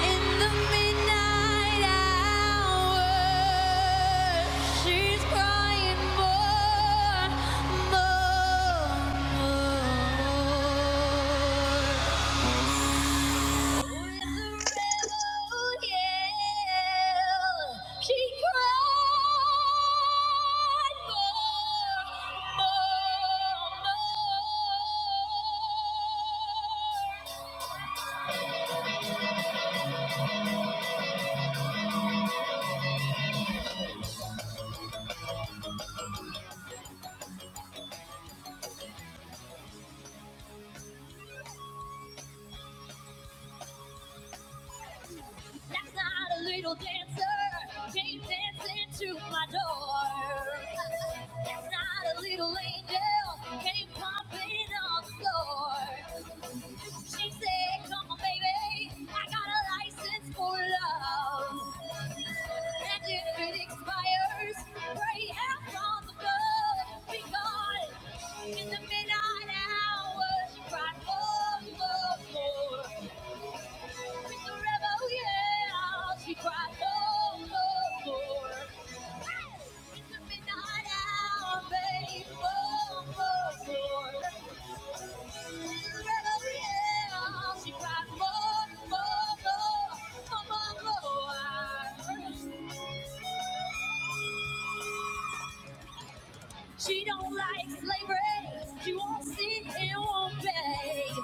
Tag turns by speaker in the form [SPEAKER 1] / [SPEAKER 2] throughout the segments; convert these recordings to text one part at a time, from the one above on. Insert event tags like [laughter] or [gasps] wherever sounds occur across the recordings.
[SPEAKER 1] In the midnight hour, she's crying more, more, more. That's not a little dancer. Came dancing to my door. That's not a little angel. Came pumping on the floor. She said, Come on, baby. I got a license for love. And if it expires, pray out on the blood. Be gone in the midnight hour. She cried, Oh, oh, oh. With the rebel yell, she cried, oh, oh, oh. It's the midnight hour, babe, oh, oh, oh. With the rebel yell, she cried, oh, oh, oh, oh, oh, oh. She don't like slavery. She won't sit and won't pay.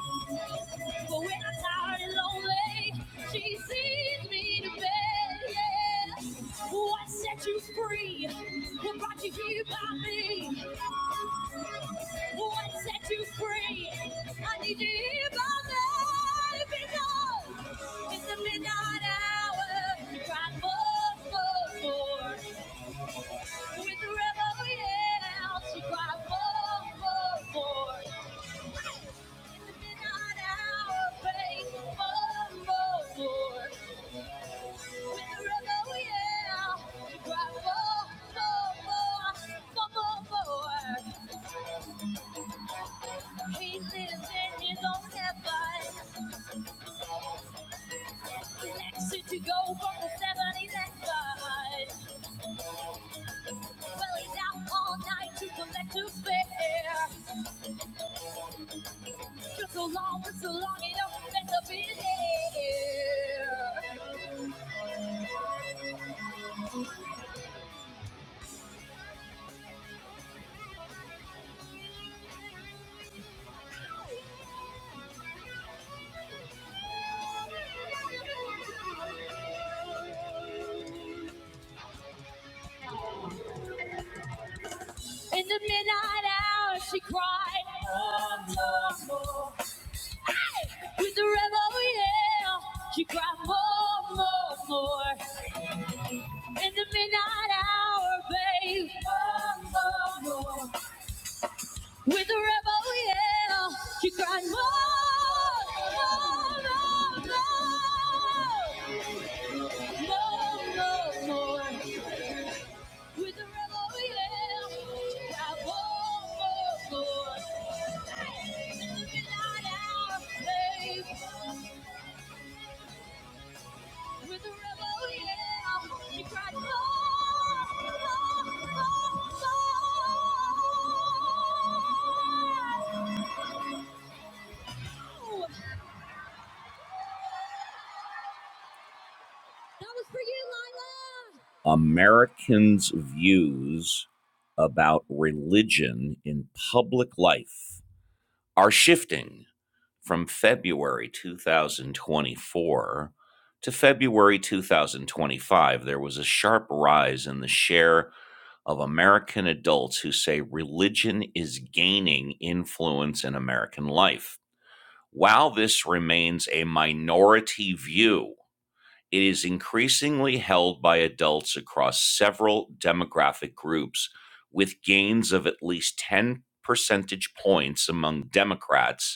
[SPEAKER 1] But when I'm tired and lonely, she sees me to bed. Yeah. What set you free? What brought you here by me? What set you free? I need you here by me because it's the midnight hour. You cried for, for, for. With the rebel yell, she cried, "Whoa, whoa, whoa!" In the midnight hour, praise the Lord, Lord, Lord. With the rebel yell, she cried, "Whoa, whoa, whoa, whoa, whoa!" He lives in his own heaven. Election to go from the seven election. Well, he's out all night to collect his fare. So long, so long, it don't matter be here. In the midnight hour, she cried. More, more, more. Hey, with the rebel yell, she cried more, more, more. In the midnight hour, babe. More, more, more. With the rebel yell, she cried more, more, more, more. more, more, more. With the rebel, yeah. I won't go, Lord. Living out our faith. With the rebel, yeah. She cried, Lord, Lord, Lord, Lord. That was for you, Lila. Americans' views about religion in public life are shifting. from February 2024 to February 2025, there was a sharp rise in the share of American adults who say religion is gaining influence in American life. While this remains a minority view, it is increasingly held by adults across several demographic groups, with gains of at least 10 percentage points among Democrats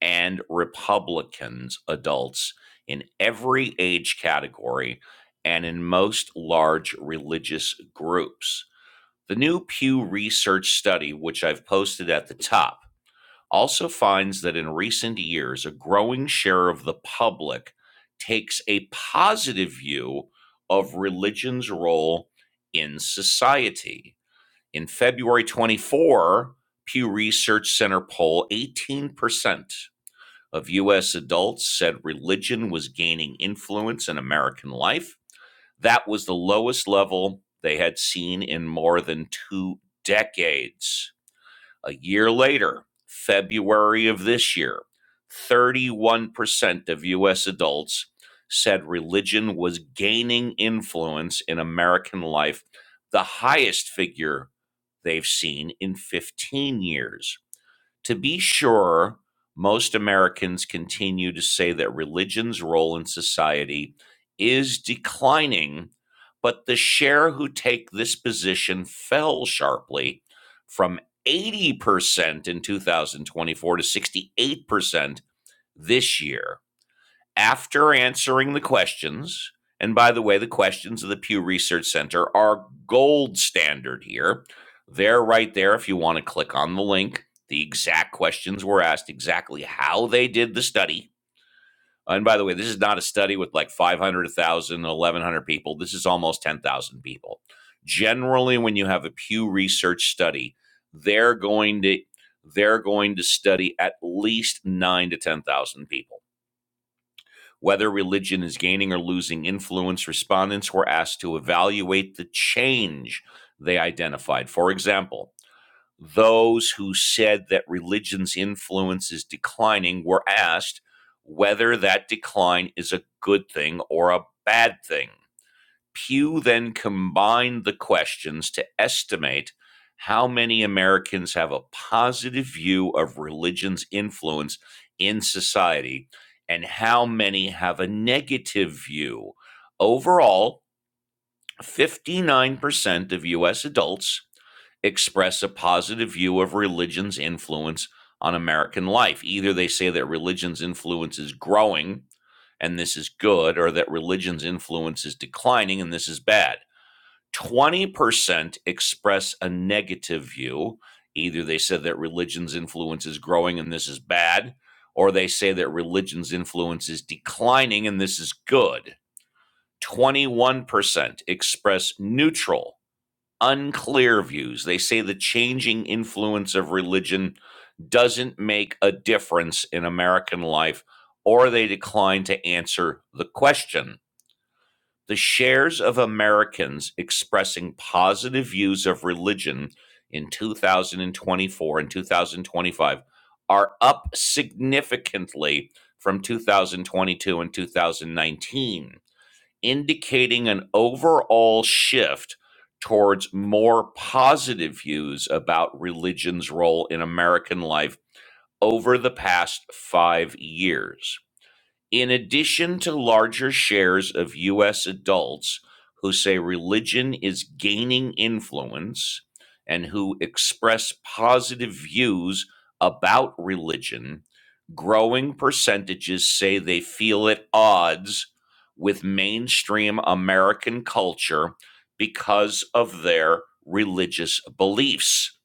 [SPEAKER 1] and Republicans, adults in every age category and in most large religious groups. The new Pew Research study, which I've posted at the top, also finds that in recent years, a growing share of the public takes a positive view of religion's role in society. In February 24, Pew Research Center poll, 18% of U.S. adults said religion was gaining influence in American life. That was the lowest level they had seen in more than two decades. A year later, February of this year, 31% of U.S. adults said religion was gaining influence in American life, the highest figure they've seen in 15 years. To be sure, most Americans continue to say that religion's role in society is declining, but the share who take this position fell sharply from 80% in 2024 to 68% this year after answering the questions, and by the way, the questions of the Pew Research Center are gold standard here. They're right there if you want to click on the link. The exact questions were asked, exactly how they did the study. And by the way, this is not a study with like 500, people. This is almost 10,000 people. Generally, when you have a Pew Research study, they're going to they're going to study at least nine to 10,000 people. Whether religion is gaining or losing influence, respondents were asked to evaluate the change they identified. For example, those who said that religion's influence is declining were asked whether that decline is a good thing or a bad thing. Pew then combined the questions to estimate how many Americans have a positive view of religion's influence in society and how many have a negative view. Overall, 59% of US adults express a positive view of religion's influence on American life. Either they say that religion's influence is growing and this is good, or that religion's influence is declining and this is bad. 20% express a negative view. Either they said that religion's influence is growing and this is bad, or they say that religion's influence is declining and this is good. 21% express neutral, unclear views. They say the changing influence of religion doesn't make a difference in American life, or they decline to answer the question. The shares of Americans expressing positive views of religion in 2024 and 2025 are up significantly from 2022 and 2019, indicating an overall shift towards more positive views about religion's role in American life over the past five years. In addition to larger shares of US adults who say religion is gaining influence and who express positive views about religion, growing percentages say they feel at odds with mainstream American culture because of their religious beliefs.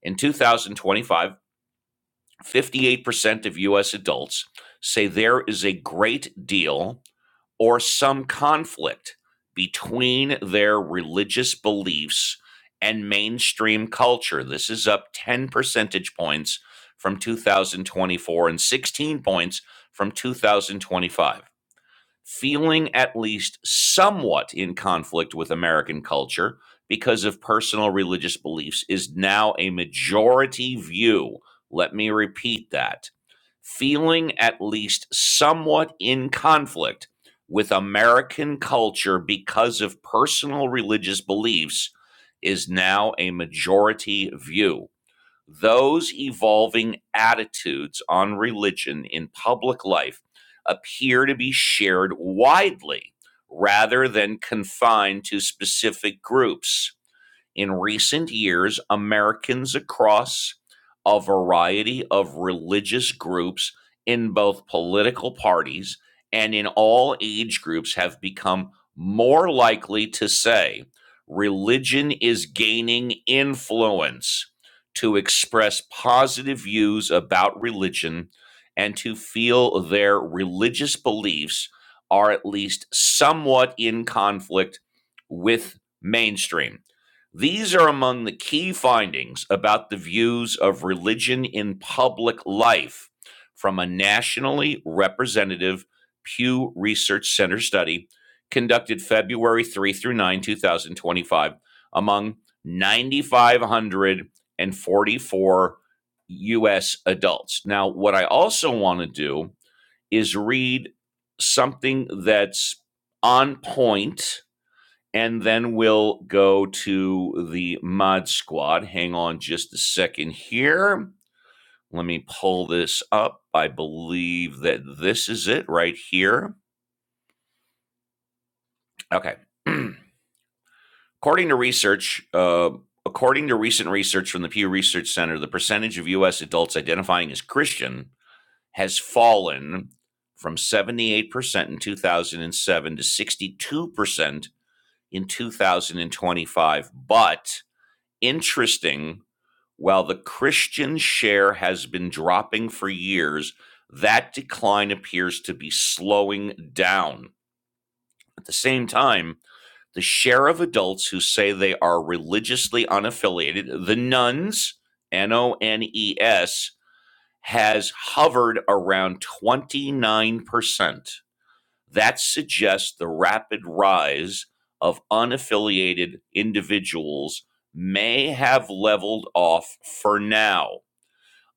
[SPEAKER 1] In 2025, 58% of US adults say there is a great deal or some conflict between their religious beliefs and mainstream culture. This is up 10 percentage points from 2024 and 16 points from 2025 feeling at least somewhat in conflict with American culture because of personal religious beliefs is now a majority view. Let me repeat that. Feeling at least somewhat in conflict with American culture because of personal religious beliefs is now a majority view those evolving attitudes on religion in public life appear to be shared widely rather than confined to specific groups in recent years, Americans across a variety of religious groups in both political parties and in all age groups have become more likely to say religion is gaining influence to express positive views about religion and to feel their religious beliefs are at least somewhat in conflict with mainstream. These are among the key findings about the views of religion in public life from a nationally representative Pew Research Center study conducted February 3 through 9, 2025, among 9,544 U.S. adults. Now, what I also want to do is read something that's on point and then we'll go to the mod squad. Hang on just a second here. Let me pull this up. I believe that this is it right here. Okay. [clears throat] according to research, uh, according to recent research from the Pew Research Center, the percentage of U.S. adults identifying as Christian has fallen from 78% in 2007 to 62% in 2025. But interesting While the Christian share has been dropping for years, that decline appears to be slowing down. At the same time, the share of adults who say they are religiously unaffiliated, the nuns, N O N E S, has hovered around 29%. That suggests the rapid rise of unaffiliated individuals may have leveled off for now.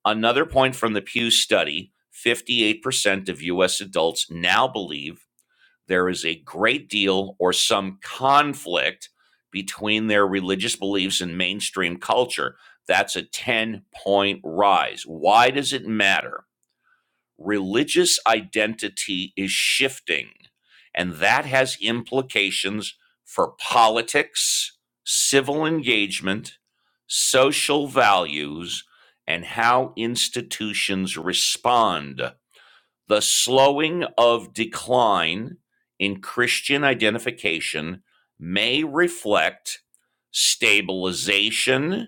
[SPEAKER 1] Another point from the Pew study 58% of US adults now believe there is a great deal or some conflict between their religious beliefs and mainstream culture. That's a 10 point rise. Why does it matter? religious identity is shifting, and that has implications for politics, civil engagement, social values, and how institutions respond. The slowing of decline in Christian identification may reflect stabilization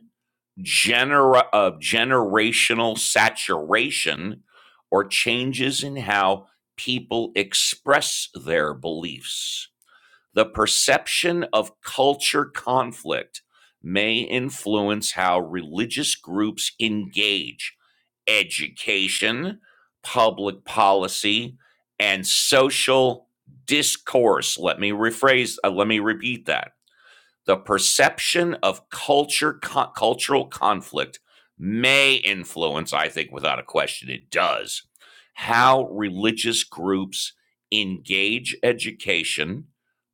[SPEAKER 1] genera- of generational saturation or changes in how people express their beliefs. The perception of culture conflict may influence how religious groups engage education, public policy, and social discourse. Let me rephrase, uh, let me repeat that the perception of culture co- cultural conflict may influence i think without a question it does how religious groups engage education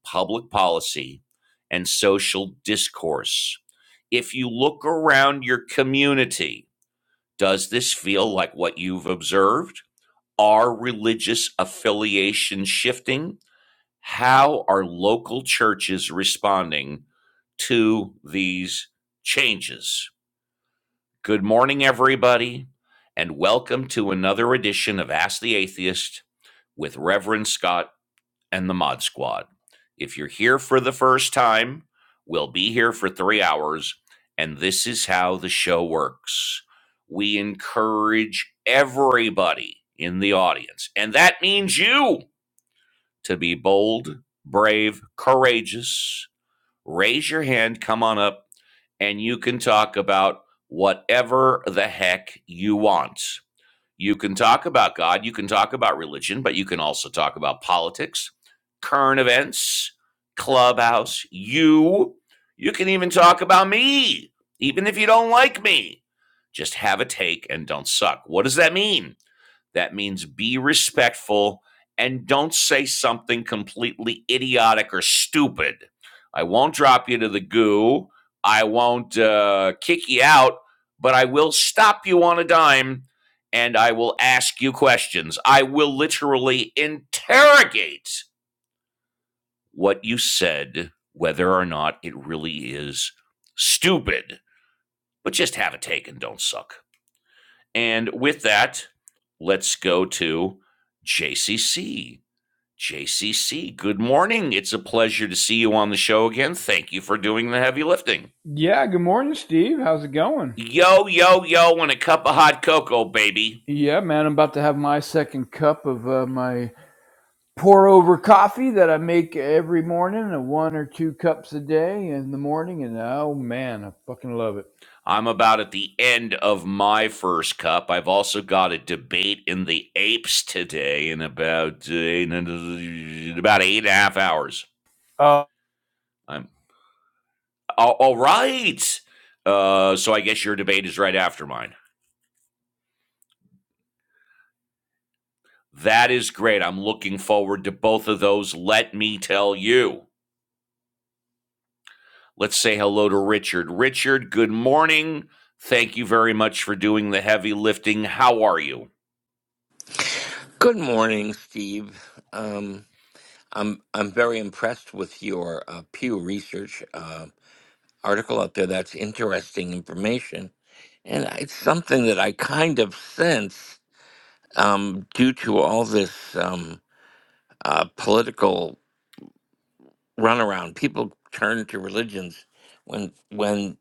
[SPEAKER 1] public policy and social discourse if you look around your community does this feel like what you've observed are religious affiliations shifting how are local churches responding to these changes? Good morning, everybody, and welcome to another edition of Ask the Atheist with Reverend Scott and the Mod Squad. If you're here for the first time, we'll be here for three hours, and this is how the show works. We encourage everybody in the audience, and that means you to be bold, brave, courageous. Raise your hand, come on up, and you can talk about whatever the heck you want. You can talk about God, you can talk about religion, but you can also talk about politics, current events, clubhouse, you. You can even talk about me, even if you don't like me. Just have a take and don't suck. What does that mean? That means be respectful and don't say something completely idiotic or stupid. I won't drop you to the goo. I won't uh, kick you out, but I will stop you on a dime and I will ask you questions. I will literally interrogate what you said, whether or not it really is stupid. But just have a take and don't suck. And with that, let's go to JCC. JCC, good morning. It's a pleasure to see you on the show again. Thank you for doing the heavy lifting.
[SPEAKER 2] Yeah, good morning, Steve. How's it going?
[SPEAKER 1] Yo, yo, yo, and a cup of hot cocoa, baby.
[SPEAKER 2] Yeah, man, I'm about to have my second cup of uh, my pour over coffee that I make every morning, uh, one or two cups a day in the morning, and oh man, I fucking love it.
[SPEAKER 1] I'm about at the end of my first cup. I've also got a debate in the apes today in about uh, in about eight and a half hours.
[SPEAKER 2] Uh,
[SPEAKER 1] I'm all, all right. Uh, so I guess your debate is right after mine. That is great. I'm looking forward to both of those. Let me tell you. Let's say hello to Richard. Richard, good morning. Thank you very much for doing the heavy lifting. How are you? [laughs]
[SPEAKER 3] Good morning, Steve. Um, I'm I'm very impressed with your uh, Pew Research uh, article out there. That's interesting information, and it's something that I kind of sense um, due to all this um, uh, political runaround. People turn to religions when when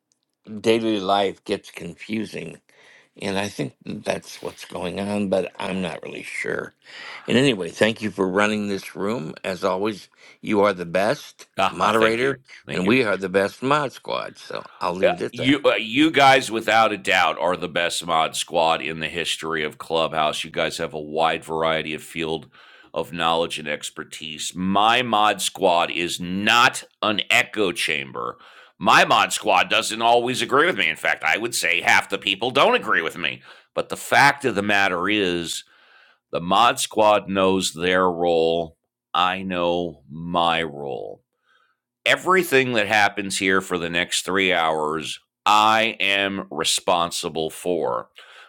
[SPEAKER 3] daily life gets confusing And I think that's what's going on, but I'm not really sure. And anyway, thank you for running this room. As always, you are the best
[SPEAKER 1] Ah, thank you.
[SPEAKER 3] moderator,
[SPEAKER 1] Thank
[SPEAKER 3] and
[SPEAKER 1] you.
[SPEAKER 3] we are the best mod squad. So I'll
[SPEAKER 1] Uh,
[SPEAKER 3] leave it at
[SPEAKER 1] you
[SPEAKER 3] that.
[SPEAKER 1] uh, you guys without a doubt are the best mod squad in the history of clubhouse you guys have a wide variety of field of knowledge and expertise my mod squad is not an echo chamber my mod squad doesn't always agree with me in fact i would say half the people don't agree with me but the fact of the matter is the mod squad knows their role i know my role everything that happens here for the next three hours, I am responsible for.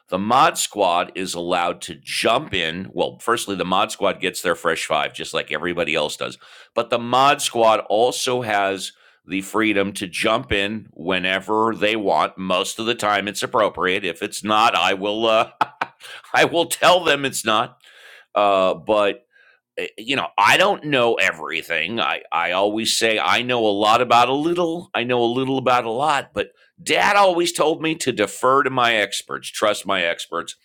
[SPEAKER 1] The mod squad is allowed to jump in. Well, firstly, the mod squad gets their fresh five, just like everybody else does. But the mod squad also has the freedom to jump in whenever they want. Most of the time, it's appropriate. If it's not, I will. Uh, [laughs] I will tell them it's not. Uh, but eh, you know, I don't know everything. I, I always say I know a lot about a little. I know a little about a lot, but dad always told me to defer to my experts, trust my experts.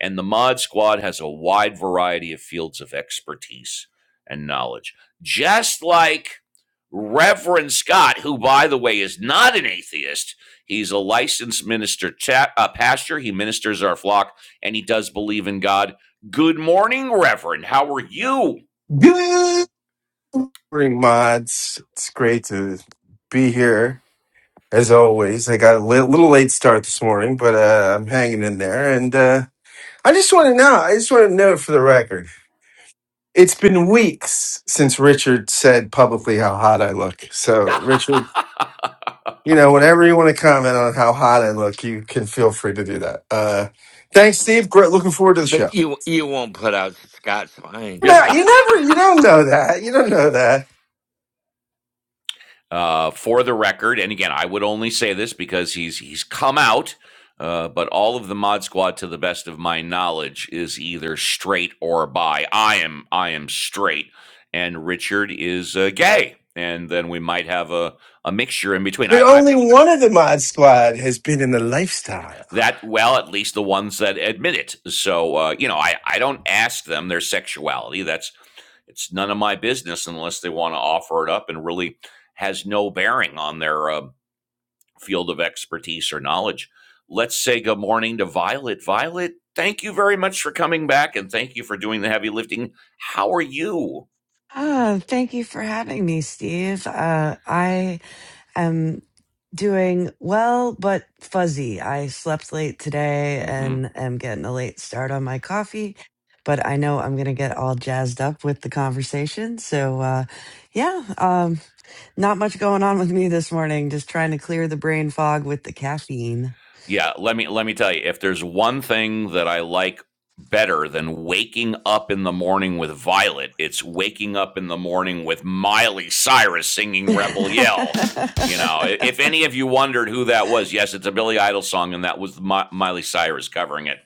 [SPEAKER 1] And the mod squad has a wide variety of fields of expertise and knowledge. Just like Reverend Scott, who, by the way, is not an atheist, he's a licensed minister, cha- uh, pastor. He ministers our flock and he does believe in God. Good morning, Reverend. How are you?
[SPEAKER 4] Good morning, mods. It's great to be here as always. I got a li- little late start this morning, but uh, I'm hanging in there. And uh, I just want to know. I just want to know for the record, it's been weeks since Richard said publicly how hot I look. So, Richard,
[SPEAKER 1] [laughs]
[SPEAKER 4] you know, whenever you want to comment on how hot I look, you can feel free to do that. Uh, thanks, Steve. Great. Looking forward to the
[SPEAKER 3] But
[SPEAKER 4] show.
[SPEAKER 3] you you won't put out Scott, so I ain't
[SPEAKER 4] You know,
[SPEAKER 3] coming.
[SPEAKER 1] yeah.
[SPEAKER 4] you never, you don't know that. You don't know that.
[SPEAKER 1] Uh, for the record, and again, I would only say this because he's he's come out. Uh, but all of the mod squad, to the best of my knowledge, is either straight or bi. I am I am straight, and Richard is uh, gay, and then we might have a a mixture in between.
[SPEAKER 4] But
[SPEAKER 1] I, I
[SPEAKER 4] only one of the mod squad has been in the lifestyle.
[SPEAKER 1] that well, at least the ones that admit it. So uh, you know, I I don't ask them their sexuality. That's It's none of my business unless they want to offer it up and really has no bearing on their uh, field of expertise or knowledge. Let's say good morning to Violet. Violet, thank you very much for coming back and thank you for doing the heavy lifting. How are you?
[SPEAKER 5] Ah, thank you for having me, Steve. Uh, I am doing well, but fuzzy. I slept late today
[SPEAKER 1] Mm-hmm.
[SPEAKER 5] and am getting a late start on my coffee, but I know I'm going to get all jazzed up with the conversation. So, uh, yeah, um, not much going on with me this morning, just trying to clear the brain fog with the caffeine.
[SPEAKER 1] Yeah, let me let me tell you, if there's one thing that I like better than waking up in the morning with Violet, it's waking up in the morning with Miley Cyrus
[SPEAKER 5] [laughs]
[SPEAKER 1] singing Rebel Yell. You know, i- if any of you wondered who that was, yes, it's a Billy Idol song, and that was Mi- Miley Cyrus covering it.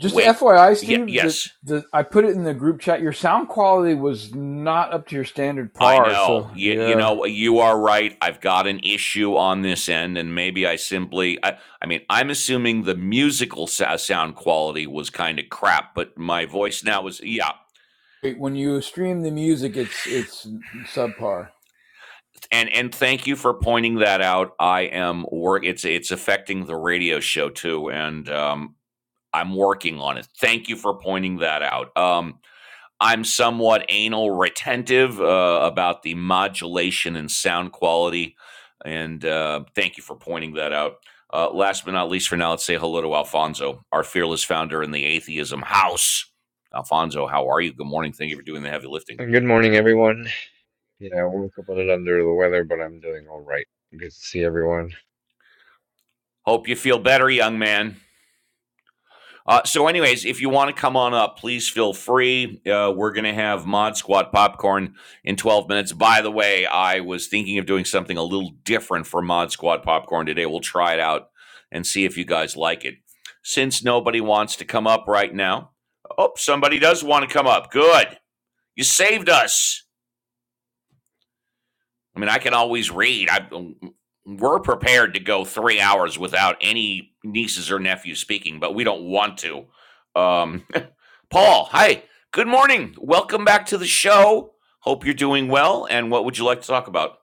[SPEAKER 2] just
[SPEAKER 1] Wake,
[SPEAKER 2] FYI,
[SPEAKER 1] yeah,
[SPEAKER 2] Steve, the,
[SPEAKER 1] yes,
[SPEAKER 2] the I put it in the group chat. Your sound quality was not up to your standard
[SPEAKER 1] I
[SPEAKER 2] par, so
[SPEAKER 1] know. You, you
[SPEAKER 2] yeah.
[SPEAKER 1] know, you are right. I've got an issue on this end, and maybe I simply, I, I mean, I'm assuming the musical sa- sound quality was kind of crap, but my voice now is, yeah.
[SPEAKER 2] Wait, When you stream the music, it's it's subpar.
[SPEAKER 1] And and thank you for pointing that out. I am work. It's it's affecting the radio show too, and um, I'm working on it. Thank you for pointing that out. Um, I'm somewhat anal retentive uh, about the modulation and sound quality. And uh, thank you for pointing that out. Uh, last but not least, for now, let's say hello to Alfonso, our fearless founder in the Atheism House. Alfonso, how are you? Good morning. Thank you for doing the heavy lifting.
[SPEAKER 6] Good morning, everyone. Yeah, I woke up a little under the weather, but I'm doing all right. Good to see everyone.
[SPEAKER 1] Hope you feel better, young man. Uh, so, anyways, if you want to come on up, please feel free. Uh, we're going to have Mod Squad popcorn in 12 minutes. By the way, I was thinking of doing something a little different for Mod Squad popcorn today. We'll try it out and see if you guys like it. Since nobody wants to come up right now, oh, somebody does want to come up. Good. You saved us. I mean, I can always read. I we're prepared to go three hours without any nieces or nephews speaking, but we don't want to. Um, [laughs] Paul, hi, good morning. Welcome back to the show. Hope you're doing well. And what would you like to talk about?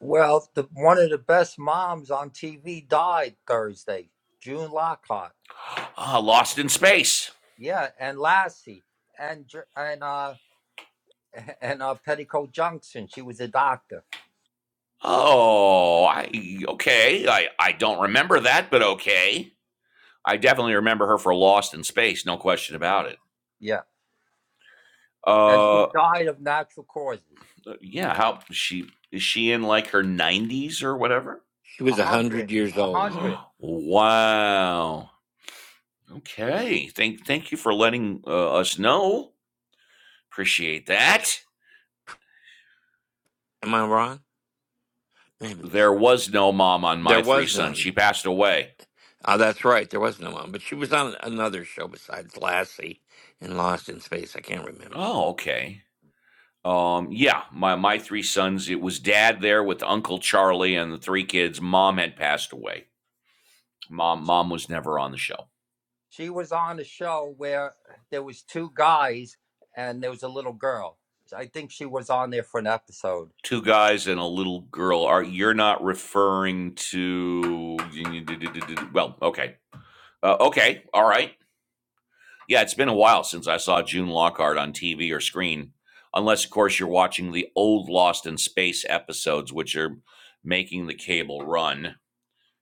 [SPEAKER 7] Well, the, one of the best moms on TV died Thursday, June Lockhart.
[SPEAKER 1] [gasps] Ah, Lost in Space.
[SPEAKER 7] Yeah, and Lassie and Dr- and uh [laughs] and uh Petticoat Junction. She was a doctor.
[SPEAKER 1] Oh, I okay. I I don't remember that, but okay. I definitely remember her for Lost in Space, no question about it.
[SPEAKER 7] Yeah, and
[SPEAKER 1] Uh,
[SPEAKER 7] she died of natural causes.
[SPEAKER 1] yeah. How she is she in like her 90s or whatever?
[SPEAKER 3] She
[SPEAKER 7] A
[SPEAKER 3] was a
[SPEAKER 7] hundred,
[SPEAKER 3] hundred years
[SPEAKER 7] a
[SPEAKER 3] old.
[SPEAKER 7] hundred.
[SPEAKER 1] [gasps] wow. Okay. Thank thank you for letting uh, us know. Appreciate that.
[SPEAKER 3] Am I wrong? Maybe
[SPEAKER 1] There was no mom on
[SPEAKER 3] there
[SPEAKER 1] my three
[SPEAKER 3] was
[SPEAKER 1] sons.
[SPEAKER 3] none.
[SPEAKER 1] She passed away.
[SPEAKER 3] Oh, that's right, there was no one. But she was on another show besides Lassie and Lost in Space. I can't remember.
[SPEAKER 1] Oh, okay. Um, yeah, my my three sons. It was dad there with Uncle Charlie and the three kids. Mom had passed away. Mom mom was never on the show.
[SPEAKER 7] She was on a show where there was two guys and there was a little girl. I think she was on there for an episode.
[SPEAKER 1] Two guys and a little girl. Are you're not referring to? Well, okay. Uh, okay, all right. Yeah, it's been a while since I saw June Lockhart on TV or screen, unless, of course, you're watching the old Lost in Space episodes, which are making the cable run.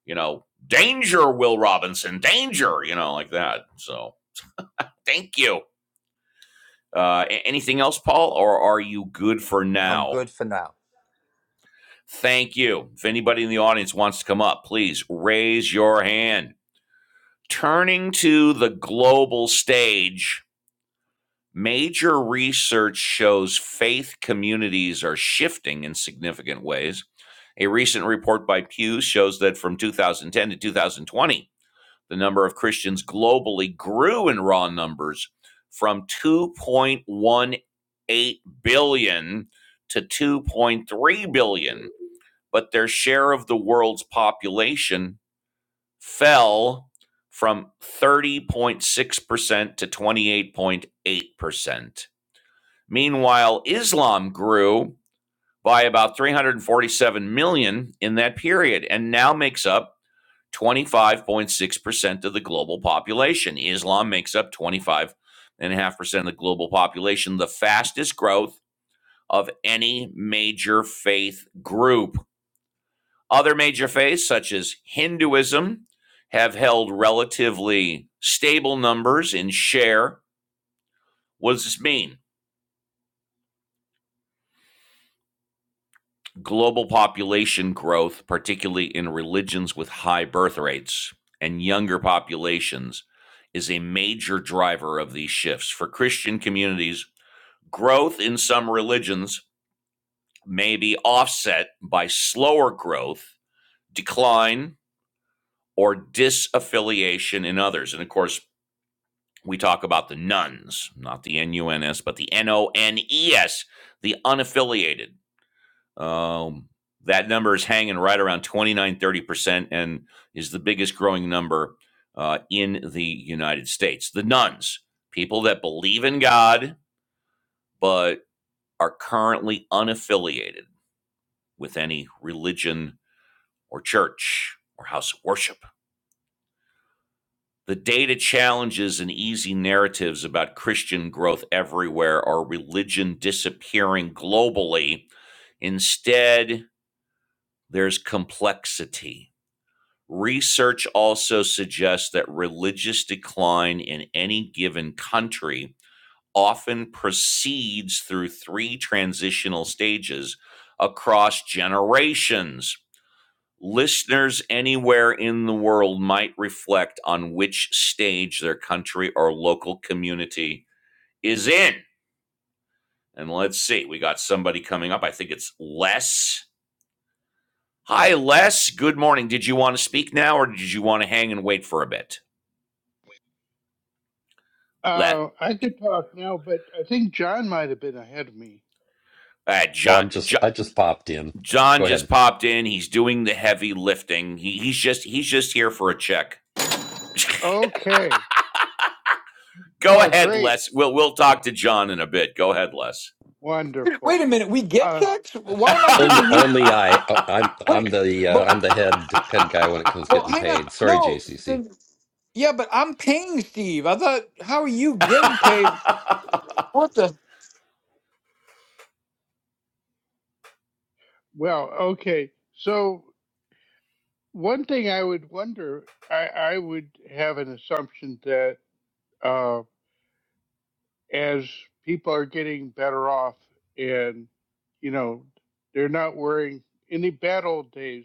[SPEAKER 1] You know, danger, Will Robinson, danger, you know, like that. So thank you. Uh, anything else, Paul, or are you good for
[SPEAKER 7] I'm
[SPEAKER 1] now?
[SPEAKER 7] good for now.
[SPEAKER 1] Thank you. If anybody in the audience wants to come up, please raise your hand. Turning to the global stage, Major research shows faith communities are shifting in significant ways. A recent report by Pew shows that from 2010 to 2020, the number of Christians globally grew in raw numbers from 2.18 billion to 2.3 billion, but their share of the world's population fell from 30.6% to 28.8%. Meanwhile, Islam grew by about 347 million in that period and now makes up 25.6% of the global population. Islam makes up 25.5% of the global population, the fastest growth of any major faith group. Other major faiths, such as Hinduism, have held relatively stable numbers in share. What does this mean? global population growth, particularly in religions with high birth rates and younger populations, is a major driver of these shifts. For Christian communities, growth in some religions may be offset by slower growth, decline, or disaffiliation in others. And of course, we talk about the nuns, not the N U N S, but the N O N E S, the unaffiliated. Um, that number is hanging right around twenty nine thirty percent and is the biggest growing number uh, in the United States. The nuns, people that believe in God, but are currently unaffiliated with any religion or church or house of worship. The data challenges and easy narratives about Christian growth everywhere or religion disappearing globally. Instead, there's complexity Research also suggests that religious decline in any given country often proceeds through three transitional stages across generations. Listeners anywhere in the world might reflect on which stage their country or local community is in. And let's see, we got somebody coming up. I think it's Les. Hi, Les. Good morning. Did you want to speak now or did you want to hang and wait for a bit? Let
[SPEAKER 8] Uh, I could talk now, but I think John might have been ahead of me.
[SPEAKER 1] All right,
[SPEAKER 9] Oh,
[SPEAKER 1] John,
[SPEAKER 9] I'm just
[SPEAKER 1] John,
[SPEAKER 9] I just popped in.
[SPEAKER 1] John
[SPEAKER 9] Go
[SPEAKER 1] just
[SPEAKER 9] ahead.
[SPEAKER 1] popped in. He's doing the heavy lifting. He, he's just he's just here for a check. [laughs]
[SPEAKER 8] Okay.
[SPEAKER 1] Go
[SPEAKER 8] Well,
[SPEAKER 1] ahead,
[SPEAKER 8] great.
[SPEAKER 1] Les. We'll we'll talk to John in a bit. Go ahead, Les.
[SPEAKER 2] Wait
[SPEAKER 8] Wonderful.
[SPEAKER 2] a minute, we get
[SPEAKER 8] Uh,
[SPEAKER 2] checks?
[SPEAKER 1] [laughs]
[SPEAKER 2] Why am I
[SPEAKER 9] Only
[SPEAKER 2] giving you
[SPEAKER 9] only I uh, I'm
[SPEAKER 2] Wait,
[SPEAKER 9] I'm the uh,
[SPEAKER 2] but
[SPEAKER 9] I'm the head head guy when it comes to
[SPEAKER 2] well,
[SPEAKER 9] getting
[SPEAKER 2] hang on.
[SPEAKER 9] paid. Sorry,
[SPEAKER 2] No,
[SPEAKER 9] JCC.
[SPEAKER 2] then yeah, but I'm paying Steve. I thought, how are you getting paid? What the
[SPEAKER 8] well, okay. So, one thing I would wonder, I, I would have an assumption that uh, as people are getting better off and, you know, they're not worrying, in the bad old days,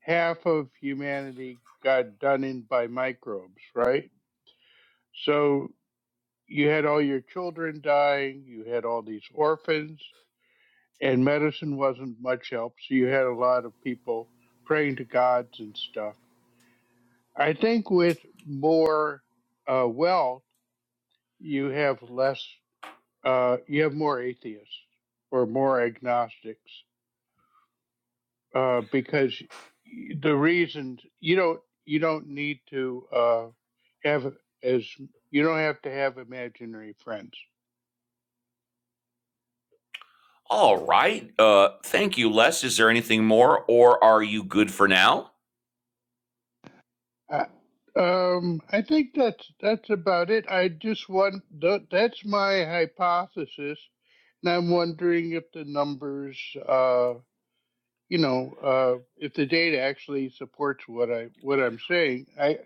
[SPEAKER 8] half of humanity got done in by microbes, right? So, you had all your children dying, you had all these orphans, and medicine wasn't much help. So you had a lot of people praying to gods and stuff. I think with more uh, wealth, you have less, uh, you have more atheists or more agnostics uh, because the reasons you don't you don't need to uh, have as you don't have to have imaginary friends
[SPEAKER 1] All right. Uh, thank you, Les. Is there anything more, or are you good for now?
[SPEAKER 8] Uh, Um, I think that's that's about it. I just want tha- that's my hypothesis, and I'm wondering if the numbers, uh, you know, uh, if the data actually supports what I what I'm saying. I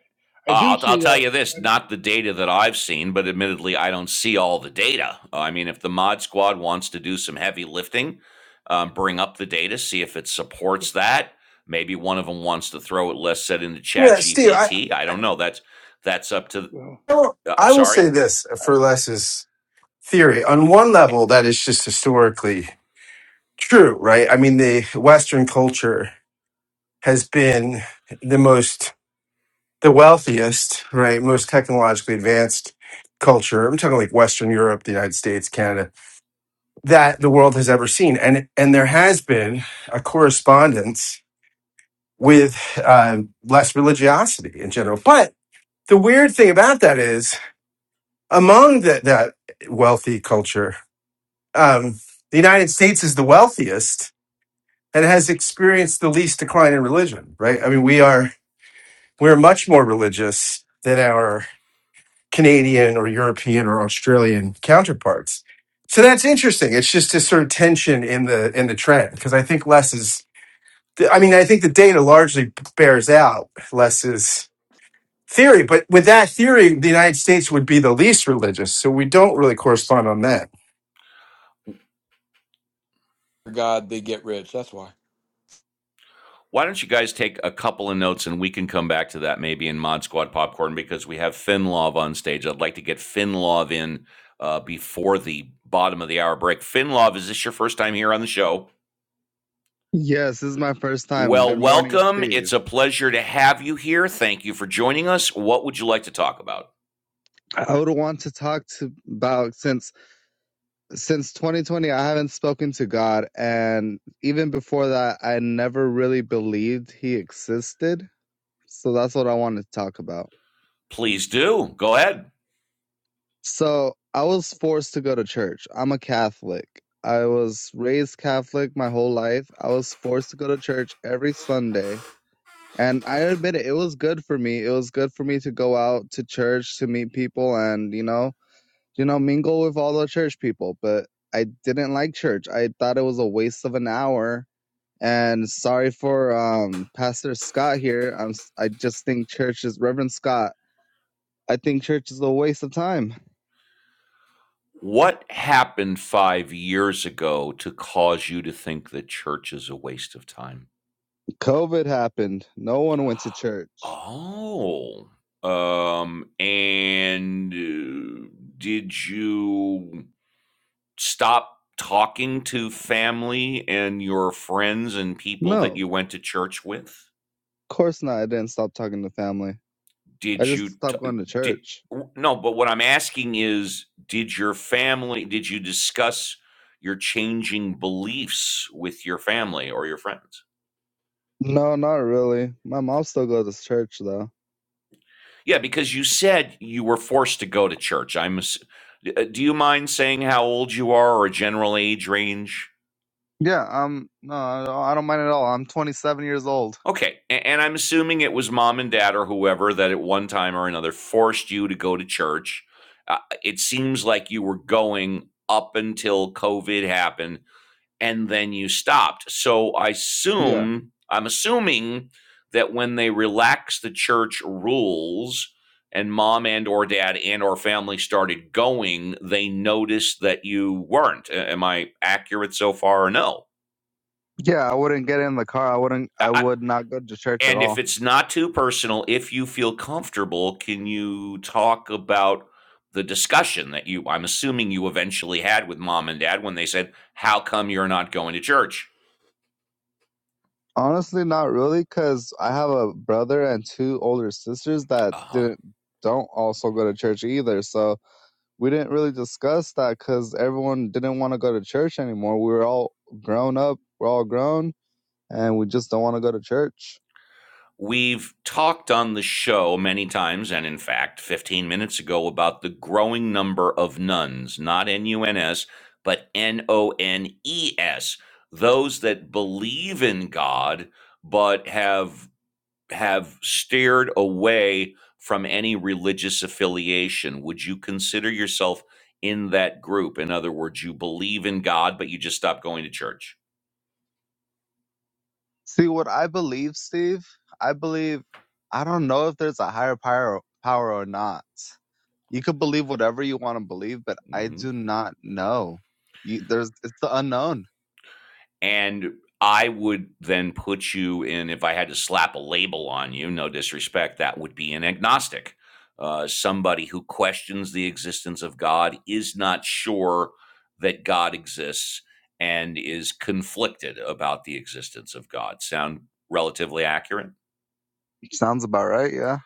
[SPEAKER 8] I do
[SPEAKER 1] Uh, I'll, I'll
[SPEAKER 8] see
[SPEAKER 1] tell
[SPEAKER 8] that
[SPEAKER 1] you
[SPEAKER 8] in the
[SPEAKER 1] this,
[SPEAKER 8] country.
[SPEAKER 1] not the data that I've seen, but admittedly, I don't see all the data. Uh, I mean, if the mod squad wants to do some heavy lifting, um, bring up the data, see if it
[SPEAKER 8] Okay,
[SPEAKER 1] supports that. Maybe one of them wants to throw it. less said into Chat
[SPEAKER 4] Yeah, Steve, I,
[SPEAKER 1] GPT. I
[SPEAKER 4] I
[SPEAKER 1] don't know. That's that's up to.
[SPEAKER 8] well,
[SPEAKER 4] don't
[SPEAKER 1] Uh, I'm
[SPEAKER 4] I will
[SPEAKER 1] sorry.
[SPEAKER 4] say this for Les's theory. On one level, that is just historically true, right? I mean, the Western culture has been the most the wealthiest, right, most technologically advanced culture. I'm talking like Western Europe, the United States, Canada, that the world has ever seen. And and there has been a correspondence with uh, less religiosity in general. But the weird thing about that is among the, that wealthy culture, um, the United States is the wealthiest and has experienced the least decline in religion, right? I mean, we are, we're much more religious than our Canadian or European or Australian counterparts. So that's interesting. It's just a sort of tension in the, in the trend because I think less is, I mean, I think the data largely bears out less is theory, but with that theory, the United States would be the least religious. So we don't really correspond on that.
[SPEAKER 2] God? They get rich. That's why.
[SPEAKER 1] Why don't you guys take a couple of notes and we can come back to that maybe in Mod Squad Popcorn because we have Finlov on stage. I'd like to get Finlov in uh, before the bottom of the hour break. Finlov, is this your first time here on the show?
[SPEAKER 10] Yes, this is my first time.
[SPEAKER 1] Well,
[SPEAKER 10] Good morning,
[SPEAKER 1] welcome.
[SPEAKER 10] Steve.
[SPEAKER 1] It's a pleasure to have you here. Thank you for joining us. What would you like to talk about?
[SPEAKER 10] I would want to talk to about since since 2020 I haven't spoken to God and even before that I never really believed he existed. So that's what I wanted to talk about.
[SPEAKER 1] Please do. Go ahead.
[SPEAKER 10] So, I was forced to go to church. I'm a Catholic. I was raised Catholic my whole life. I was forced to go to church every Sunday. And I admit it, it was good for me. It was good for me to go out to church to meet people and, you know, you know, mingle with all the church people. But I didn't like church. I thought it was a waste of an hour. And sorry for um, Pastor Scott here. I'm, s- i am I just think church is Reverend Scott. I think church is a waste of time.
[SPEAKER 1] What happened five years ago to cause you to think that church is a waste of time?
[SPEAKER 10] COVID happened. No one went to church.
[SPEAKER 1] Oh, um, and uh, did you stop talking to family and your friends and people that
[SPEAKER 10] No,
[SPEAKER 1] you went to church with?
[SPEAKER 10] of course not. I didn't stop talking to family. I
[SPEAKER 1] Did
[SPEAKER 10] just
[SPEAKER 1] you t-
[SPEAKER 10] stopped going to
[SPEAKER 1] did
[SPEAKER 10] church.
[SPEAKER 1] no, but what I'm asking is did your family did you discuss your changing beliefs with your family or your friends?
[SPEAKER 10] No, not really. My mom still goes to church though.
[SPEAKER 1] Yeah, because you said you were forced to go to church. I'm ass- uh, do you mind saying how old you are or a general age range?
[SPEAKER 10] Yeah, um, no, I don't I don't mind at all. I'm 27 years old.
[SPEAKER 1] Okay. And I'm assuming it was mom and dad or whoever that at one time or another forced you to go to church. Uh, it seems like you were going up until COVID happened and then you stopped. So I
[SPEAKER 10] Yeah.
[SPEAKER 1] assume, I'm assuming that when they relaxed the church rules and mom and or dad and or family started going, they noticed that you weren't. Am I accurate so far or no?
[SPEAKER 10] Yeah, I wouldn't get in the car. I wouldn't.
[SPEAKER 1] I
[SPEAKER 10] I would not go to church at
[SPEAKER 1] And if
[SPEAKER 10] all.
[SPEAKER 1] it's not too personal, if you feel comfortable, can you talk about the discussion that you I'm assuming you eventually had with mom and dad when they said, "How come you're not going to church?"
[SPEAKER 10] Honestly, not really, because I have a brother and two older sisters that
[SPEAKER 1] Uh-huh.
[SPEAKER 10] didn't don't also go to church either. So we didn't really discuss that because everyone didn't want to go to church anymore. We were all grown up. We're all grown, and we just don't want to go to church.
[SPEAKER 1] We've talked on the show many times, and in fact, 15 minutes ago, about the growing number of nuns, not N U N S, but N O N E S, those that believe in God but have have steered away from any religious affiliation. Would you consider yourself in that group? In other words, you believe in God, but you just stopped going to church.
[SPEAKER 10] See what I believe, Steve. I believe. I don't know if there's a higher power power or not. you could believe whatever you want to believe, but I
[SPEAKER 1] Mm-hmm.
[SPEAKER 10] do not know. You, there's it's the unknown.
[SPEAKER 1] And I would then put you in, if I had to slap a label on you, no disrespect, that would be an agnostic. Uh, somebody who questions the existence of God is not sure that God exists and is conflicted about the existence of God. Sound relatively accurate?
[SPEAKER 10] Sounds about right. Yeah,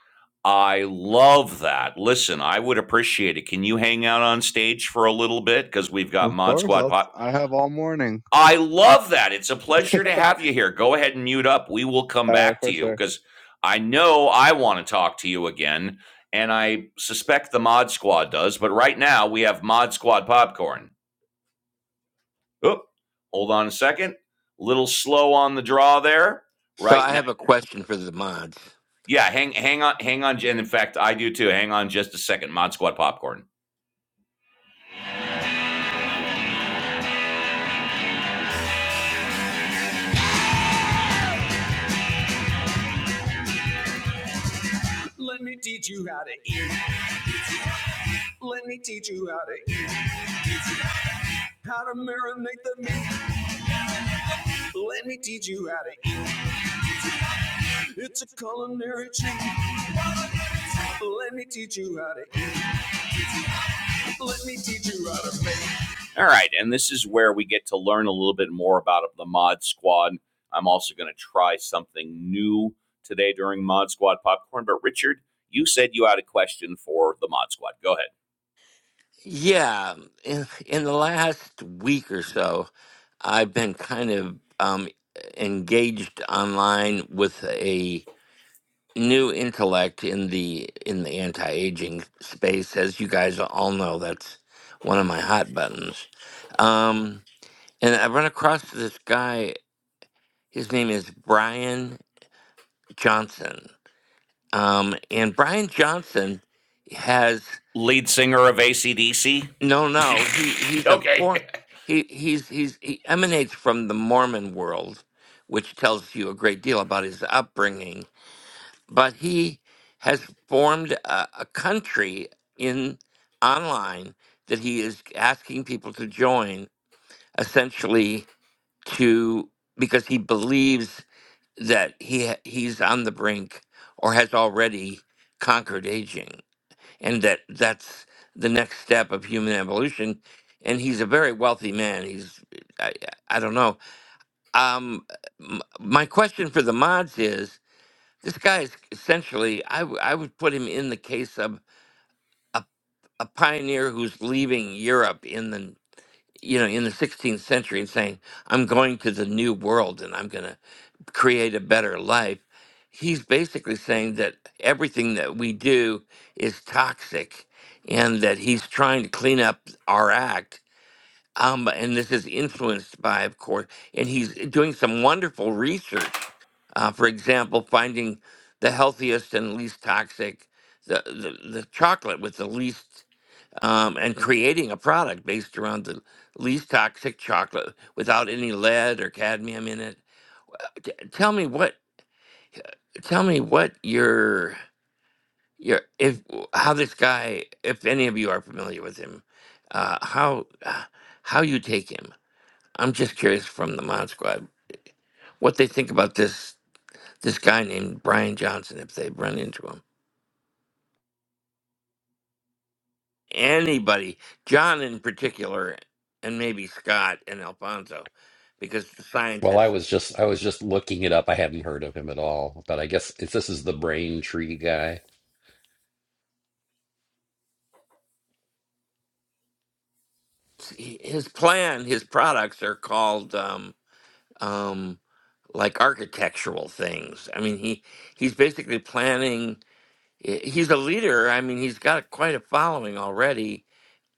[SPEAKER 1] I love that. Listen, I would appreciate it. Can you hang out on stage for a little bit? Because we've got
[SPEAKER 10] of
[SPEAKER 1] Mod
[SPEAKER 10] course.
[SPEAKER 1] Squad
[SPEAKER 10] I'll,
[SPEAKER 1] po-
[SPEAKER 10] I have all morning.
[SPEAKER 1] I love that. It's a
[SPEAKER 10] [laughs]
[SPEAKER 1] pleasure to have you here. Go ahead and mute up. We will come
[SPEAKER 10] All right,
[SPEAKER 1] back to
[SPEAKER 10] for
[SPEAKER 1] you
[SPEAKER 10] sure.
[SPEAKER 1] because I know I want to talk to you again, and I suspect the Mod Squad does. But right now, we have Mod Squad popcorn. Oh, hold on a second. A Little slow on the draw there.
[SPEAKER 3] So
[SPEAKER 1] Right
[SPEAKER 3] I
[SPEAKER 1] now,
[SPEAKER 3] have a question for the mods.
[SPEAKER 1] yeah. Hang, hang on, hang on. And in fact, I do too. Hang on just a second. Mod Squad popcorn. Let me teach you how to eat. Let me teach you how to eat. How to marinate the meat. Let me teach you how to It's a culinary treat. Let me teach you how to eat. Let me teach you how to make. All right, and this is where we get to learn a little bit more about the Mod Squad. I'm also going to try something new today during Mod Squad Popcorn. But Richard, you said you had a question for the Mod Squad. Go ahead.
[SPEAKER 3] Yeah, in, in the last week or so, I've been kind of um, engaged online with a new intellect in the in the anti-aging space. As you guys all know, that's one of my hot buttons. Um, and I run across this guy. His name is Brian Johnson, um, and Brian Johnson has.
[SPEAKER 1] Lead singer of ACDC?
[SPEAKER 3] No, no, he
[SPEAKER 1] [laughs]
[SPEAKER 3] he's a
[SPEAKER 1] okay.
[SPEAKER 3] for he he's he's he emanates from the Mormon world, which tells you a great deal about his upbringing. But he has formed a, a country in online that he is asking people to join, essentially to because he believes that he ha- he's on the brink or has already conquered aging and that that's the next step of human evolution. And he's a very wealthy man. He's I, I don't know. Um, m- my question for the mods is: This guy is essentially I w- I would put him in the case of a, a pioneer who's leaving Europe in the you know in the 16th century and saying I'm going to the New World and I'm gonna create a better life, he's basically saying that everything that we do is toxic and that he's trying to clean up our act. Um, and this is influenced by, of course, and he's doing some wonderful research. Uh, for example, finding the healthiest and least toxic, the, the, the chocolate with the least, um, and creating a product based around the least toxic chocolate without any lead or cadmium in it. T- tell me what tell me what your your if how this guy if any of you are familiar with him uh how uh, how you take him i'm just curious from the mod squad what they think about this this guy named brian johnson if they've run into him anybody john in particular and maybe scott and alfonso because the
[SPEAKER 9] Well, I
[SPEAKER 3] scientists
[SPEAKER 9] was just I was just looking it up. I hadn't heard of him at all, but I guess if this is the brain tree guy.
[SPEAKER 3] his plan his products are called Um, um, like architectural things. I mean, he he's basically planning. he- He's a leader. I mean, he's got quite a following already,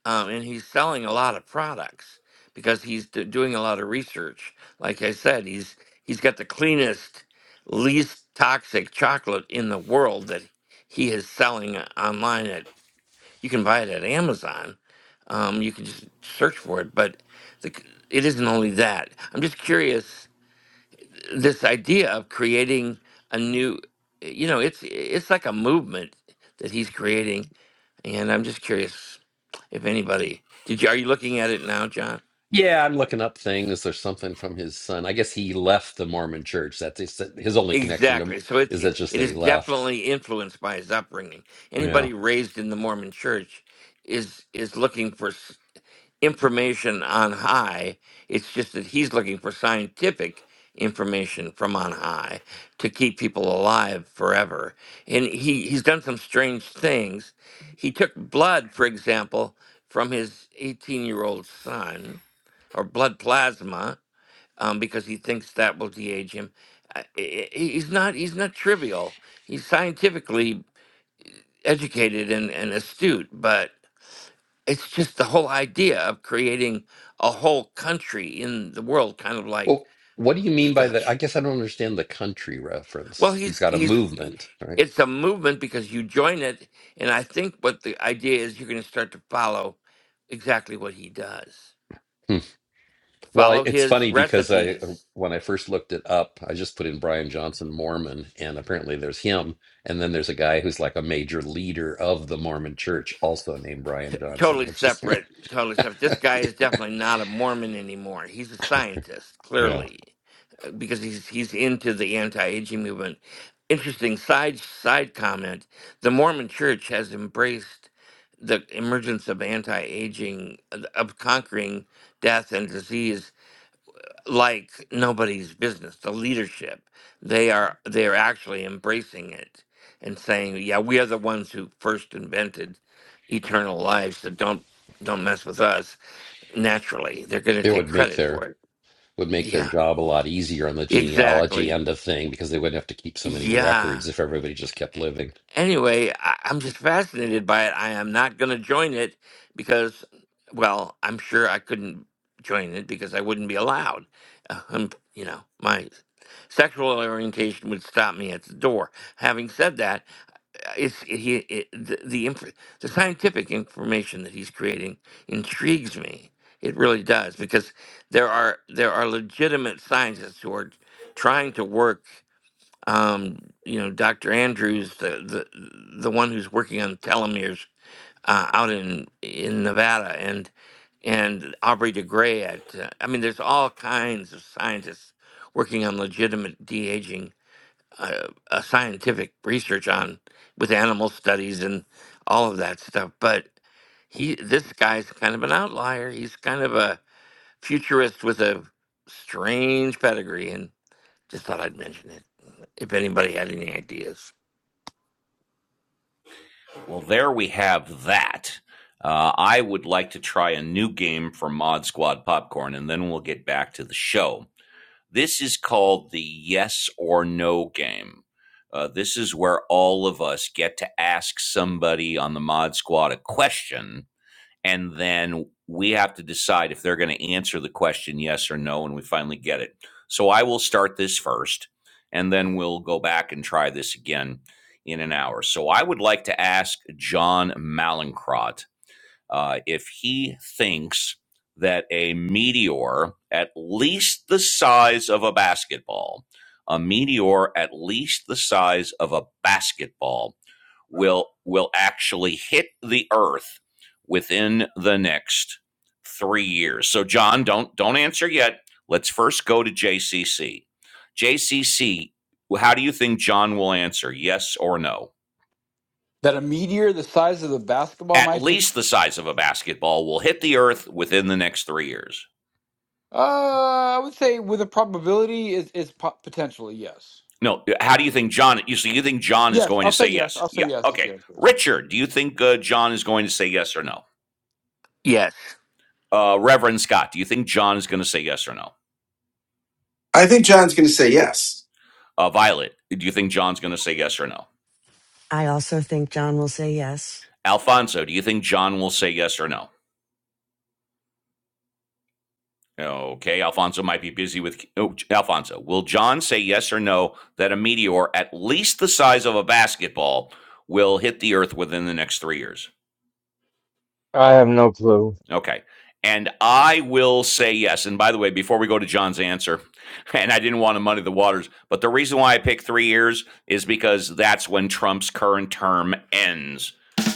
[SPEAKER 3] um, and he's selling a lot of products because he's d- doing a lot of research. Like I said, he's he's got the cleanest, least toxic chocolate in the world that he is selling online. At you can buy it at Amazon. Um, you can just search for it, but the, c- it isn't only that. I'm just curious this idea of creating a new you know it's it's like a movement that he's creating and i'm just curious if anybody did you are you looking at it now john
[SPEAKER 9] Yeah, I'm looking up things. There's something from his son. I guess he left the Mormon church. That's his, his only connection to
[SPEAKER 3] exactly so it's
[SPEAKER 9] is
[SPEAKER 3] it
[SPEAKER 9] that just that
[SPEAKER 3] is
[SPEAKER 9] he left.
[SPEAKER 3] definitely influenced by his upbringing
[SPEAKER 9] Yeah.
[SPEAKER 3] anybody raised in the mormon church is is looking for information on high. It's just that he's looking for scientific information from on high to keep people alive forever. And he, he's done some strange things. He took blood, for example, from his 18 year old son, or blood plasma, um, because he thinks that will de age him. Uh, he- he- He's not, he's not trivial. He's scientifically educated and, and astute, but it's just the whole idea of creating a whole country in the world, kind of like
[SPEAKER 9] Well, what do you mean by the I
[SPEAKER 3] Stutch.
[SPEAKER 9] guess I don't understand the country
[SPEAKER 3] Well,
[SPEAKER 9] reference.
[SPEAKER 3] he's
[SPEAKER 9] He's got a
[SPEAKER 3] he's
[SPEAKER 9] movement, right?
[SPEAKER 3] it's a movement because you join it, and I think what the idea is, you're going to start to follow exactly what he does,
[SPEAKER 9] Hmm. Well, I-
[SPEAKER 3] follow
[SPEAKER 9] it's
[SPEAKER 3] his
[SPEAKER 9] funny because I
[SPEAKER 3] recipes.
[SPEAKER 9] when I first looked it up, I just put in Brian Johnson Mormon, and apparently there's him, and then there's a guy who's like a major leader of the Mormon Church, also named
[SPEAKER 3] T-
[SPEAKER 9] Brian Johnson,
[SPEAKER 3] totally
[SPEAKER 9] which is
[SPEAKER 3] separate. Totally separate. This guy is definitely not a Mormon anymore. He's a scientist,
[SPEAKER 9] [laughs] yeah,
[SPEAKER 3] clearly. because he's he's into the anti-aging movement. Interesting side side comment. The Mormon Church has embraced the emergence of anti-aging uh, of conquering death and disease like nobody's business. The leadership they are they are actually embracing it and saying, "Yeah, we are the ones who first invented eternal life, so don't don't mess with us." Naturally, they're going to
[SPEAKER 9] it
[SPEAKER 3] take
[SPEAKER 9] would make
[SPEAKER 3] credit for
[SPEAKER 9] their
[SPEAKER 3] it.
[SPEAKER 9] would make their
[SPEAKER 3] Yeah,
[SPEAKER 9] job a lot easier on the genealogy
[SPEAKER 3] exactly.
[SPEAKER 9] end of thing because they wouldn't have to keep so many
[SPEAKER 3] Yeah.
[SPEAKER 9] records if everybody just kept living. [laughs]
[SPEAKER 3] anyway, I, I'm just fascinated by it. I am not going to join it because, well, I'm sure I couldn't join it because I wouldn't be allowed. Um, you know, my sexual orientation would stop me at the door. Having said that, uh, it's it, he it, the the, inf- the scientific information that he's creating intrigues me. It really does because there are there are legitimate scientists who are trying to work um, you know, Dr. Andrews, the, the the one who's working on telomeres uh, out in in Nevada, and and Aubrey de Grey at, uh, I mean, there's all kinds of scientists working on legitimate de aging, uh, uh, scientific research on with animal studies and all of that stuff. But he, this guy's kind of an outlier. He's kind of a futurist with a strange pedigree, and. Just thought I'd mention it. If anybody had any ideas.
[SPEAKER 1] Well, there we have that. Uh, I would like to try a new game for Mod Squad Popcorn, and then we'll get back to the show. This is called the yes or no game. Uh, this is where all of us get to ask somebody on the mod squad a question, and then we have to decide if they're going to answer the question yes or no, and we finally get it. So I will start this first, and then we'll go back and try this again in an hour. So I would like to ask John Malincrot uh, if he thinks that a meteor at least the size of a basketball, a meteor at least the size of a basketball will will actually hit the earth within the next 3 years. So John, don't don't answer yet. Let's first go to JCC. JCC, how do you think John will answer? Yes or no?
[SPEAKER 2] That a meteor the size of the basketball
[SPEAKER 1] at
[SPEAKER 2] might hit.
[SPEAKER 1] least the size of a basketball will hit the earth within the next three years.
[SPEAKER 2] Uh, I would say with a probability is is po- potentially yes.
[SPEAKER 1] No, how do you think John? You so you think John is
[SPEAKER 2] Yes,
[SPEAKER 1] going
[SPEAKER 2] I'll
[SPEAKER 1] to
[SPEAKER 2] say
[SPEAKER 1] say
[SPEAKER 2] yes.
[SPEAKER 1] yes?
[SPEAKER 2] I'll say
[SPEAKER 1] Yeah,
[SPEAKER 2] yes.
[SPEAKER 1] okay.
[SPEAKER 2] Yes, yes, yes.
[SPEAKER 1] Richard, do you think uh, John is going to say yes or no?
[SPEAKER 3] Yes.
[SPEAKER 1] Uh, Reverend Scott, do you think John is going to say yes or no?
[SPEAKER 4] I think John's going to say yes.
[SPEAKER 1] Uh, Violet, do you think John's going to say yes or no?
[SPEAKER 5] I also think John will say yes.
[SPEAKER 1] Alfonso, do you think John will say yes or no? Okay, Alfonso might be busy with. Oh, Alfonso, will John say yes or no that a meteor at least the size of a basketball will hit the Earth within the next three years?
[SPEAKER 6] I have no clue.
[SPEAKER 1] Okay. And I will say yes. And by the way, before we go to John's answer, [laughs] and I didn't want to muddy the waters, but the reason why I picked three years is because that's when Trump's current term ends.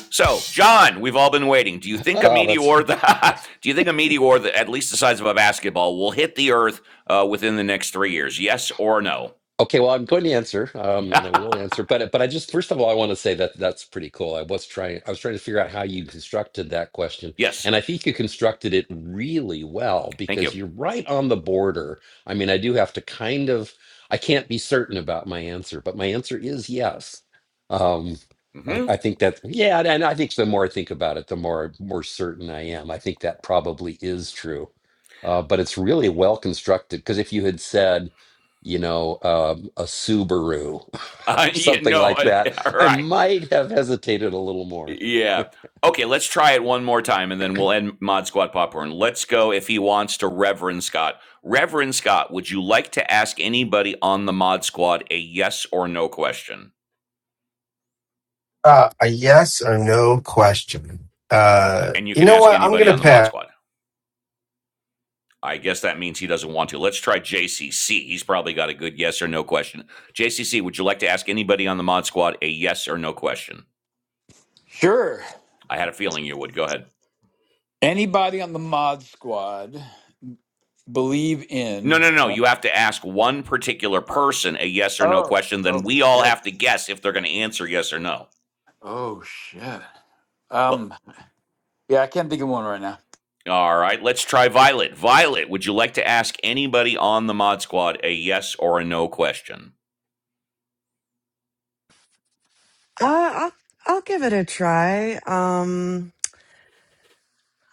[SPEAKER 1] So, John, we've all been waiting. Do you think a
[SPEAKER 9] Oh, that's
[SPEAKER 1] meteor, the, [laughs] do you think a meteor, that at least the size of a basketball, will hit the Earth uh, within the next three years? Yes or no?
[SPEAKER 9] Okay, well, I'm going to answer, um, and I
[SPEAKER 1] [laughs]
[SPEAKER 9] will answer, but but I just first of all, I want to say that that's pretty cool. I was trying, I was trying to figure out how you constructed that question,
[SPEAKER 1] yes.
[SPEAKER 9] and I think you constructed it really well
[SPEAKER 1] Thank
[SPEAKER 9] because
[SPEAKER 1] you.
[SPEAKER 9] you're right on the border. I mean, I do have to kind of, I can't be certain about my answer, but my answer is yes. Um, I,
[SPEAKER 1] hmm
[SPEAKER 9] I think that, yeah, and I think the more I think about it, the more more certain I am. I think that probably is true, uh, but it's really well constructed because if you had said you know, um, a Subaru [laughs]
[SPEAKER 1] Uh,
[SPEAKER 9] or
[SPEAKER 1] [laughs] yeah,
[SPEAKER 9] something
[SPEAKER 1] no.
[SPEAKER 9] like
[SPEAKER 1] uh,
[SPEAKER 9] that,
[SPEAKER 1] yeah, all
[SPEAKER 9] I
[SPEAKER 1] right.
[SPEAKER 9] might have hesitated a little more.
[SPEAKER 1] Yeah. Okay, let's try it one more time and then we'll end Mod Squad Popcorn. Let's go if he wants to Reverend Scott. Reverend Scott, would you like to ask anybody on the Mod Squad a yes or no question?
[SPEAKER 4] Uh, a yes or no question. Uh,
[SPEAKER 1] And you
[SPEAKER 4] you
[SPEAKER 1] can
[SPEAKER 4] know
[SPEAKER 1] ask
[SPEAKER 4] what? I'm
[SPEAKER 1] anybody
[SPEAKER 4] gonna
[SPEAKER 1] on the Mod
[SPEAKER 4] pass.
[SPEAKER 1] Squad. I guess that means he doesn't want to. Let's try JCC. He's probably got a good yes or no question. JCC, would you like to ask anybody on the Mod Squad a yes or no question?
[SPEAKER 2] Sure.
[SPEAKER 1] I had a feeling you would. Go ahead.
[SPEAKER 2] Anybody on the mod squad believe
[SPEAKER 1] No,
[SPEAKER 2] in?
[SPEAKER 1] no, no. You have to ask one particular person a yes or no
[SPEAKER 2] Oh,
[SPEAKER 1] question.
[SPEAKER 2] oh
[SPEAKER 1] Then we all
[SPEAKER 2] shit.
[SPEAKER 1] have to guess if they're going to answer yes or no.
[SPEAKER 2] Oh shit.
[SPEAKER 1] Well,
[SPEAKER 2] Um, yeah, I can't think of one right now.
[SPEAKER 1] all right. Let's try Violet. Violet, would you like to ask anybody on the Mod Squad a yes or a no question?
[SPEAKER 5] Uh, I'll, I'll give it a try. Um,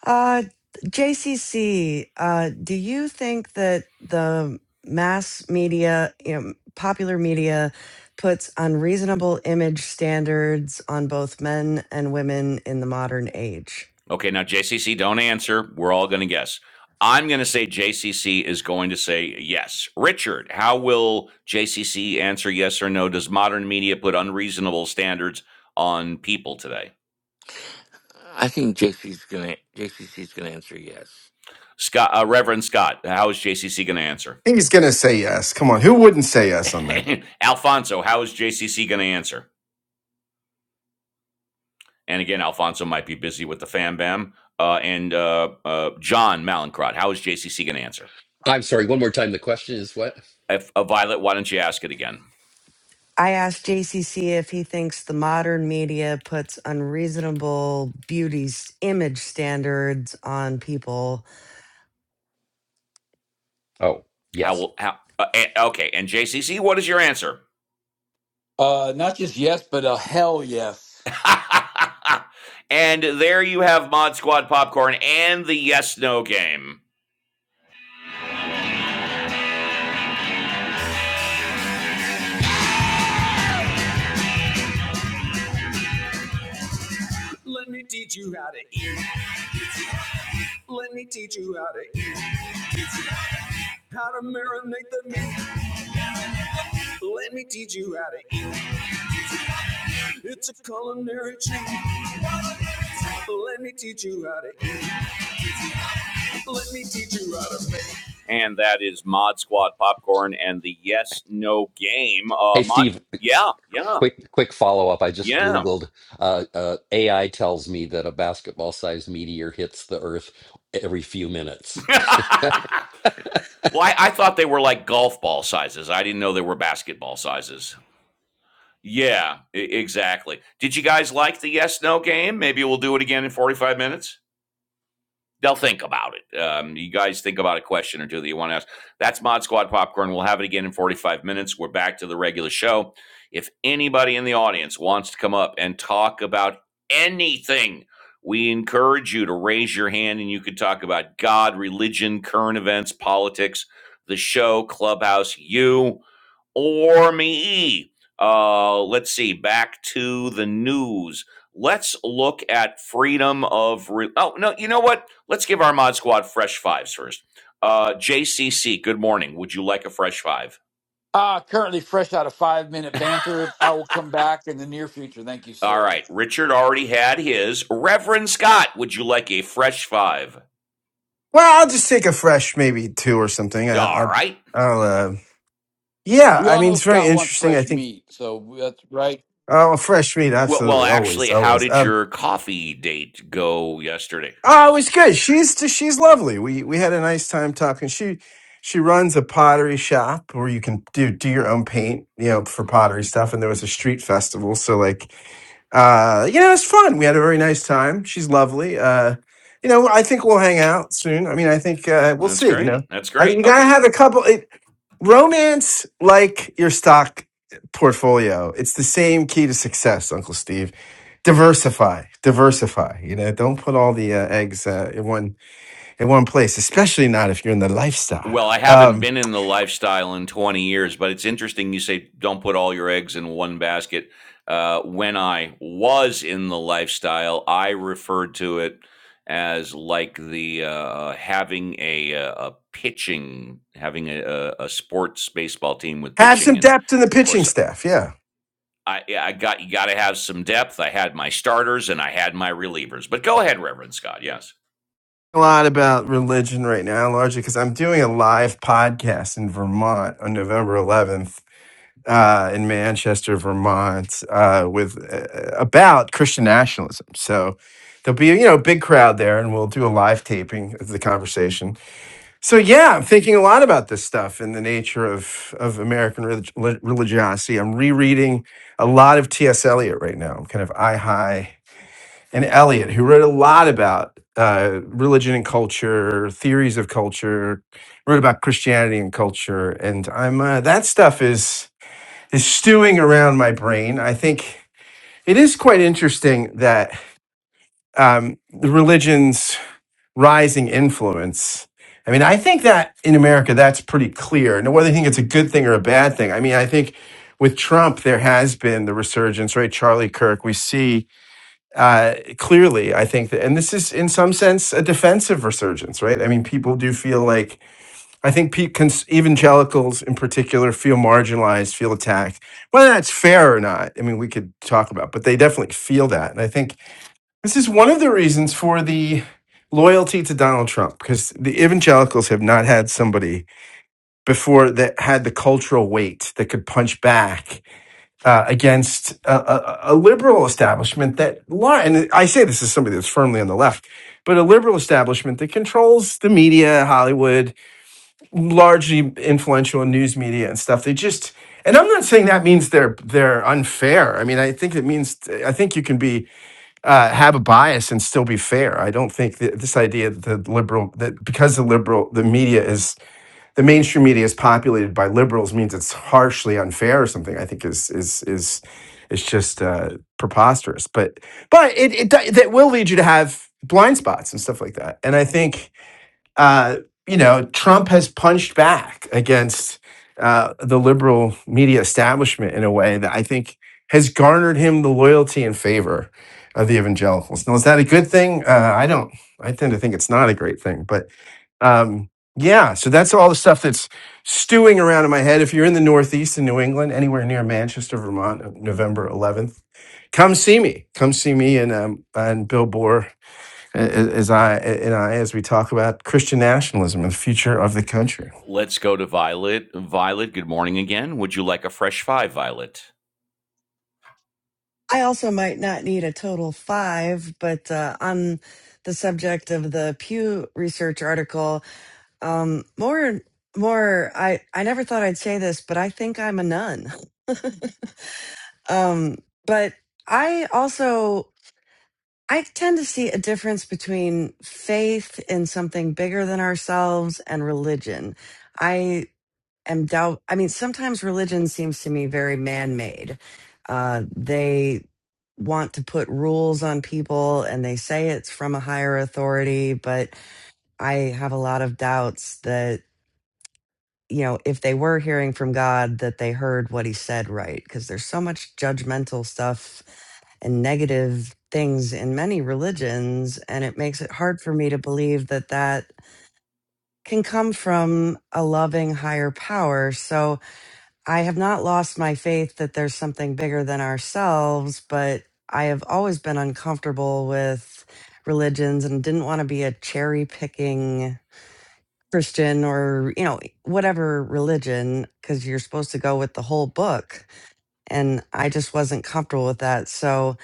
[SPEAKER 5] Uh, JCC, uh, do you think that the mass media, you know, popular media puts unreasonable image standards on both men and women in the modern age?
[SPEAKER 1] Okay. Now, JCC, don't answer. We're all going to guess. I'm going to say JCC is going to say yes. Richard, how will JCC answer yes or no? Does modern media put unreasonable standards on people today?
[SPEAKER 3] I think JC's gonna JCC's gonna answer yes.
[SPEAKER 1] Scott, uh, Reverend Scott, how is JCC going to answer?
[SPEAKER 4] I think he's going to say yes. Come on. Who wouldn't say yes on that?
[SPEAKER 1] [laughs] Alfonso, how is JCC going to answer? And again, Alfonso might be busy with the fam bam. Uh, and uh, uh, John Malincrot, how is JCC going to answer?
[SPEAKER 9] I'm sorry, one more time. The question is what?
[SPEAKER 1] If, uh, Violet, why don't you ask it again?
[SPEAKER 5] I asked JCC if he thinks the modern media puts unreasonable beauty s- image standards on people.
[SPEAKER 9] Oh,
[SPEAKER 1] How
[SPEAKER 9] yes.
[SPEAKER 1] will how? Uh, eh, okay, and JCC, what is your answer?
[SPEAKER 2] Uh, not just yes, but a hell yes.
[SPEAKER 1] [laughs] and there you have Mod Squad popcorn and the yes no game. Let me teach you how to eat. Let me teach you how to eat. How to marinate the meat. Let me teach you how to eat. It's a culinary treat. Let me teach you how to eat. Let me teach you how to make. And that is Mod Squad Popcorn and the Yes No Game. Uh,
[SPEAKER 9] Hey,
[SPEAKER 1] Mod,
[SPEAKER 9] Steve,
[SPEAKER 1] yeah, yeah,
[SPEAKER 9] quick, quick follow up. I just
[SPEAKER 1] yeah.
[SPEAKER 9] Googled. Uh, uh, AI tells me that a basketball sized meteor hits the Earth every few minutes.
[SPEAKER 1] [laughs]
[SPEAKER 9] [laughs]
[SPEAKER 1] well, I, I thought they were like golf ball sizes. I didn't know they were basketball sizes. Yeah, e- exactly. Did you guys like the Yes No Game? Maybe we'll do it again in forty-five minutes. they'll think about it. Um, you guys think about a question or two that you want to ask. That's Mod Squad Popcorn. We'll have it again in 45 minutes. We're back to the regular show. If anybody in the audience wants to come up and talk about anything, we encourage you to raise your hand and you can talk about God, religion, current events, politics, the show, clubhouse, you or me. Uh, let's see, back to the news. Let's look at freedom of. Re- oh, no, you know what? Let's give our mod squad fresh fives first. Uh, JCC, good morning. Would you like a fresh five?
[SPEAKER 2] Ah, currently fresh out of five minute banter. I will come back in the near future. Thank you,
[SPEAKER 1] All
[SPEAKER 2] sir.
[SPEAKER 1] right. Richard already had his. Reverend Scott, would you like a fresh five?
[SPEAKER 4] Well, I'll just take a fresh maybe two or something. I,
[SPEAKER 1] Yeah, All
[SPEAKER 4] I'll,
[SPEAKER 1] right.
[SPEAKER 4] I'll, uh, Yeah,
[SPEAKER 2] We
[SPEAKER 4] I
[SPEAKER 2] all
[SPEAKER 4] mean,
[SPEAKER 2] know
[SPEAKER 4] it's very
[SPEAKER 2] Scott wants
[SPEAKER 4] interesting. I
[SPEAKER 2] fresh
[SPEAKER 4] think
[SPEAKER 2] meat, so that's right.
[SPEAKER 4] oh, fresh meat,
[SPEAKER 1] Well, well,
[SPEAKER 4] absolutely, always,
[SPEAKER 1] actually, how
[SPEAKER 4] always.
[SPEAKER 1] did
[SPEAKER 4] Uh,
[SPEAKER 1] your coffee date go yesterday?
[SPEAKER 4] oh, it was good. She's she's lovely. We we had a nice time talking. She she runs a pottery shop where you can do do your own paint, you know, for pottery stuff. And there was a street festival, so like, uh, you know, it was fun. We had a very nice time. She's lovely. Uh, you know, I think we'll hang out soon. I mean, I think uh, we'll
[SPEAKER 1] That's
[SPEAKER 4] see. You know,
[SPEAKER 1] great. That's
[SPEAKER 4] I,
[SPEAKER 1] great.
[SPEAKER 4] you gotta
[SPEAKER 1] Okay.
[SPEAKER 4] have a couple. romance like your stock portfolio it's the same key to success uncle steve diversify diversify you know don't put all the uh, eggs uh, in one in one place especially not if you're in the lifestyle
[SPEAKER 1] Well, I haven't
[SPEAKER 4] um
[SPEAKER 1] been in the lifestyle in 20 years, but it's interesting you say don't put all your eggs in one basket. Uh, when I was in the lifestyle, I referred to it as like the uh, having a, uh, a pitching, having a, a, a sports baseball team with
[SPEAKER 4] have
[SPEAKER 1] pitching,
[SPEAKER 4] some
[SPEAKER 1] and
[SPEAKER 4] depth in the
[SPEAKER 1] of
[SPEAKER 4] pitching
[SPEAKER 1] course,
[SPEAKER 4] staff yeah
[SPEAKER 1] I, I got you got to have some depth. I had my starters and I had my relievers. But go ahead, Reverend Scott. Yes.
[SPEAKER 4] a lot about religion right now largely because i'm doing a live podcast in vermont on november 11th uh, in Manchester, Vermont, uh, with uh, about Christian nationalism. So there'll be you know a big crowd there, and we'll do a live taping of the conversation. So yeah, I'm thinking a lot about this stuff and the nature of of American relig- li- religiosity. I'm rereading a lot of T.S. Eliot right now. I'm kind of eye high and Eliot, who wrote a lot about. Uh, religion and culture, theories of culture, wrote about Christianity and culture, and I'm uh, that stuff is is stewing around my brain. I think it is quite interesting that um, the religion's rising influence. I mean, I think that in America, that's pretty clear. Now, whether you think it's a good thing or a bad thing, I mean, I think with Trump, there has been the resurgence, right? Charlie Kirk, we see uh, clearly, I think that, and this is in some sense a defensive resurgence, right? I mean, people do feel like I think pe- cons- evangelicals in particular feel marginalized, feel attacked. Whether that's fair or not, I mean, we could talk about, but they definitely feel that. And I think this is one of the reasons for the loyalty to Donald Trump, because the evangelicals have not had somebody before that had the cultural weight that could punch back uh, against a, a, a liberal establishment that, lar- and I say this as somebody that's firmly on the left, but a liberal establishment that controls the media, Hollywood, largely influential in news media and stuff. They just, and I'm not saying that means they're they're unfair. I mean, I think it means I think you can be uh, have a bias and still be fair. I don't think that this idea that the liberal that because the liberal the media is the mainstream media is populated by liberals means it's harshly unfair or something. I think is is is it's just uh, preposterous. But but it it do- that will lead you to have blind spots and stuff like that. And I think uh, you know, Trump has punched back against uh, the liberal media establishment in a way that I think has garnered him the loyalty and favor of the evangelicals. Now, is that a good thing? Uh, I don't. I tend to think it's not a great thing, but um, yeah. So that's all the stuff that's stewing around in my head. If you're in the Northeast in New England, anywhere near Manchester, Vermont, November 11th, come see me. Come see me and um, and Bill Bohr a- as I and I as we talk about Christian nationalism and the future of the country.
[SPEAKER 1] Let's go to Violet. Violet, good morning again. Would you like a fresh five, Violet?
[SPEAKER 5] I also might not need a total five, but uh, on the subject of the Pew Research article, Um, more, more. I I never thought I'd say this, but I think I'm a nun. Um, but I also I tend to see a difference between faith in something bigger than ourselves and religion. I am doubt. I mean, sometimes religion seems to me very man made. Uh, they want to put rules on people and they say it's from a higher authority, but I have a lot of doubts that you know, if they were hearing from God, that they heard what he said right. Because there's so much judgmental stuff and negative things in many religions. And it makes it hard for me to believe that that can come from a loving higher power. So I have not lost my faith that there's something bigger than ourselves, but I have always been uncomfortable with religions and didn't want to be a cherry picking. Christian or, you know, whatever religion, because you're supposed to go with the whole book. And I just wasn't comfortable with that. So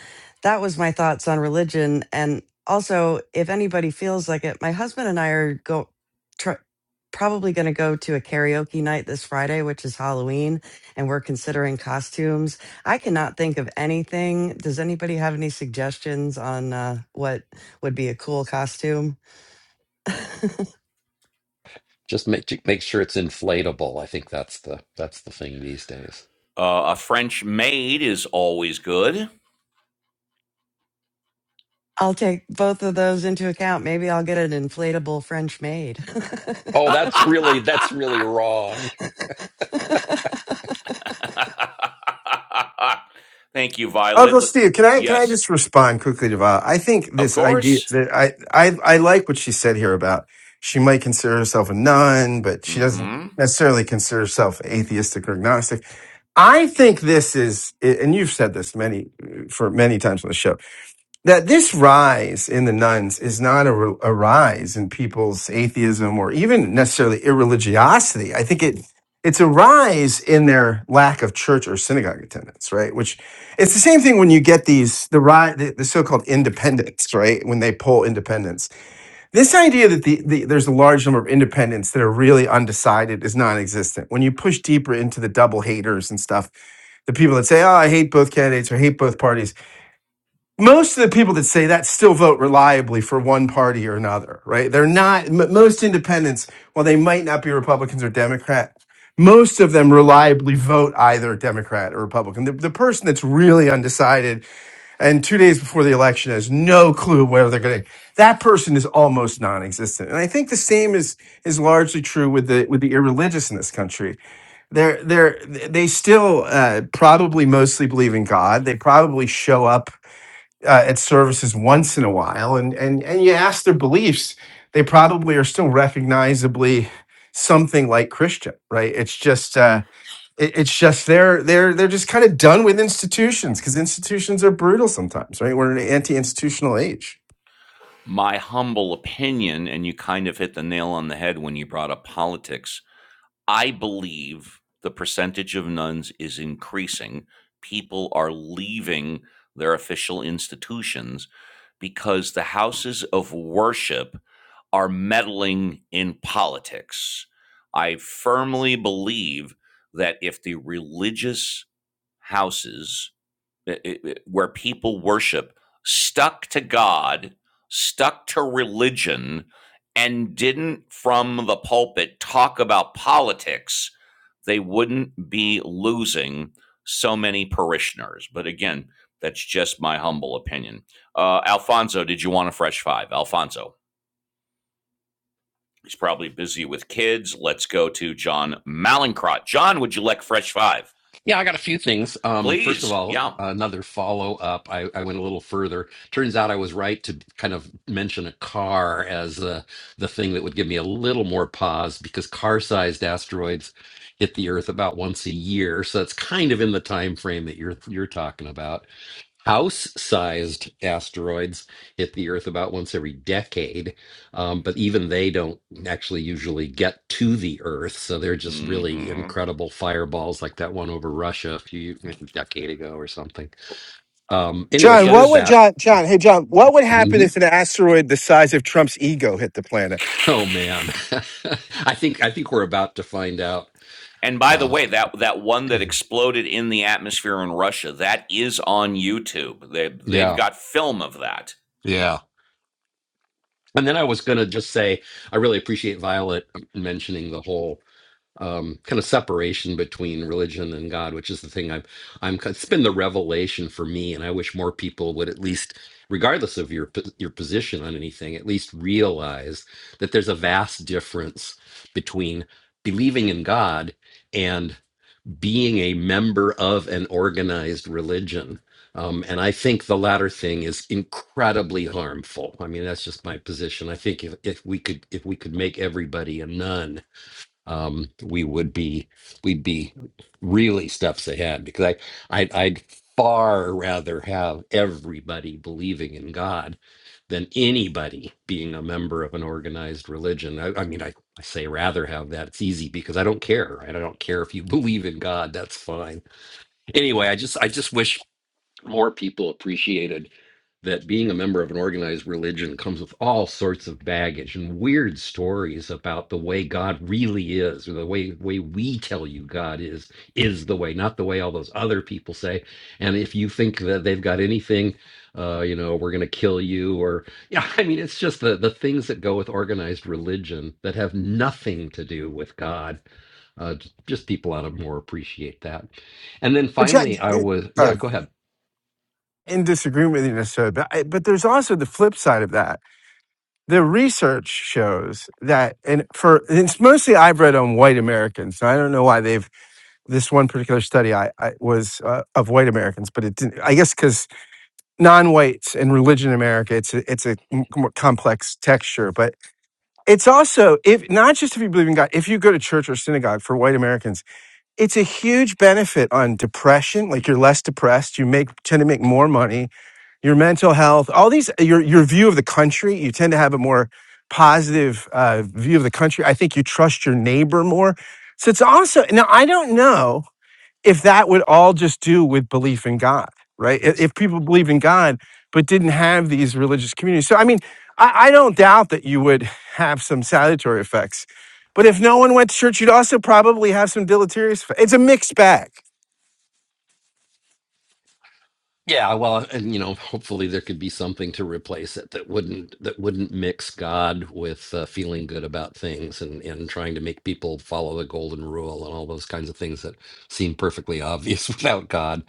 [SPEAKER 5] that was my thoughts on religion. And also, if anybody feels like it, my husband and I are go tr- probably going to go to a karaoke night this Friday, which is Halloween, and we're considering costumes. I cannot think of anything. Does anybody have any suggestions on uh, what would be a cool costume? [laughs]
[SPEAKER 9] just make make sure it's inflatable. I think that's the that's the thing these days.
[SPEAKER 1] Uh, a French maid is always good.
[SPEAKER 5] I'll take both of those into account. Maybe I'll get an inflatable French maid.
[SPEAKER 9] Oh, that's
[SPEAKER 1] [laughs]
[SPEAKER 9] really that's really wrong.
[SPEAKER 1] Thank you, Violet.
[SPEAKER 4] Uncle
[SPEAKER 1] Let-
[SPEAKER 4] Steve, can I can I
[SPEAKER 1] Yes,
[SPEAKER 4] just respond quickly to Val? I think
[SPEAKER 1] of
[SPEAKER 4] this idea
[SPEAKER 1] course.
[SPEAKER 4] that I I I like what she said here about she might consider herself a nun, but she doesn't
[SPEAKER 1] hmm
[SPEAKER 4] necessarily consider herself atheistic or agnostic. I think this is, and you've said this many for many times on the show that this rise in the nuns is not a a rise in people's atheism or even necessarily irreligiosity. I think it it's a rise in their lack of church or synagogue attendance, right? Which it's the same thing when you get these the ri the, the so-called independents, right? When they poll independents, this idea that the, the there's a large number of independents that are really undecided is non-existent. When you push deeper into the double haters and stuff, the people that say, "Oh, I hate both candidates" or "hate both parties." most of the people that say that still vote reliably for one party or another, right? They're not, m- most independents, while they might not be Republicans or Democrat, most of them reliably vote either Democrat or Republican. The, the person that's really undecided and two days before the election has no clue whether they're going to, that person is almost non-existent. And I think the same is, is largely true with the, with the irreligious in this country. They're, they're, they still uh, probably mostly believe in God. They probably show up uh, at services once in a while and, and, and you ask their beliefs, they probably are still recognizably something like Christian, right? It's just, uh, it, it's just they're they're they're just kind of done with institutions because institutions are brutal sometimes, right? We're in an anti-institutional age.
[SPEAKER 1] My humble opinion, and you kind of hit the nail on the head when you brought up politics. I believe the percentage of nuns is increasing. People are leaving their official institutions because the houses of worship are meddling in politics. I firmly believe that if the religious houses it- it- where people worship stuck to God, stuck to religion, and didn't from the pulpit talk about politics, they wouldn't be losing so many parishioners. But again, that's just my humble opinion. Uh, Alfonso, did you want a fresh five? Alfonso, he's probably busy with kids. Let's go to John Malincrot. John, would you like fresh five?
[SPEAKER 9] Yeah, I got a few things. Um, first of
[SPEAKER 1] Please.
[SPEAKER 9] all,
[SPEAKER 1] Yeah.
[SPEAKER 9] another follow up. I, I went a little further. Turns out I was right to kind of mention a car as uh, the thing that would give me a little more pause because car sized asteroids hit the Earth about once a year, so it's kind of in the time frame that you're you're talking about house sized asteroids hit the Earth about once every decade. Um, but even they don't actually usually get to the Earth. So they're just really
[SPEAKER 1] hmm
[SPEAKER 9] incredible fireballs, like that one over Russia a few a decade ago or something. Um, anyway,
[SPEAKER 4] John,
[SPEAKER 9] so
[SPEAKER 4] what
[SPEAKER 9] there's
[SPEAKER 1] Yes.
[SPEAKER 4] would
[SPEAKER 9] that.
[SPEAKER 4] John John? Hey, John, what would happen
[SPEAKER 9] Mhm.
[SPEAKER 4] if an asteroid the size of Trump's ego hit the planet?
[SPEAKER 9] Oh man, [laughs] I think I think we're about to find out.
[SPEAKER 1] And by the
[SPEAKER 9] Uh,
[SPEAKER 1] way, that that one that
[SPEAKER 9] [clears throat]
[SPEAKER 1] exploded in the atmosphere in Russia, that is on YouTube. They they've
[SPEAKER 9] yeah,
[SPEAKER 1] got film of that.
[SPEAKER 9] yeah. And then I was gonna just say I really appreciate Violet mentioning the whole um, kind of separation between religion and God, which is the thing I'm, I'm. It's been the revelation for me, and I wish more people would at least, regardless of your po- your position on anything, at least realize that there's a vast difference between believing in God and being a member of an organized religion. Um, and I think the latter thing is incredibly harmful. I mean, that's just my position. I think if, if we could if we could make everybody a nun um, we would be we'd be really steps ahead because I I'd, I'd far rather have everybody believing in God than anybody being a member of an organized religion. I, I mean, I, I say rather have that. It's easy because I don't care. Right? I don't care if you [laughs] believe in God. That's fine. Anyway, I just I just wish more people appreciated that being a member of an organized religion comes with all sorts of baggage and weird stories about the way God really is, or the way way we tell you God is is the way, not the way all those other people say. And if you think that they've got anything, uh, you know, we're going to kill you, or [laughs] yeah, I mean, it's just the the things that go with organized religion that have nothing to do with God. Uh, j- just people ought to more appreciate that. And then
[SPEAKER 4] But John,
[SPEAKER 9] finally, I was
[SPEAKER 4] uh,
[SPEAKER 9] yeah, go ahead.
[SPEAKER 4] in disagreement with you necessarily, but I, but there's also the flip side of that the research shows that and for it's mostly i've read on white americans i don't know why they've this one particular study i, I was uh, of white americans but it didn't i guess because non-whites and religion in america it's a, it's a more complex texture but it's also if not just if you believe in god if you go to church or synagogue for white americans it's a huge benefit on depression like you're less depressed you make tend to make more money your mental health, all these, your your view of the country. You tend to have a more positive uh, view of the country. I think you trust your neighbor more. So it's also now I don't know if that would all just do with belief in God, right? I- If people believed in God but didn't have these religious communities. So I mean, I, I don't doubt that you would have some salutary effects. But if no one went to church, you'd also probably have some deleterious. It's a mixed bag.
[SPEAKER 9] Yeah, well, and you know, hopefully there could be something to replace it that wouldn't that wouldn't mix God with uh, feeling good about things and and trying to make people follow the golden rule and all those kinds of things that seem perfectly obvious [laughs] without God.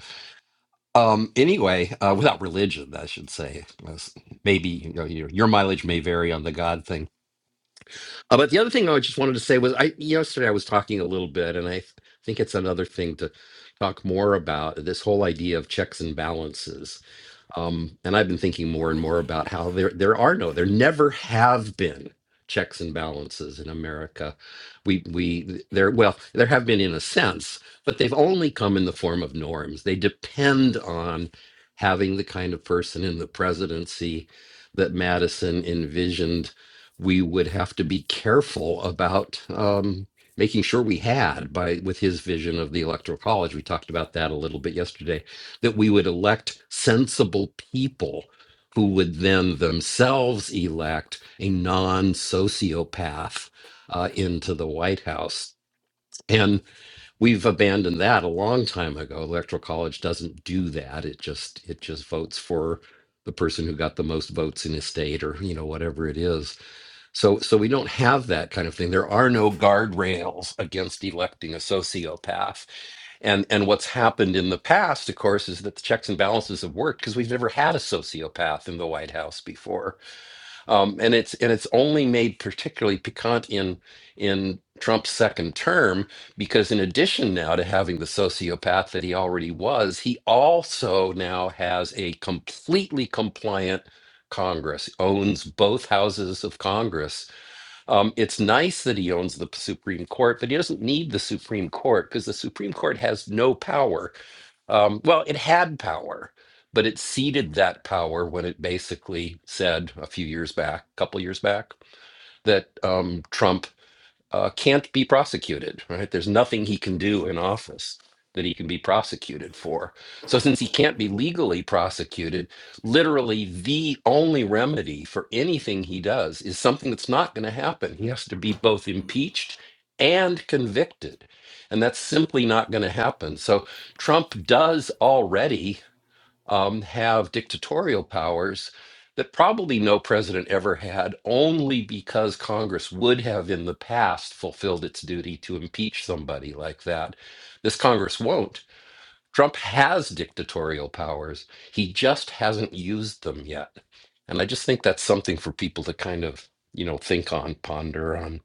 [SPEAKER 9] Um, anyway, uh, without religion, I should say. That's- Maybe you know your, your mileage may vary on the God thing. Uh, but the other thing I just wanted to say was, I yesterday I was talking a little bit, and I th- think it's another thing to talk more about this whole idea of checks and balances um, and I've been thinking more and more about how there there are no, there never have been checks and balances in America. We we there well, there have been in a sense, but they've only come in the form of norms. They depend on having the kind of person in the presidency that Madison envisioned we would have to be careful about um, making sure we had by with his vision of the electoral college. We talked about that a little bit yesterday that we would elect sensible people who would then themselves elect a non sociopath uh, into the White House. And we've abandoned that a long time ago. Electoral college doesn't do that. It just it just votes for the person who got the most votes in his state or you know whatever it is. So, so we don't have that kind of thing. There are no guardrails against electing a sociopath. And and what's happened in the past, of course, is that the checks and balances have worked because we've never had a sociopath in the White House before. Um, and it's and it's only made particularly piquant in in Trump's second term because in addition now to having the sociopath that he already was, he also now has a completely compliant Congress, owns both houses of Congress um, it's nice that he owns the Supreme Court, but he doesn't need the Supreme Court because the Supreme Court has no power. Um, well, it had power, but it ceded that power when it basically said a few years back, a couple years back, that um, Trump uh, can't be prosecuted, right? There's nothing he can do in office that he can be prosecuted for. So, since he can't be legally prosecuted, literally the only remedy for anything he does is something that's not going to happen. He has to be both impeached and convicted. And that's simply not going to happen. So, Trump does already um, have dictatorial powers that probably no president ever had, only because Congress would have in the past fulfilled its duty to impeach somebody like that. This Congress won't. Trump has dictatorial powers, he just hasn't used them yet. And I just think that's something for people to kind of you know think on ponder on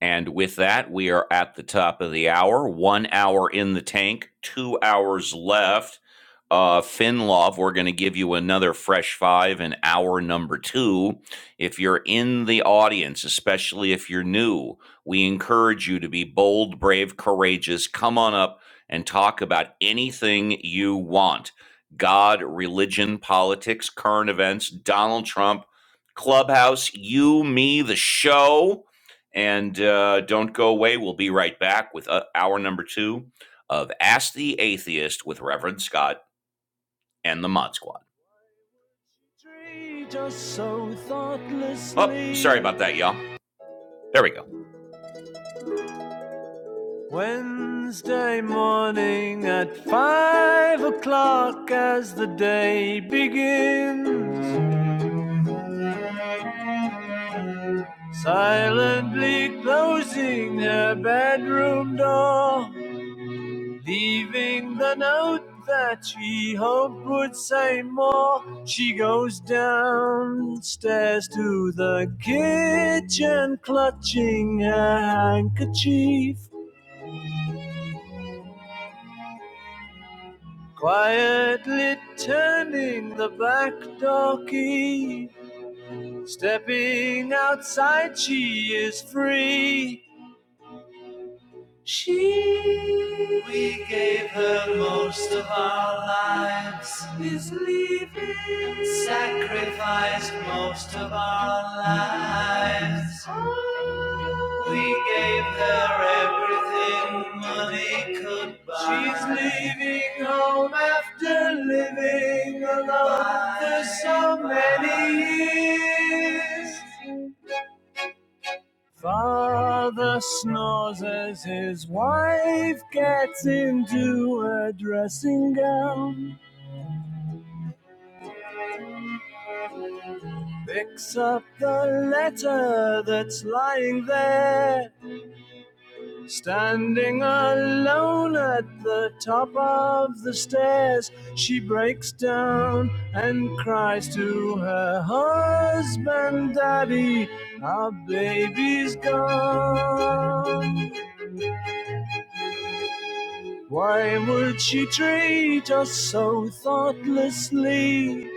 [SPEAKER 1] And with that, we are at the top of the hour. One hour in the tank, two hours left. Uh, Finlov, we're going to give you another fresh five in hour number two. If you're in the audience, especially if you're new, we encourage you to be bold, brave, courageous. Come on up and talk about anything you want God, religion, politics, current events, Donald Trump, Clubhouse, you, me, the show. And uh, don't go away. We'll be right back with uh, hour number two of Ask the Atheist with Reverend Scott and the Mod Squad. so Oh, sorry about that, y'all. There we go. Wednesday morning at five o'clock as the day begins. Silently closing her bedroom door. Leaving the note that she hoped would say more, she goes downstairs to the kitchen, clutching her handkerchief, quietly turning the back door key. Stepping outside, she is free. She we gave her most of our lives is leaving sacrificed most of our lives we gave her everything money could buy she's leaving home after living alone for so many years Father snores as his wife gets into her dressing gown, picks up the letter that's lying there, standing alone at the top of the stairs. She breaks down and cries to her husband, Daddy, our baby's gone. Why would she treat us so thoughtlessly?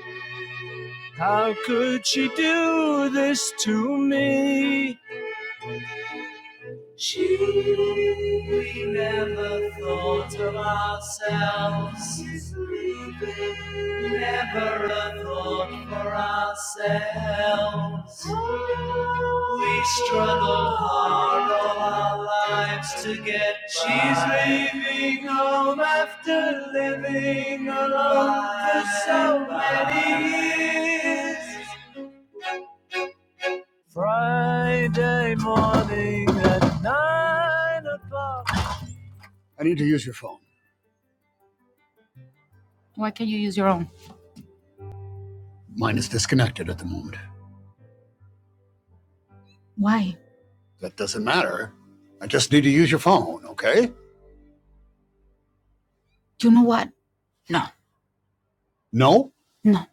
[SPEAKER 1] How could she do this to me? Gee, We never thought of ourselves. as leaving, Never a thought for ourselves. We struggled hard all our lives to get by. She's leaving home after living alone for so many years. Friday morning at nine o'clock. I need to use your phone. Why can't you use your own? Mine is disconnected at the moment. Why? That doesn't matter. I just need to use your phone, okay? You know what? No. No? No.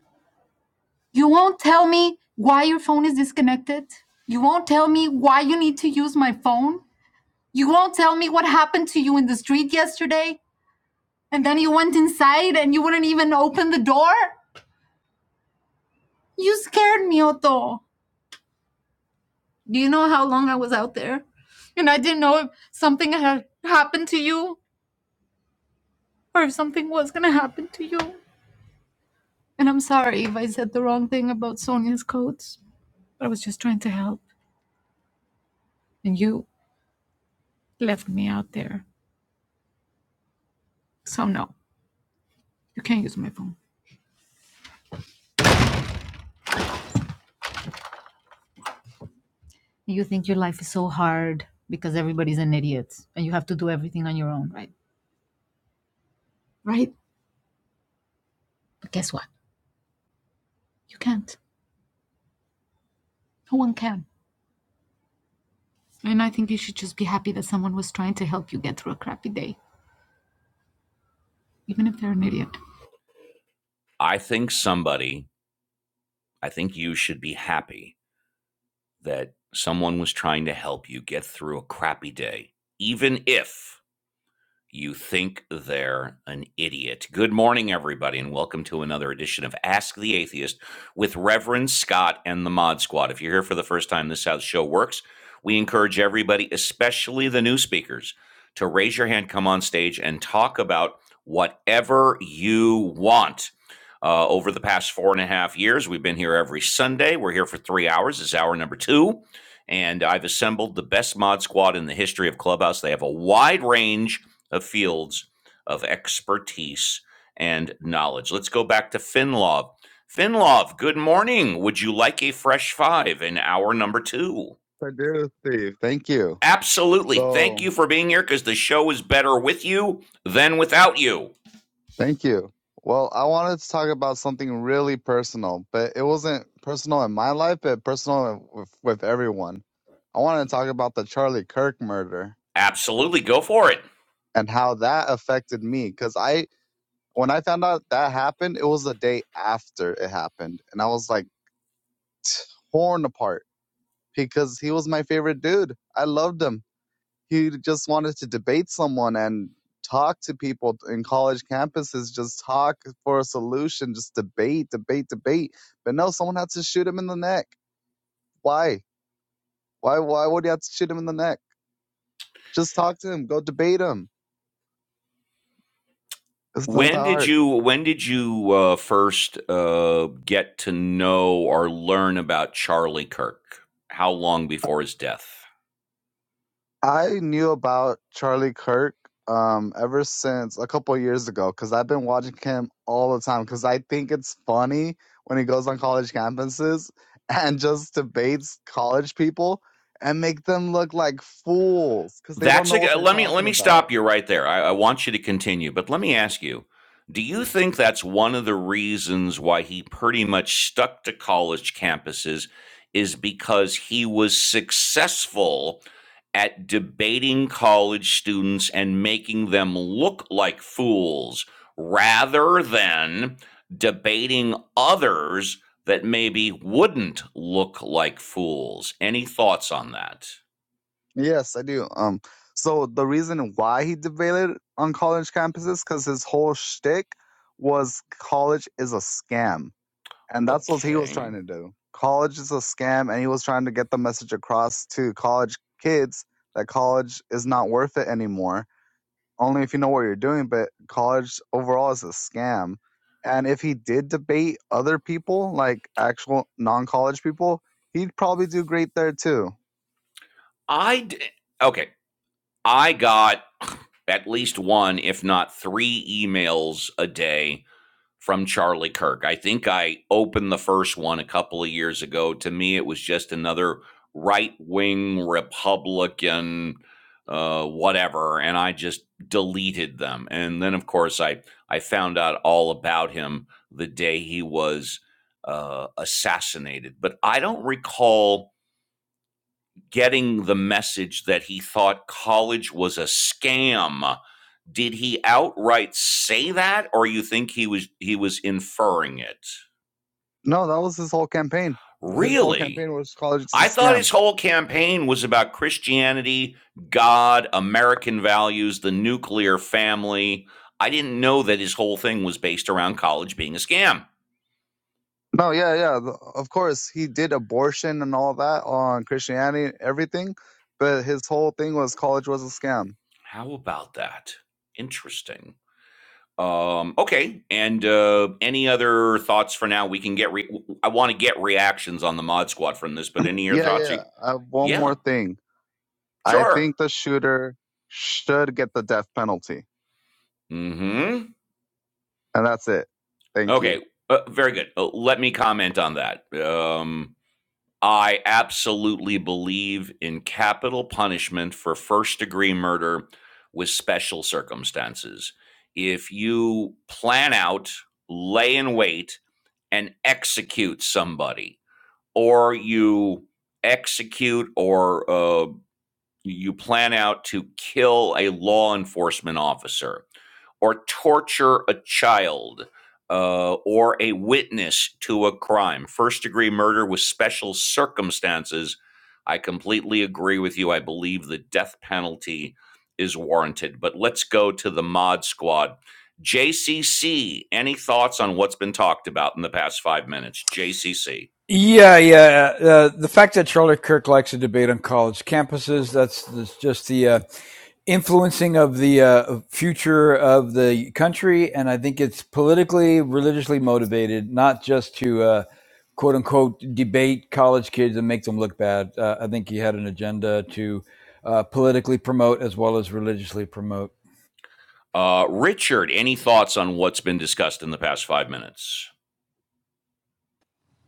[SPEAKER 1] You won't tell me why your phone is disconnected. You won't tell me why you need to use my phone. You won't tell me what happened to you in the street yesterday. And then you went inside and you wouldn't even open the door. You scared me, Otto. Do you know how long I was out there? And I didn't know if something had happened to you. or if something was gonna happen to you. And I'm sorry if I said the wrong thing about Sonia's codes. I was just trying to help, and you left me out there. So no, you can't use my phone. You think your life is so hard because everybody's an idiot and you have to do everything on your own, right? Right? But guess what? You can't. No one can. And I think you should just be happy that someone was trying to help you get through a crappy day, even if they're an idiot. I think somebody, I think you should be happy that someone was trying to help you get through a crappy day, even if you think they're an idiot. Good morning, everybody, and welcome to another edition of Ask the Atheist with Reverend Scott and the Mod Squad. If you're here for the first time, this is how the show works. We encourage everybody, especially the new speakers, to raise your hand, come on stage, and talk about whatever you want. Uh, over the past four and a half years, we've been here every Sunday. We're here for three hours. This is hour number two. And I've assembled the best mod squad in the history of Clubhouse. They have a wide range of fields of expertise and knowledge. Let's go back to Finlov. Finlov, good morning. Would you like a fresh five in hour number two?
[SPEAKER 10] I do, Steve. Thank you.
[SPEAKER 1] Absolutely. Thank
[SPEAKER 10] So
[SPEAKER 1] you for being here because the show is better with you than without you.
[SPEAKER 10] thank you. Well, I wanted to talk about something really personal, but it wasn't personal in my life, but personal with, with everyone. I wanted to talk about the Charlie Kirk murder
[SPEAKER 1] Absolutely. Go for it.
[SPEAKER 10] and how that affected me because I When I found out that happened, it was the day after it happened. And I was like torn apart because he was my favorite dude. I loved him. He just wanted to debate someone and talk to people in college campuses, just talk for a solution, just debate, debate, debate. But no, someone had to shoot him in the neck. Why? Why why would you have to shoot him in the neck? Just talk to him, go debate him. It's not that
[SPEAKER 1] When did
[SPEAKER 10] hard.
[SPEAKER 1] you when did you uh, first uh, get to know or learn about Charlie Kirk? How long before his death?
[SPEAKER 10] I knew about Charlie Kirk um ever since a couple of years ago because I've been watching him all the time because I think it's funny when he goes on college campuses [laughs] and just debates college people and make them look like fools because they don't
[SPEAKER 1] That's
[SPEAKER 10] know
[SPEAKER 1] a
[SPEAKER 10] what they're
[SPEAKER 1] let me let
[SPEAKER 10] talking
[SPEAKER 1] me
[SPEAKER 10] about.
[SPEAKER 1] stop you right there. I, I want you to continue, but let me ask you: Do you think that's one of the reasons why he pretty much stuck to college campuses is because he was successful at debating college students and making them look like fools, rather than debating others that maybe wouldn't look like fools? Any thoughts on that?
[SPEAKER 10] Yes, I do. Um, so the reason why he debated on college campuses because his whole shtick was college is a scam And that's what he was trying
[SPEAKER 1] Okay.
[SPEAKER 10] to do. College is a scam, and he was trying to get the message across to college kids that college is not worth it anymore, only if you know what you're doing. But college overall is a scam. And if he did debate other people, like actual non college people, he'd probably do great there too.
[SPEAKER 1] I d- okay. I got at least one, if not three, emails a day from Charlie Kirk. I think I opened the first one a couple of years ago. To me, it was just another right wing Republican, uh, whatever, and I just deleted them. And then, of course, I I found out all about him the day he was uh, assassinated. But I don't recall getting the message that he thought college was a scam. Did he outright say that or you think he was he was inferring it?
[SPEAKER 10] No, that was his whole campaign. His whole
[SPEAKER 1] Really?
[SPEAKER 10] campaign was college is a
[SPEAKER 1] I thought
[SPEAKER 10] scam.
[SPEAKER 1] his whole campaign was about Christianity, God, American values, the nuclear family. I didn't know that his whole thing was based around college being a scam.
[SPEAKER 10] No, yeah, yeah. th- Of course, he did abortion and all that on Christianity, everything, but his whole thing was college was a scam.
[SPEAKER 1] How about that? Interesting. Um, okay. And uh, any other thoughts for now? We can get. Re- I want to get reactions on the mod squad from this, but any other
[SPEAKER 10] Yeah,
[SPEAKER 1] thoughts?
[SPEAKER 10] yeah. Uh, one
[SPEAKER 1] Yeah,
[SPEAKER 10] more thing. I
[SPEAKER 1] sure.
[SPEAKER 10] think the shooter should get the death penalty,
[SPEAKER 1] Hmm.
[SPEAKER 10] and that's it. Thank you.
[SPEAKER 1] Okay. Uh, very good. Uh, let me comment on that. Um, I absolutely believe in capital punishment for first degree murder with special circumstances. If you plan out, lay in wait, and execute somebody, or you execute or uh, you plan out to kill a law enforcement officer or torture a child uh, or a witness to a crime. First degree murder with special circumstances. I completely agree with you. I believe the death penalty is warranted. But let's go to the mod squad. JCC, any thoughts on what's been talked about in the past five minutes? JCC.
[SPEAKER 2] Yeah, yeah. Uh, the fact that Charlotte Kirk likes a debate on college campuses, that's, that's just the uh, influencing of the uh, future of the country. And I think it's politically, religiously motivated, not just to uh, quote unquote debate college kids and make them look bad. Uh, I think he had an agenda to uh, politically promote as well as religiously promote.
[SPEAKER 1] Uh, Richard, any thoughts on what's been discussed in the past five minutes?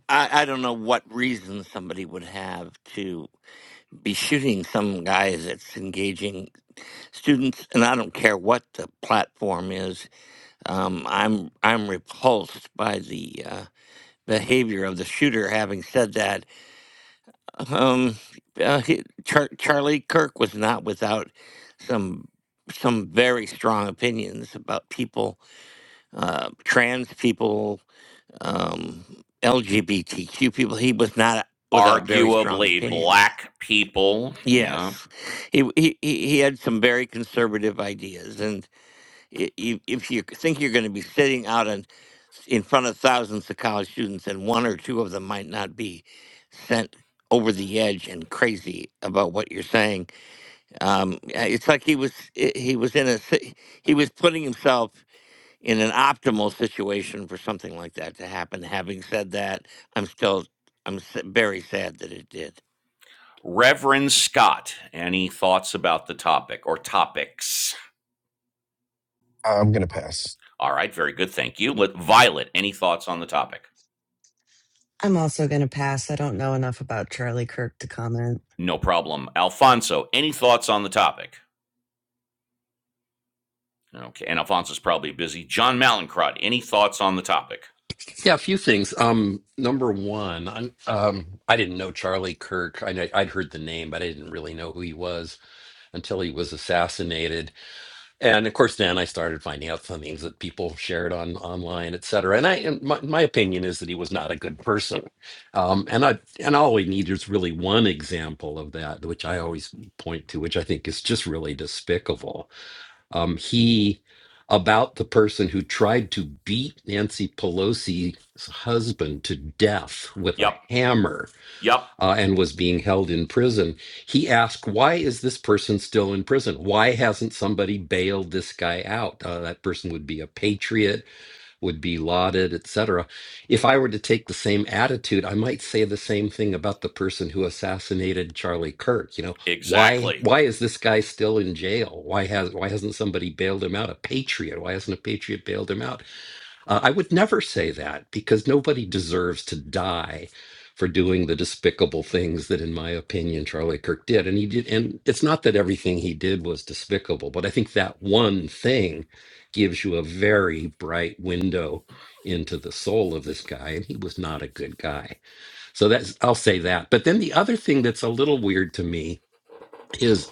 [SPEAKER 3] I, I don't know what reason somebody would have to be shooting some guy that's engaging students, and I don't care what the platform is. Um, I'm I'm repulsed by the uh, behavior of the shooter. Having said that, um uh, he, Char- Charlie Kirk was not without some some very strong opinions about people uh trans people um LGBTQ people he was not without very strong
[SPEAKER 1] Arguably
[SPEAKER 3] opinions
[SPEAKER 1] black people. Yeah.
[SPEAKER 3] yes he he he he had some very conservative ideas and i- i- if you think you're going to be sitting out in, in front of thousands of college students and one or two of them might not be sent over the edge and crazy about what you're saying, um, uh, it's like he was i- he was in a si- he was putting himself in an optimal situation for something like that to happen. Having said that, I'm still I'm s- very sad that it did.
[SPEAKER 1] Reverend Scott, any thoughts about the topic or topics?
[SPEAKER 4] I'm gonna pass.
[SPEAKER 1] All right, very good. Thank you. Let, Violet, any thoughts on the topic?
[SPEAKER 5] [laughs] I'm also going to pass. I don't know enough about Charlie Kirk to comment.
[SPEAKER 1] No problem. Alfonso, any thoughts on the topic? Okay. And Alphonse is probably busy. John Malincrod, any thoughts on the topic?
[SPEAKER 9] yeah a few things um number one i um i didn't know charlie kirk i know i'd heard the name but i didn't really know who he was until he was assassinated. And of course, then I started finding out some things that people shared on online, et cetera. And I, and my, my opinion is that he was not a good person. Um, and I, and all we need is really one example of that, which I always point to, which I think is just really despicable. Um, he, about the person who tried to beat Nancy Pelosi's husband to death with
[SPEAKER 1] Yep.
[SPEAKER 9] a hammer
[SPEAKER 1] Yep.
[SPEAKER 9] uh, and was being held in prison, he asked, Why is this person still in prison? Why hasn't somebody bailed this guy out? Uh, that person would be a patriot, would be lauded, etc. If I were to take the same attitude, I might say the same thing about the person who assassinated Charlie Kirk. You know, why
[SPEAKER 1] Exactly.
[SPEAKER 9] why is this guy still in jail? Why has why hasn't somebody bailed him out? A patriot. Why hasn't a patriot bailed him out? Uh, I would never say that because nobody deserves to die for doing the despicable things that, in my opinion, Charlie Kirk did. And he did. And it's not that everything he did was despicable, but I think that one thing gives you a very bright window into the soul of this guy. And he was not a good guy. So that's, I'll say that. But then the other thing that's a little weird to me is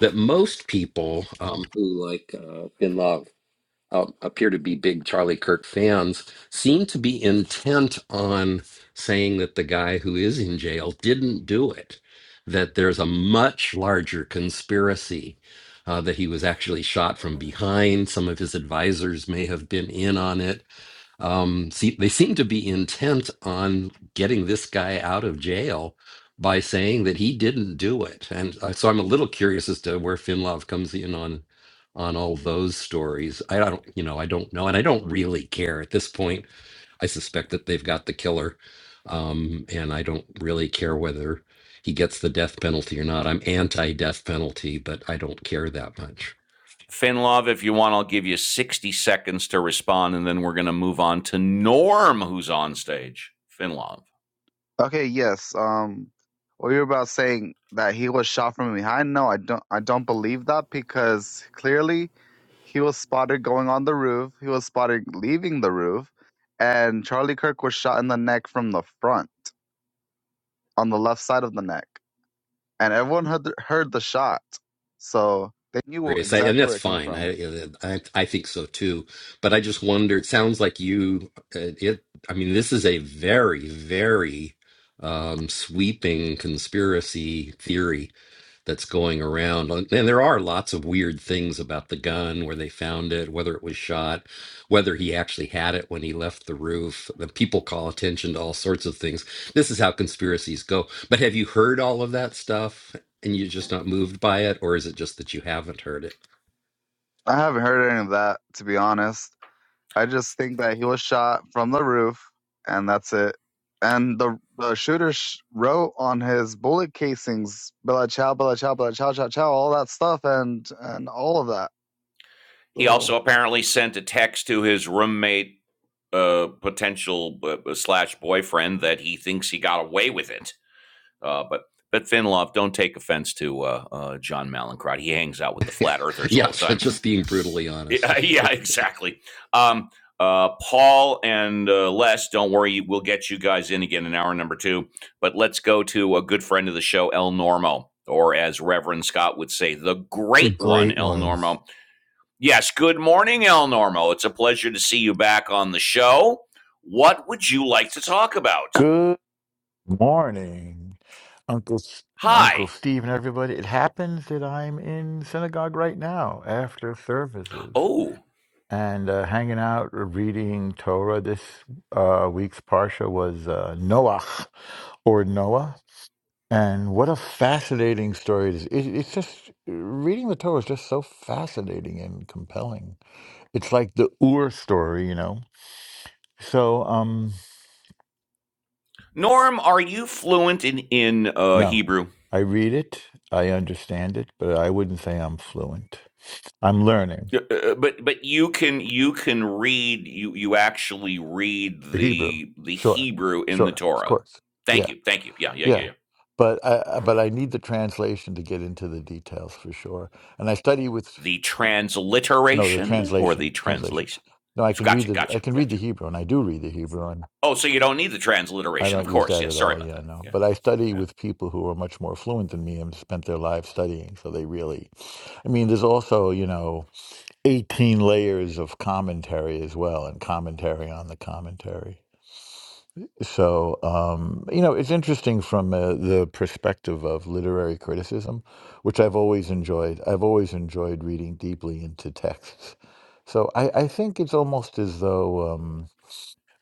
[SPEAKER 9] that most people um, who like uh, Bin Laden uh, appear to be big Charlie Kirk fans, seem to be intent on saying that the guy who is in jail didn't do it, that there's a much larger conspiracy. Uh, that he was actually shot from behind. Some of his advisors may have been in on it um, see, they seem to be intent on getting this guy out of jail by saying that he didn't do it. And uh, so I'm a little curious as to where Finlov comes in on on all those stories. I don't, you know, I don't know, and I don't really care at this point. I suspect that they've got the killer, um, and I don't really care whether he gets the death penalty or not. I'm anti-death penalty, but I don't care that much.
[SPEAKER 1] Finlov, if you want, I'll give you 60 seconds to respond, and then we're going to move on to Norm, who's on stage. Finlov.
[SPEAKER 10] Okay, yes. Um, what you were about saying that he was shot from behind? No, I don't. I don't believe that because clearly he was spotted going on the roof. He was spotted leaving the roof, and Charlie Kirk was shot in the neck from the front, on the left side of the neck, and everyone heard the, heard the shot, so they knew
[SPEAKER 9] curious, I, and
[SPEAKER 10] exactly
[SPEAKER 9] that's
[SPEAKER 10] where it came
[SPEAKER 9] fine.
[SPEAKER 10] from.
[SPEAKER 9] I, I I think so too. But I just wonder. It sounds like you. uh, It. I mean, this is a very, very um, sweeping conspiracy theory that's going around, and there are lots of weird things about the gun, where they found it, whether it was shot, whether he actually had it when he left the roof. The people call attention to all sorts of things. This is how conspiracies go. But have you heard all of that stuff? And you're just not moved by it, or is it just that you haven't heard it?
[SPEAKER 10] I haven't heard any of that to be honest. I just think that he was shot from the roof, and that's it. And the the shooter sh- wrote on his bullet casings "Bella Chow, Bella Chow, Bella Chow, Chow, Chow," all that stuff, and and all of that.
[SPEAKER 1] He
[SPEAKER 10] So
[SPEAKER 1] also apparently sent a text to his roommate, uh, potential uh, slash boyfriend, that he thinks he got away with it. Uh, but but Finlov, don't take offense to uh, uh, John Malincrot. He hangs out with the flat earthers all the
[SPEAKER 9] Yes, [laughs]
[SPEAKER 1] time. [laughs]
[SPEAKER 9] just being brutally honest.
[SPEAKER 1] Yeah, yeah,
[SPEAKER 9] [laughs]
[SPEAKER 1] exactly. Um, uh, Paul and uh, Les, don't worry, we'll get you guys in again in hour number two. But let's go to a good friend of the show, El Normo, or as Reverend Scott would say, the
[SPEAKER 4] It's a
[SPEAKER 1] great one,
[SPEAKER 4] great
[SPEAKER 1] El
[SPEAKER 4] one.
[SPEAKER 1] Normo. Yes, good morning, El Normo. It's a pleasure to see you back on the show. What would you like to talk about?
[SPEAKER 11] Good morning, Uncle S-
[SPEAKER 1] Hi.
[SPEAKER 11] Uncle Steve and everybody. It happens that I'm in synagogue right now after services
[SPEAKER 1] Oh,
[SPEAKER 11] and uh, hanging out, uh, reading Torah. This uh, week's parsha was uh, Noah or Noah, and what a fascinating story it is! It, it's just uh, reading the Torah is just so fascinating and compelling. It's like the Ur story, you know. So, um.
[SPEAKER 1] Norm, are you fluent in in uh,
[SPEAKER 11] No,
[SPEAKER 1] Hebrew?
[SPEAKER 11] I read it, I understand it, but I wouldn't say I'm fluent. I'm learning
[SPEAKER 1] Uh, uh, But but you can you can read you you actually read
[SPEAKER 11] the Hebrew.
[SPEAKER 1] the the
[SPEAKER 11] Sure,
[SPEAKER 1] Hebrew in the
[SPEAKER 11] sure, of
[SPEAKER 1] Torah.
[SPEAKER 11] course.
[SPEAKER 1] Thank
[SPEAKER 11] Yeah,
[SPEAKER 1] you, thank you. Yeah, yeah, yeah,
[SPEAKER 11] yeah.
[SPEAKER 1] yeah.
[SPEAKER 11] But I I- but I need the translation to get into the details for sure. And I study with
[SPEAKER 1] The
[SPEAKER 11] no the
[SPEAKER 1] transliteration or the
[SPEAKER 11] translation translation.
[SPEAKER 1] translation.
[SPEAKER 11] No, I can read
[SPEAKER 1] Gotcha,
[SPEAKER 11] the I
[SPEAKER 1] gotcha,
[SPEAKER 11] can read the
[SPEAKER 1] gotcha.
[SPEAKER 11] Hebrew, and I do read the Hebrew, and
[SPEAKER 1] Oh, so you don't need the
[SPEAKER 11] I
[SPEAKER 1] transliteration, of
[SPEAKER 11] don't use
[SPEAKER 1] course.
[SPEAKER 11] that
[SPEAKER 1] Yeah,
[SPEAKER 11] at
[SPEAKER 1] sorry
[SPEAKER 11] all.
[SPEAKER 1] about
[SPEAKER 11] Yeah,
[SPEAKER 1] that.
[SPEAKER 11] no.
[SPEAKER 1] Yeah,
[SPEAKER 11] But I study
[SPEAKER 1] yeah.
[SPEAKER 11] with people who are much more fluent than me and spent their lives studying, so they really. I mean, there's also you know 18 layers of commentary as well and commentary on the commentary so um, you know it's interesting from uh, the perspective of literary criticism which i've always enjoyed i've always enjoyed reading deeply into texts so i, I think it's almost as though Um,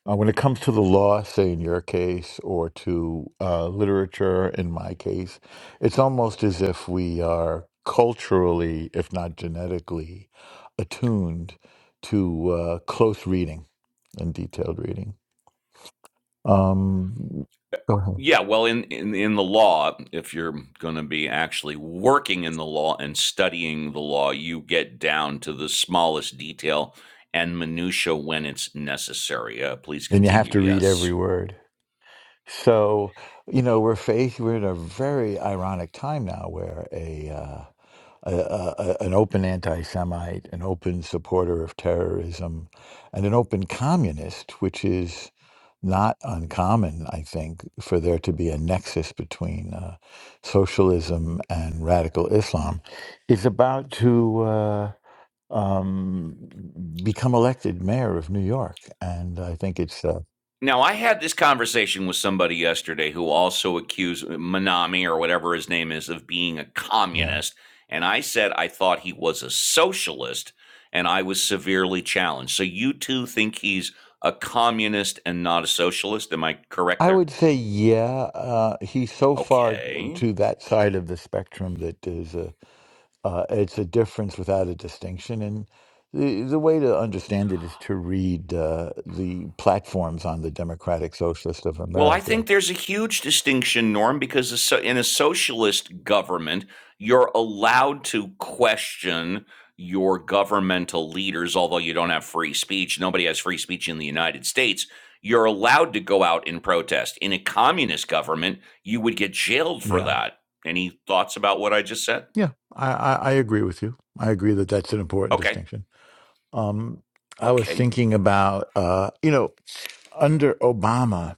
[SPEAKER 11] uh, when it comes to the law, say in your case, or to uh, literature in my case, it's almost as if we are culturally, if not genetically, attuned to uh, close reading and detailed reading. Um, Go ahead.
[SPEAKER 1] Yeah, well, in in in the law, if you're gonna be actually working in the law and studying the law, you get down to the smallest detail and minutia when it's necessary. Uh, please
[SPEAKER 11] And you have
[SPEAKER 1] continue.
[SPEAKER 11] to read
[SPEAKER 1] Yes.
[SPEAKER 11] every word. So, you know, we're faced, we're in a very ironic time now where a uh, a, a, an open anti Semite, an open supporter of terrorism, and an open communist, which is not uncommon, I think, for there to be a nexus between uh, socialism and radical Islam, is about to. Uh, um become elected mayor of new york and i think it's uh
[SPEAKER 1] Now, I had this conversation with somebody yesterday who also accused Manami or whatever his name is of being a
[SPEAKER 11] yeah
[SPEAKER 1] communist. And I said I thought he was a socialist and I was severely challenged. So you two think he's a communist and not a socialist? Am I correct
[SPEAKER 11] I
[SPEAKER 1] there?
[SPEAKER 11] would say, yeah. Uh, he's so far
[SPEAKER 1] Okay.
[SPEAKER 11] to that side of the spectrum that there's a uh, it's a difference without a distinction. And the the way to understand it is to read uh, the platforms on the Democratic Socialist of
[SPEAKER 1] Well, I
[SPEAKER 11] America.
[SPEAKER 1] think there's a huge distinction, Norm, because a so- in a socialist government, you're allowed to question your governmental leaders, although you don't have free speech. Nobody has free speech in the United States. You're allowed to go out and protest. In a communist government, you would get jailed for
[SPEAKER 11] Yeah,
[SPEAKER 1] that. Any thoughts about what I just said?
[SPEAKER 11] yeah, I, I, I agree with you. I agree that that's an important
[SPEAKER 1] Okay.
[SPEAKER 11] distinction. Um, I was
[SPEAKER 1] Okay.
[SPEAKER 11] thinking about uh, you know under Obama.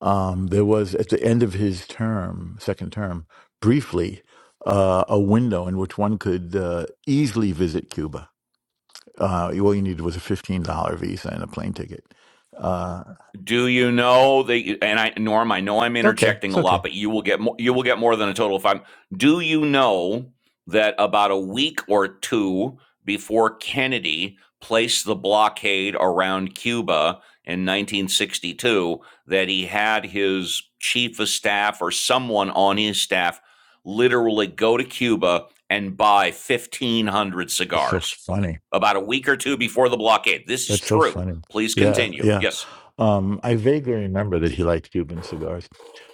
[SPEAKER 11] Um, there was at the end of his term, second term, briefly uh, a window in which one could uh, easily visit Cuba. Uh, all you needed was a fifteen dollar visa and a plane ticket. Uh,
[SPEAKER 1] Do you know that? and I Norm, I know I'm
[SPEAKER 11] it's okay.
[SPEAKER 1] interjecting
[SPEAKER 11] It's
[SPEAKER 1] a lot,
[SPEAKER 11] okay.
[SPEAKER 1] but you will get more you will get more than a total of five. Do you know that about a week or two before Kennedy placed the blockade around Cuba in 1962 that he had his chief of staff or someone on his staff literally go to Cuba and buy 1500
[SPEAKER 11] It's so
[SPEAKER 1] cigars
[SPEAKER 11] funny.
[SPEAKER 1] about a week or two before the blockade. This is
[SPEAKER 11] That's so
[SPEAKER 1] true.
[SPEAKER 11] funny.
[SPEAKER 1] Please
[SPEAKER 11] Yeah,
[SPEAKER 1] continue.
[SPEAKER 11] yeah.
[SPEAKER 1] Yes.
[SPEAKER 11] Um, I vaguely remember that he liked Cuban cigars,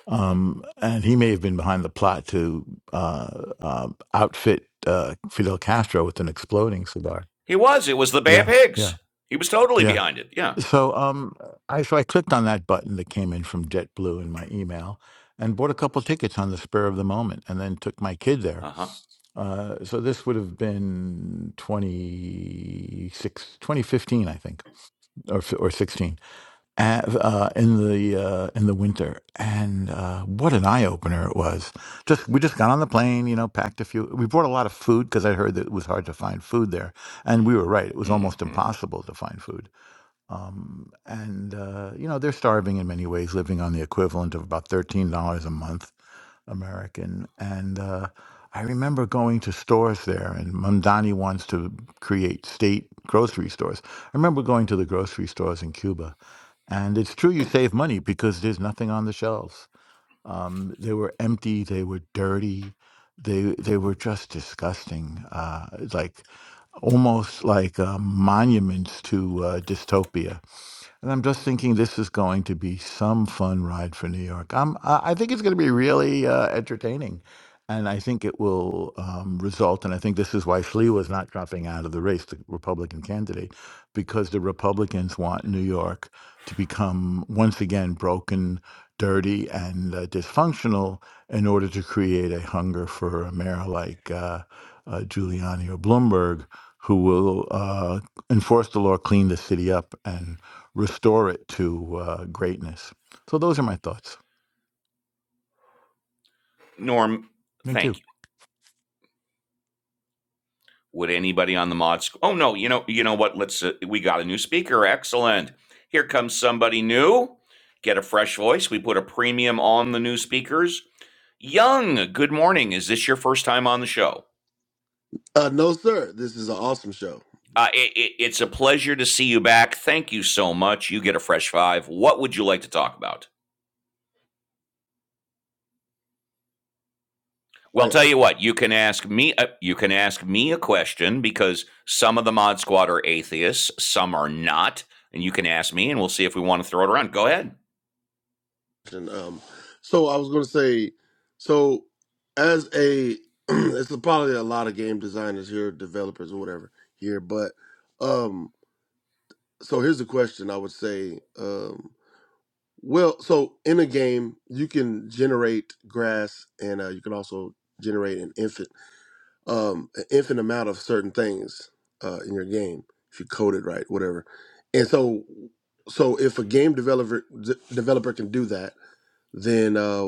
[SPEAKER 11] um, and he may have been behind the plot to uh, uh, outfit uh, Fidel Castro with an exploding cigar.
[SPEAKER 1] He was. It was the Bay of
[SPEAKER 11] Yeah, yeah,
[SPEAKER 1] Pigs. He was totally
[SPEAKER 11] yeah.
[SPEAKER 1] behind it. Yeah.
[SPEAKER 11] So um, I so I clicked on that button that came in from JetBlue in my email, and bought a couple tickets on the spur of the moment, and then took my kid there.
[SPEAKER 1] Uh huh.
[SPEAKER 11] Uh, so this would have been 26, 2015, I think, or f- or sixteen, uh, uh, in the uh, in the winter. And uh, what an eye opener it was! Just we just got on the plane, you know, packed a few. We brought a lot of food because I heard that it was hard to find food there, and we were right; it was
[SPEAKER 1] hmm
[SPEAKER 11] almost impossible to find food um, and, uh, you know, they're starving in many ways, living on the equivalent of about $13 a month American. And uh, I remember going to stores there, and Mamdani wants to create state grocery stores. I remember going to the grocery stores in Cuba. And it's true you save money because there's nothing on the shelves. Um, they were empty, they were dirty, they, they were just disgusting. Uh, like, almost like uh, monuments to uh, dystopia and I'm just thinking this is going to be some fun ride for New York. I'm, I I think it's going to be really uh, entertaining. And I think it will um, result, and I think this is why Slee was not dropping out of the race, the Republican candidate, because the Republicans want New York to become once again broken, dirty, and uh, dysfunctional in order to create a hunger for a mayor like uh, uh, Giuliani or Bloomberg, who will uh, enforce the law, clean the city up, and restore it to uh, greatness. So those are my thoughts.
[SPEAKER 1] Norm,
[SPEAKER 11] Thank you.
[SPEAKER 1] thank you. Would anybody on the mod school? Oh no. You know. You know what? Let's. Uh, we got a new speaker. Excellent. Here comes somebody new. Get a fresh voice. We put a premium on the new speakers. Young. Good morning. Is this your first time on the show?
[SPEAKER 12] Uh, no, sir. This is an awesome show.
[SPEAKER 1] Uh, it, it, it's a pleasure to see you back. Thank you so much. You get a fresh five. What would you like to talk about?
[SPEAKER 12] Oh
[SPEAKER 1] Well,
[SPEAKER 12] yeah.
[SPEAKER 1] tell you what, you can ask me. Uh, you can ask me a question because some of the Mod Squad are atheists, some are not, and you can ask me, and we'll see if we want to throw it around. Go ahead.
[SPEAKER 12] And, um, so I was going to say, so as a, [clears throat] it's probably a lot of game designers here, developers or whatever here, but um, so here's the question I would say, um, well, so in a game you can generate grass and uh, you can also generate an infant. um, an infinite amount of certain things uh, in your game if you code it right, whatever. And so, so if a game developer d- developer can do that, then uh,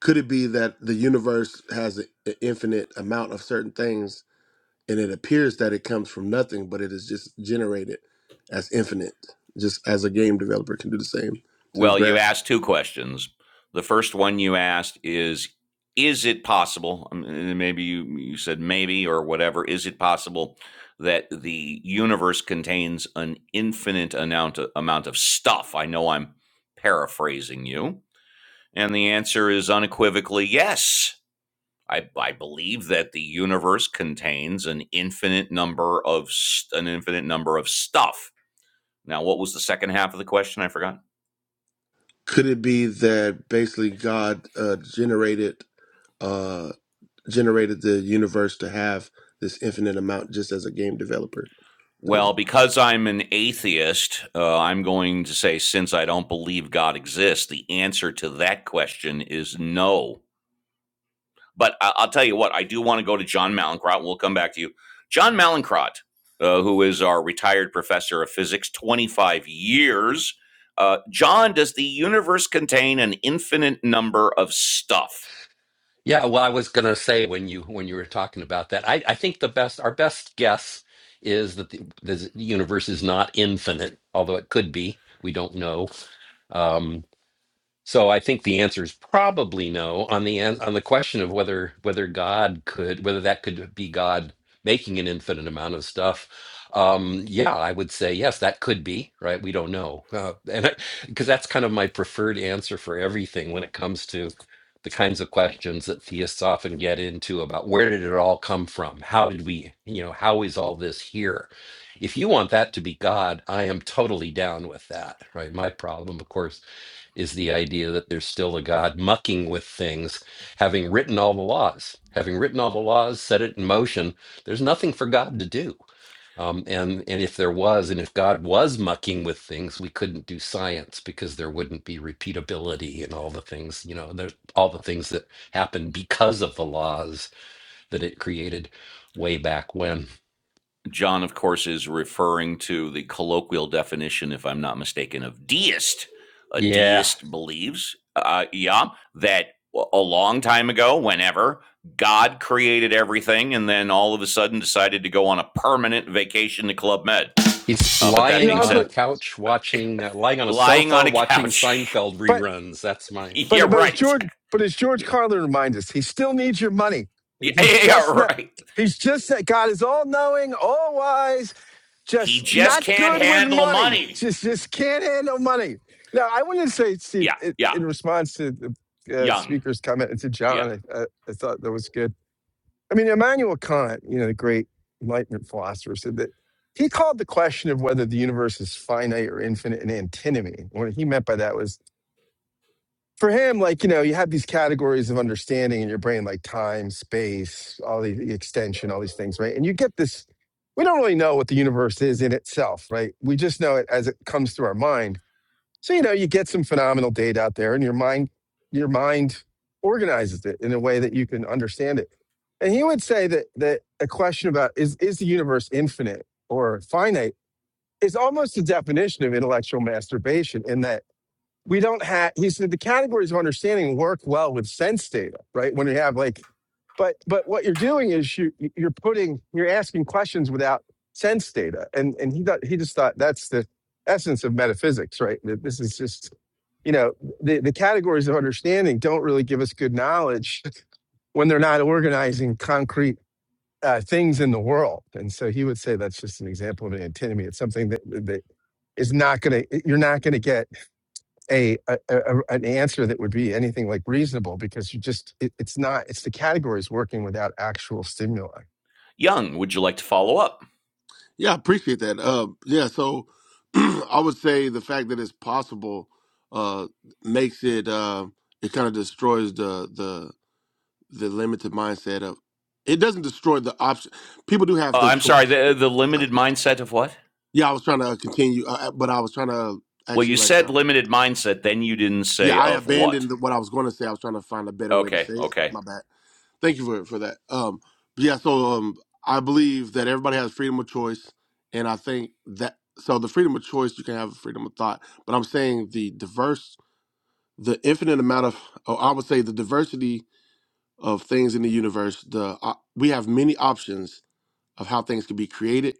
[SPEAKER 12] could it be that the universe has a- an infinite amount of certain things, and it appears that it comes from nothing, but it is just generated as infinite, just as a game developer can do the same to
[SPEAKER 1] Well, you
[SPEAKER 12] grab.
[SPEAKER 1] asked two questions. The first one you asked is, is it possible? um, Maybe you you said maybe or whatever. Is it possible that the universe contains an infinite amount of, amount of stuff? I know I'm paraphrasing you, and the answer is unequivocally yes I, I believe that the universe contains an infinite number of st- an infinite number of stuff. Now, what was the second half of the question? I forgot.
[SPEAKER 12] Could it be that basically God uh, generated? Uh, generated the universe to have this infinite amount just as a game developer does.
[SPEAKER 1] Well, because I'm an atheist, uh, I'm going to say since I don't believe God exists, the answer to that question is no. But I, I'll tell you what, I do want to go to John Malincrot, and we'll come back to you. John Malincrot, uh, who is our retired professor of physics, 25 years. Uh, John, does the universe contain an infinite number of stuff?
[SPEAKER 9] Yeah, well, I was gonna say when you when you were talking about that, I, I think the best our best guess is that the, the universe is not infinite, although it could be. We don't know. Um, So I think the answer is probably no on the an- on the question of whether whether God could whether that could be God making an infinite amount of stuff. Um, yeah, I would say yes, that could be right. We don't know, uh, and because that's kind of my preferred answer for everything when it comes to the kinds of questions that theists often get into about where did it all come from? How did we, you know, how is all this here? If you want that to be God, I am totally down with that, right? My problem, of course is the idea that there's still a God mucking with things, having written all the laws, having written all the laws, set it in motion. There's nothing for God to do. Um, and and if there was, and if God was mucking with things, we couldn't do science because there wouldn't be repeatability and all the things, you know, there's all the things that happened because of the laws that it created way back when.
[SPEAKER 1] John, of course, is referring to the colloquial definition, if I'm not mistaken, of deist. A
[SPEAKER 9] Yeah.
[SPEAKER 1] deist believes, uh, yeah, that a long time ago, whenever God created everything, and then all of a sudden decided to go on a permanent vacation to Club Med.
[SPEAKER 9] He's
[SPEAKER 1] Uh, but that
[SPEAKER 4] You know,
[SPEAKER 9] lying
[SPEAKER 1] being
[SPEAKER 9] on
[SPEAKER 4] Uncle,
[SPEAKER 9] a
[SPEAKER 1] said,
[SPEAKER 9] couch watching, uh, lying on a
[SPEAKER 1] lying
[SPEAKER 9] sofa
[SPEAKER 1] on a
[SPEAKER 9] watching
[SPEAKER 1] couch,
[SPEAKER 9] Seinfeld
[SPEAKER 4] but
[SPEAKER 9] reruns. That's my
[SPEAKER 1] [laughs] yeah,
[SPEAKER 4] But but as
[SPEAKER 1] right,
[SPEAKER 4] George
[SPEAKER 1] exactly.
[SPEAKER 4] but as George
[SPEAKER 1] yeah,
[SPEAKER 4] Carlin reminds us, he still needs your money.
[SPEAKER 1] yeah,
[SPEAKER 4] He's
[SPEAKER 1] yeah, yeah,
[SPEAKER 4] just not.
[SPEAKER 1] right.
[SPEAKER 4] He's just that God is all knowing, all wise,
[SPEAKER 1] He
[SPEAKER 4] just
[SPEAKER 1] just
[SPEAKER 4] not
[SPEAKER 1] can't
[SPEAKER 4] good with
[SPEAKER 1] handle
[SPEAKER 4] money.
[SPEAKER 1] money.
[SPEAKER 4] Just just can't handle money. Now I wanted to say, Steve,
[SPEAKER 1] Yeah,
[SPEAKER 4] in,
[SPEAKER 1] yeah,
[SPEAKER 4] in response to the uh,
[SPEAKER 1] young,
[SPEAKER 4] speaker's comment and to
[SPEAKER 1] yeah,
[SPEAKER 4] John, I, I, I thought that was good. I mean, Immanuel Kant, you know, the great Enlightenment philosopher, said that he called the question of whether the universe is finite or infinite an antinomy. What he meant by that was for him, like, you know, you have these categories of understanding in your brain, like time, space, all the, the extension, all these things, right? And you get this, we don't really know what the universe is in itself, right? We just know it as it comes through our mind. So, you know, you get some phenomenal data out there and your mind, your mind organizes it in a way that you can understand it. And he would say that that a question about is is the universe infinite or finite is almost a definition of intellectual masturbation in that we don't have he said the categories of understanding work well with sense data right when you have like but but what you're doing is you you're putting you're asking questions without sense data and and he thought he just thought that's the essence of metaphysics right that this is just you know the the categories of understanding don't really give us good knowledge [laughs] when they're not organizing concrete uh, things in the world and so he would say that's just an example of an antinomy it's something that that is not going to you're not going to get a, a, a an answer that would be anything like reasonable because you just it, it's not it's the categories working without actual stimuli
[SPEAKER 1] young. Would you like to follow up?
[SPEAKER 12] Yeah, I appreciate that. Uh, yeah, so [clears throat] I would say the fact that it's possible uh, makes it uh, it kind of destroys the the the limited mindset of it doesn't destroy the option. People do have
[SPEAKER 1] Uh,
[SPEAKER 12] the
[SPEAKER 1] I'm sorry,
[SPEAKER 12] choice.
[SPEAKER 1] the, uh, the limited mindset of what?
[SPEAKER 12] Yeah, I was trying to continue, uh, uh, but I was trying to
[SPEAKER 1] Well,
[SPEAKER 12] actually
[SPEAKER 1] you
[SPEAKER 12] like
[SPEAKER 1] said
[SPEAKER 12] uh,
[SPEAKER 1] limited mindset, then you didn't
[SPEAKER 12] yeah,
[SPEAKER 1] say
[SPEAKER 12] I
[SPEAKER 1] of what.
[SPEAKER 12] abandoned what I was going to say. I was trying to find a better way to
[SPEAKER 1] Okay,
[SPEAKER 12] say it.
[SPEAKER 1] okay.
[SPEAKER 12] My bad. Thank you for for that. Um, but yeah, so um, I believe that everybody has freedom of choice, and I think that so the freedom of choice you can have freedom of thought, but I'm saying the diverse, the infinite amount of, oh, I would say the diversity of things in the universe. The uh, we have many options of how things can be created,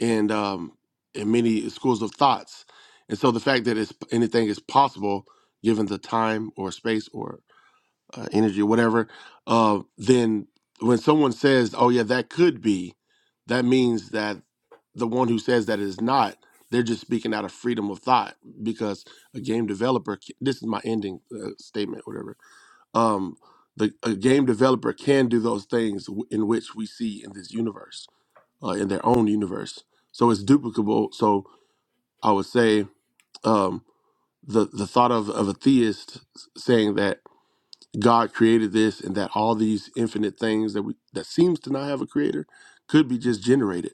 [SPEAKER 12] and um, and many schools of thoughts, and so the fact that it's anything is possible given the time or space or uh, energy or whatever, uh, then when someone says, "Oh yeah, that could be," that means that the one who says that is not. They're just speaking out of freedom of thought because a game developer. c- This is my ending uh, statement, whatever. Um, the a game developer can do those things w- in which we see in this universe, uh, in their own universe. So it's duplicable. So I would say um, the the thought of of a theist saying that. God created this and that all these infinite things that we that seems to not have a creator could be just generated.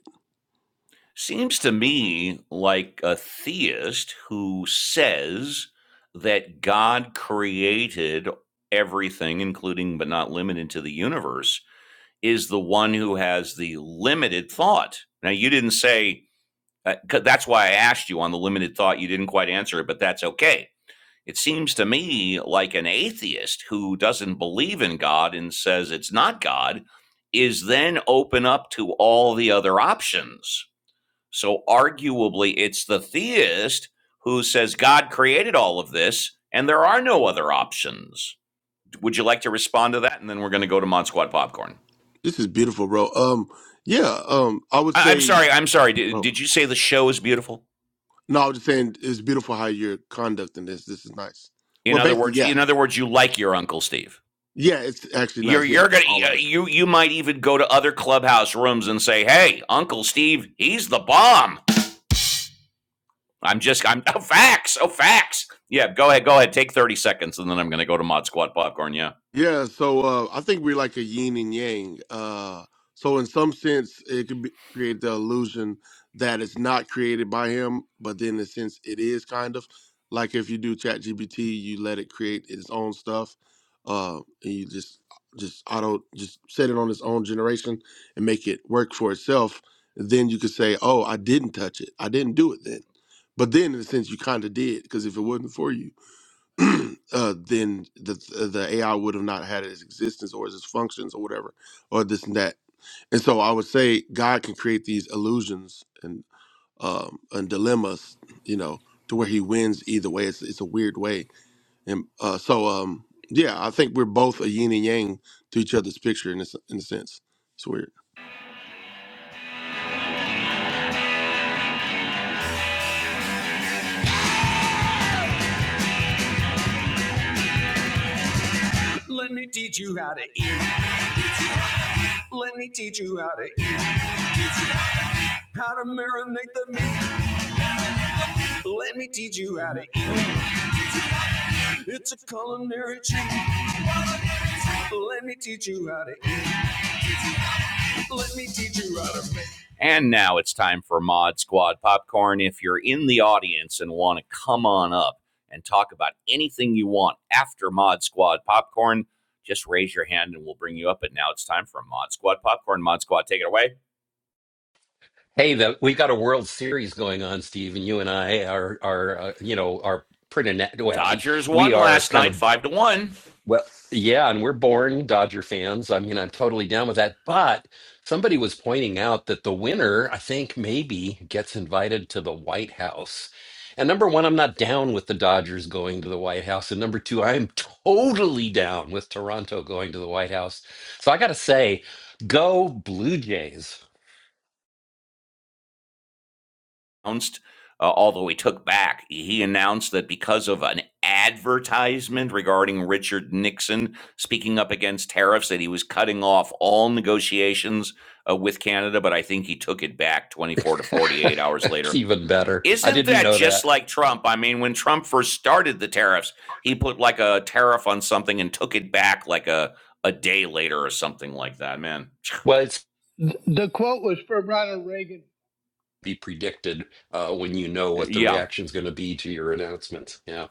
[SPEAKER 1] Seems to me like a theist who says that God created everything, including but not limited to the universe, is the one who has the limited thought. Now, you didn't say, uh, 'cause that's why I asked you on the limited thought. You didn't quite answer it, but that's okay. It seems to me like an atheist who doesn't believe in God and says it's not God is then open up to all the other options. So arguably, it's the theist who says God created all of this and there are no other options. Would you like to respond to that? And then we're going to go to Mod Squad Popcorn.
[SPEAKER 12] This is beautiful, bro. Um yeah, um I would
[SPEAKER 1] I- I'm
[SPEAKER 12] say
[SPEAKER 1] sorry. I'm sorry. Did,
[SPEAKER 12] oh
[SPEAKER 1] did you say the show is beautiful?
[SPEAKER 12] no, I was just saying it's beautiful how you're conducting this. This is nice.
[SPEAKER 1] In
[SPEAKER 12] Well
[SPEAKER 1] other
[SPEAKER 12] basically,
[SPEAKER 1] words,
[SPEAKER 12] yeah.
[SPEAKER 1] in other words, you like your Uncle Steve.
[SPEAKER 12] Yeah, it's actually
[SPEAKER 1] You're
[SPEAKER 12] nice. Yeah.
[SPEAKER 1] you're gonna
[SPEAKER 12] All of it.
[SPEAKER 1] you you might even go to other clubhouse rooms and say, "Hey, Uncle Steve, he's the bomb." I'm just I'm oh, facts oh facts. Yeah, go ahead, go ahead. Take thirty seconds, and then I'm gonna go to Mod Squad popcorn. Yeah.
[SPEAKER 12] Yeah, so uh, I think we're like a yin and yang. Uh, so in some sense, it could be, create the illusion that it's not created by him, but then in a sense, it is kind of like if you do ChatGPT, you let it create its own stuff, uh, and you just just auto just set it on its own generation and make it work for itself. Then you could say, "Oh, I didn't touch it. I didn't do it then." But then, in a sense, you kind of did because if it wasn't for you, [clears throat] uh, then the the AI would have not had its existence or its functions or whatever or this and that. And so I would say God can create these illusions and um, and dilemmas, you know, to where He wins either way. It's it's a weird way. And uh, so um, yeah, I think we're both a yin and yang to each other's picture in this in a sense. It's weird.
[SPEAKER 1] Let me teach you how to eat. Let me teach you how to eat. How to marinate the meat. Let me teach you how to eat. It's a culinary treat. Let me teach you how to eat. Let me teach you how to make. And now it's time for Mod Squad Popcorn. If you're in the audience and want to come on up and talk about anything you want after Mod Squad Popcorn, just raise your hand and we'll bring you up. But now it's time for Mod Squad Popcorn. Mod Squad, take it away.
[SPEAKER 9] Hey, the, we've got a World Series going on, Steve, and you and I are are uh, you know are pretty net, well. We
[SPEAKER 1] Dodgers
[SPEAKER 9] we
[SPEAKER 1] won
[SPEAKER 9] are
[SPEAKER 1] last
[SPEAKER 9] kind
[SPEAKER 1] night,
[SPEAKER 9] of
[SPEAKER 1] five to one.
[SPEAKER 9] well, yeah, and we're born Dodger fans. I mean, I'm totally down with that. But somebody was pointing out that the winner, I think, maybe gets invited to the White House. And number one, I'm not down with the Dodgers going to the White House. And number two, I am totally down with Toronto going to the White House. So I got to say, go Blue Jays.
[SPEAKER 1] announced, uh, although he took back, he announced that because of an advertisement regarding Richard Nixon speaking up against tariffs, that he was cutting off all negotiations uh, with Canada. But I think he took it back 24 to
[SPEAKER 9] [laughs]
[SPEAKER 1] 48 hours
[SPEAKER 9] It's
[SPEAKER 1] later.
[SPEAKER 9] even better. I
[SPEAKER 1] Isn't
[SPEAKER 9] didn't
[SPEAKER 1] that
[SPEAKER 9] know
[SPEAKER 1] just
[SPEAKER 9] that.
[SPEAKER 1] like Trump? I mean, when Trump first started the tariffs, he put like a tariff on something and took it back like a a day later or something like that. Man,
[SPEAKER 9] Well, it's
[SPEAKER 8] uh, th- the quote was from Ronald Reagan.
[SPEAKER 9] be predicted uh, when you know what the
[SPEAKER 1] yeah,
[SPEAKER 9] reaction's going to be to your announcements. Yeah.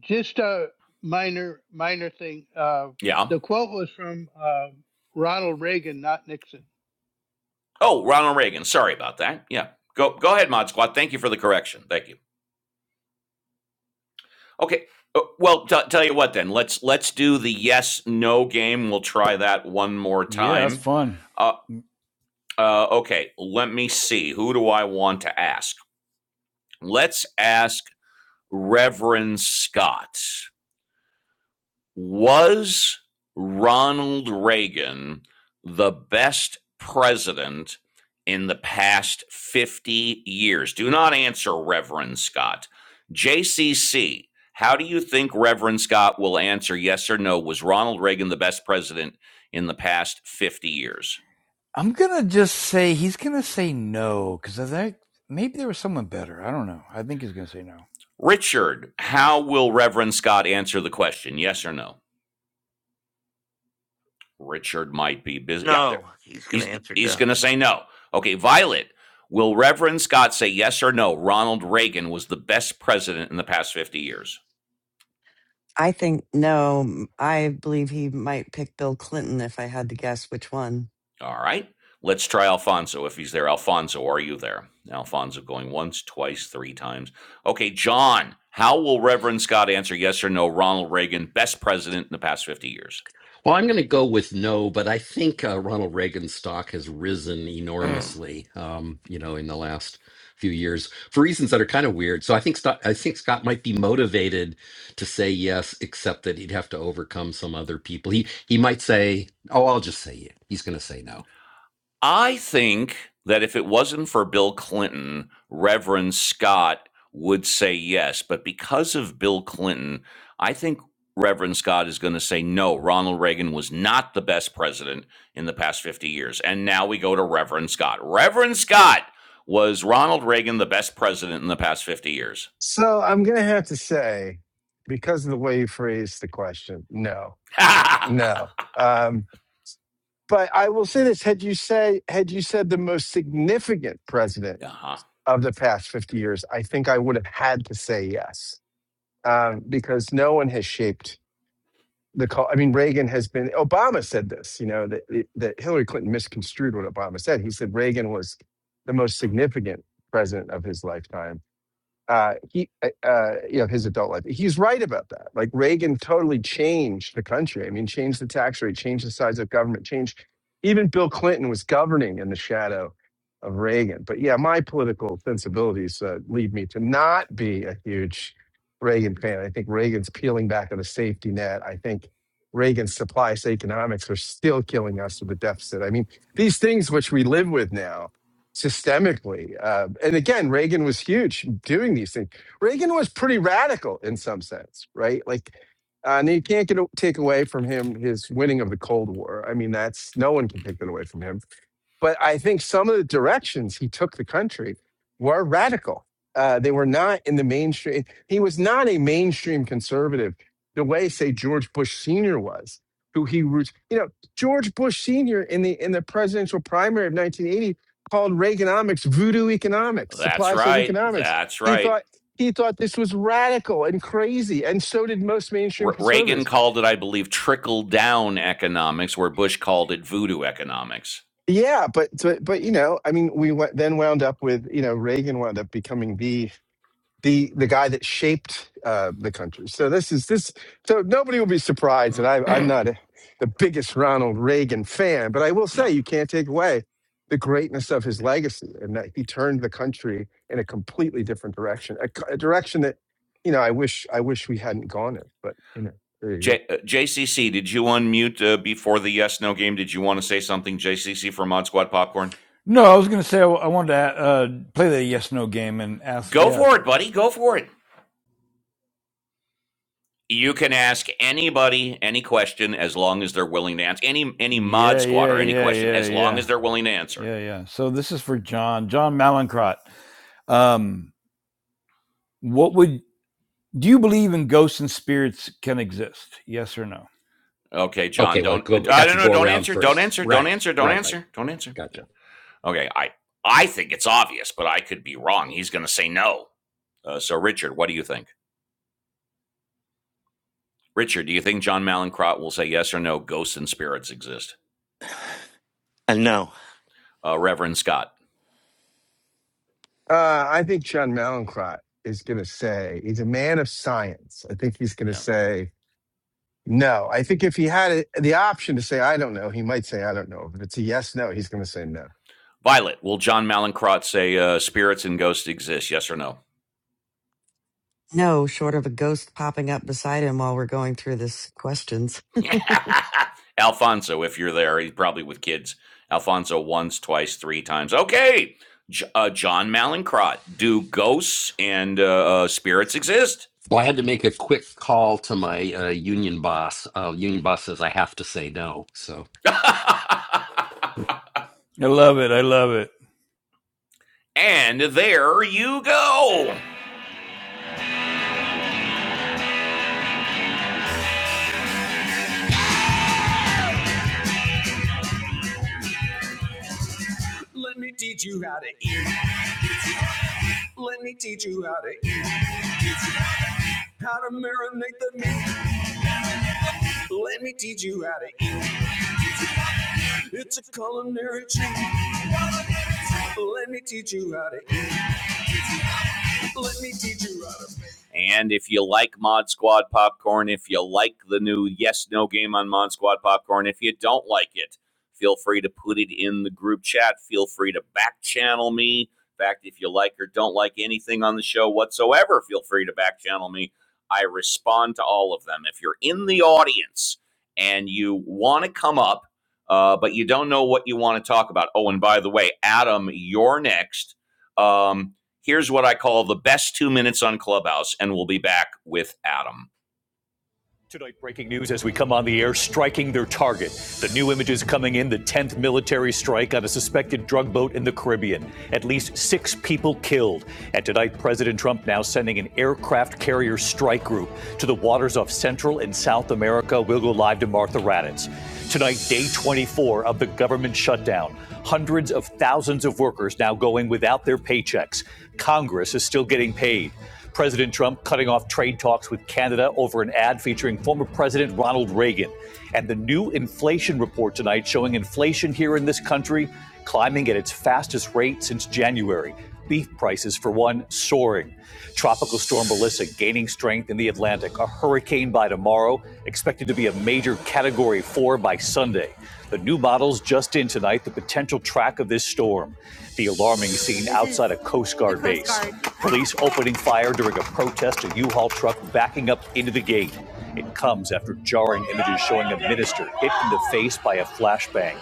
[SPEAKER 8] Just a minor minor thing. Uh,
[SPEAKER 1] yeah.
[SPEAKER 8] the quote was from uh, Ronald Reagan, not Nixon.
[SPEAKER 1] Oh, Ronald Reagan. Sorry about that. Yeah. Go go ahead, Mod Squad. Thank you for the correction. Thank you. Okay. Uh, Well, t- tell you what then. Let's let's do the yes no game. We'll try that one more
[SPEAKER 2] That's
[SPEAKER 1] time.
[SPEAKER 2] fun.
[SPEAKER 1] Uh, uh, okay. Let me see. Who do I want to ask? Let's ask Reverend Scott. Was Ronald Reagan the best president in the past 50 years? Do not answer, Reverend Scott. JCC, how do you think Reverend Scott will answer yes or no? Was Ronald Reagan the best president in the past 50 years?
[SPEAKER 2] I'm going to just say he's going to say no because I think maybe there was someone better. I don't know. I think he's going to say no.
[SPEAKER 1] Richard, how will Reverend Scott answer the question? Yes or no? Richard might be busy. Yeah, there.
[SPEAKER 3] No, he's going
[SPEAKER 1] He's
[SPEAKER 3] to answer
[SPEAKER 1] he's going
[SPEAKER 3] no.
[SPEAKER 1] to say no. Okay, Violet. Will Reverend Scott say yes or no? Ronald Reagan was the best president in the past 50 years.
[SPEAKER 5] I think, no, I believe he might pick Bill Clinton if I had to guess which one.
[SPEAKER 1] All right. Let's try Alfonso if he's there. Alfonso, are you there? Alfonso going once, twice, three times. Okay, John, how will Reverend Scott answer yes or no? Ronald Reagan, best president in the past 50 years?
[SPEAKER 9] Well, I'm going to go with no, but I think uh, Ronald Reagan's stock has risen enormously. Um, you know, in the last few years for reasons that are kind of weird. So I think Scott, I think Scott might be motivated to say yes, except that he'd have to overcome some other people. He he might say, "Oh, I'll just say it." He's going to say no.
[SPEAKER 1] I think that if it wasn't for Bill Clinton, Reverend Scott would say yes. But because of Bill Clinton, I think Reverend Scott is going to say no. Ronald Reagan was not the best president in the past 50 years. And now we go to Reverend Scott. Reverend Scott, was Ronald Reagan the best president in the past 50 years?
[SPEAKER 4] so i'm gonna have to say because of the way you phrased the question no
[SPEAKER 1] [laughs]
[SPEAKER 4] no
[SPEAKER 1] uh-huh.
[SPEAKER 4] um but i will say this had you say had you said the most significant president of the past 50 years i think i would have had to say yes um, because no one has shaped the call. I mean, Reagan has been. Obama said this. You know that that Hillary Clinton misconstrued what Obama said. He said Reagan was the most significant president of his lifetime uh, he, uh, uh, you know, his adult life. He's right about that. Like Reagan totally changed the country. I mean, changed the tax rate, changed the size of government, changed. Even Bill Clinton was governing in the shadow of Reagan. But yeah, my political sensibilities uh, lead me to not be a huge Reagan fan. I think Reagan's peeling back on the safety net. I think Reagan's supply side economics are still killing us with the deficit. I mean, these things which we live with now systemically. Uh, and again, Reagan was huge doing these things. Reagan was pretty radical in some sense, right? Like, uh, and you can't get, take away from him his winning of the Cold War. I mean, that's no one can take that away from him but I think some of the directions he took the country were radical. Uh, they were not in the mainstream. He was not a mainstream conservative the way, say, George Bush Sr. was, who he roots. You know, George Bush Sr. in the in the presidential primary of 1980 called Reaganomics voodoo economics,
[SPEAKER 1] That's
[SPEAKER 4] supply side
[SPEAKER 1] right.
[SPEAKER 4] economics.
[SPEAKER 1] That's
[SPEAKER 4] He
[SPEAKER 1] right.
[SPEAKER 4] thought he thought this was radical and crazy, and so did most mainstream
[SPEAKER 1] Re- Reagan
[SPEAKER 4] conservatives.
[SPEAKER 1] called it, I believe, trickle down economics, where Bush called it voodoo economics.
[SPEAKER 4] Yeah, but but but you know, I mean, we went, then wound up with you know Reagan wound up becoming the the the guy that shaped uh, the country. So this is this. So nobody will be surprised
[SPEAKER 1] Mm-hmm.
[SPEAKER 4] that I, I'm not a, the biggest Ronald Reagan fan, but I will
[SPEAKER 1] Yeah.
[SPEAKER 4] say you can't take away the greatness of his legacy and that he turned the country in a completely different direction, a, c- a direction that you know I wish I wish we hadn't gone in. But you know, there you
[SPEAKER 1] J-
[SPEAKER 4] go.
[SPEAKER 1] uh, JCC, did you unmute uh, before the yes no game? Did you want to say something, JCC, for Mod Squad Popcorn?
[SPEAKER 2] No, I was going to say I, I wanted to uh, play the yes no game and ask.
[SPEAKER 1] Go
[SPEAKER 2] Yeah.
[SPEAKER 1] for it, buddy. Go for it. You can ask anybody any question as long as they're willing to answer. Any any Mod
[SPEAKER 2] Yeah,
[SPEAKER 1] Squad
[SPEAKER 2] yeah,
[SPEAKER 1] or any
[SPEAKER 2] yeah,
[SPEAKER 1] question
[SPEAKER 2] yeah,
[SPEAKER 1] as long
[SPEAKER 2] yeah.
[SPEAKER 1] as they're willing to answer.
[SPEAKER 2] Yeah, yeah. So this is for John, John Malincrot. Um, what would do you believe in ghosts and spirits can exist? Yes or no?
[SPEAKER 1] Okay, John,
[SPEAKER 9] Okay, well,
[SPEAKER 1] don't
[SPEAKER 9] go
[SPEAKER 1] I
[SPEAKER 9] have
[SPEAKER 1] don't
[SPEAKER 9] to
[SPEAKER 1] know.
[SPEAKER 9] go
[SPEAKER 1] Don't
[SPEAKER 9] around
[SPEAKER 1] answer. Don't
[SPEAKER 9] first.
[SPEAKER 1] answer. Don't
[SPEAKER 9] Right,
[SPEAKER 1] answer. Don't
[SPEAKER 9] right, right.
[SPEAKER 1] answer. Don't answer.
[SPEAKER 9] Gotcha.
[SPEAKER 1] Okay, I I think it's obvious, but I could be wrong. He's going to say no. Uh, so, Richard, what do you think? Richard, do you think John Malincrot will say yes or no? Ghosts and spirits exist.
[SPEAKER 3] Uh, no,
[SPEAKER 1] Uh, Reverend Scott.
[SPEAKER 4] Uh, I think John Malincrot is going to say he's a man of science. I think he's going to
[SPEAKER 1] Yeah.
[SPEAKER 4] say No, I think if he had it, the option to say I don't know, he might say I don't know. If it's a yes no, he's going to say no.
[SPEAKER 1] Violet, will John Malincrot say uh, spirits and ghosts exist? Yes or no?
[SPEAKER 5] No, short of a ghost popping up beside him while we're going through this questions.
[SPEAKER 1] [laughs] Alfonso, if you're there, he's probably with kids. Alfonso, once, twice, three times. Okay. J- uh, John Malincrot, do ghosts and uh, uh, spirits exist?
[SPEAKER 9] Well, I had to make a quick call to my uh, union boss. Uh, union boss says I have to say no, so
[SPEAKER 1] [laughs]
[SPEAKER 2] I love it. I love it.
[SPEAKER 1] and there you go. Let me teach you how to eat. Let me teach you how to eat. How to marinate the meat. Let me teach you how to eat. It's a culinary treat. Let me teach you how to eat. Let me teach you how to make. And if you like Mod Squad popcorn, if you like the new Yes No game on Mod Squad popcorn, if you don't like it, feel free to put it in the group chat. Feel free to back channel me. In fact, if you like or don't like anything on the show whatsoever, feel free to back channel me. I respond to all of them. If you're in the audience and you want to come up, uh, but you don't know what you want to talk about, oh, and by the way, Adam, you're next. Um, Here's what I call the best two minutes on Clubhouse, and we'll be back with Adam. Tonight, breaking news as we come on the air, striking their target. The new images coming in the 10th military strike on a suspected drug boat in the Caribbean. At least six people killed. And tonight, President Trump now sending an aircraft carrier strike group to the waters off Central and South America. We'll go live to Martha Raddatz. Tonight, day 24 of the government shutdown. Hundreds of thousands of workers now going without their paychecks. Congress is still getting paid. President Trump cutting off trade talks with Canada over an ad featuring former President Ronald Reagan. And the new inflation report tonight showing inflation here in this country climbing at its fastest rate since January. Beef prices, for one, soaring. Tropical storm Melissa gaining strength in the Atlantic. A hurricane by tomorrow, expected to be a major category four by Sunday. The new models just in tonight, the potential track of this storm. The alarming scene outside a Coast Guard base. Police opening fire during a protest, a U-Haul truck backing up into the gate. It comes after jarring images showing a minister hit in the face by a flashbang.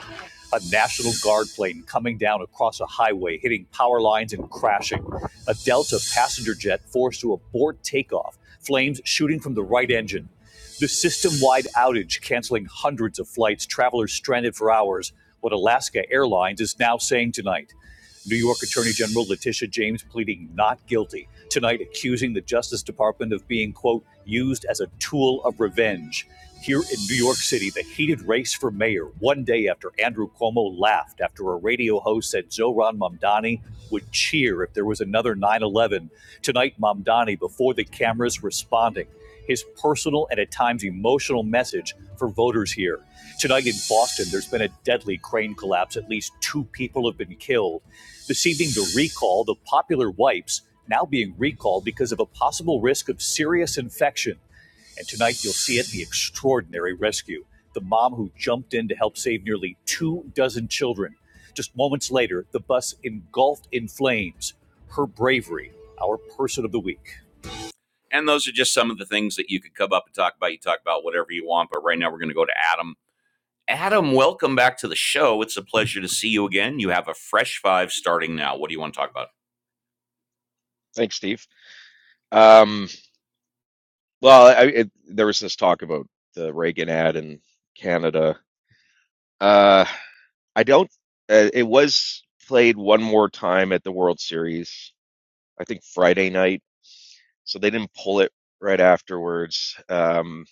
[SPEAKER 1] A National Guard plane coming down across a highway, hitting power lines and crashing. A Delta passenger jet forced to abort takeoff, flames shooting from the right engine. The system wide outage canceling hundreds of flights, travelers stranded for hours. What Alaska Airlines is now saying tonight. New York Attorney General Letitia James pleading not guilty, tonight accusing the Justice Department of being, quote, used as a tool of revenge. Here in New York City, the heated race for mayor, one day after Andrew Cuomo laughed after a radio host said Zohran Mamdani would cheer if there was another 9 11. Tonight, Mamdani, before the cameras, responding. His personal and at times emotional message for voters here. Tonight in Boston, there's been a deadly crane collapse. At least two people have been killed. This evening, the recall, the popular wipes now being recalled because of a possible risk of serious infection. And tonight, you'll see it the extraordinary rescue. The mom who jumped in to help save nearly two dozen children. Just moments later, the bus engulfed in flames. Her bravery, our person of the week. And those are just some of the things that you could come up and talk about. You talk about whatever you want, but right now we're going to go to Adam. Adam, welcome back to the show. It's a pleasure to see you again. You have a fresh five starting now. What do you want to talk about?
[SPEAKER 13] Thanks, Steve. Um, well, I, it, there was this talk about the Reagan ad in Canada. Uh, I don't. Uh, it was played one more time at the World Series, I think Friday night. So they didn't pull it right afterwards. Um,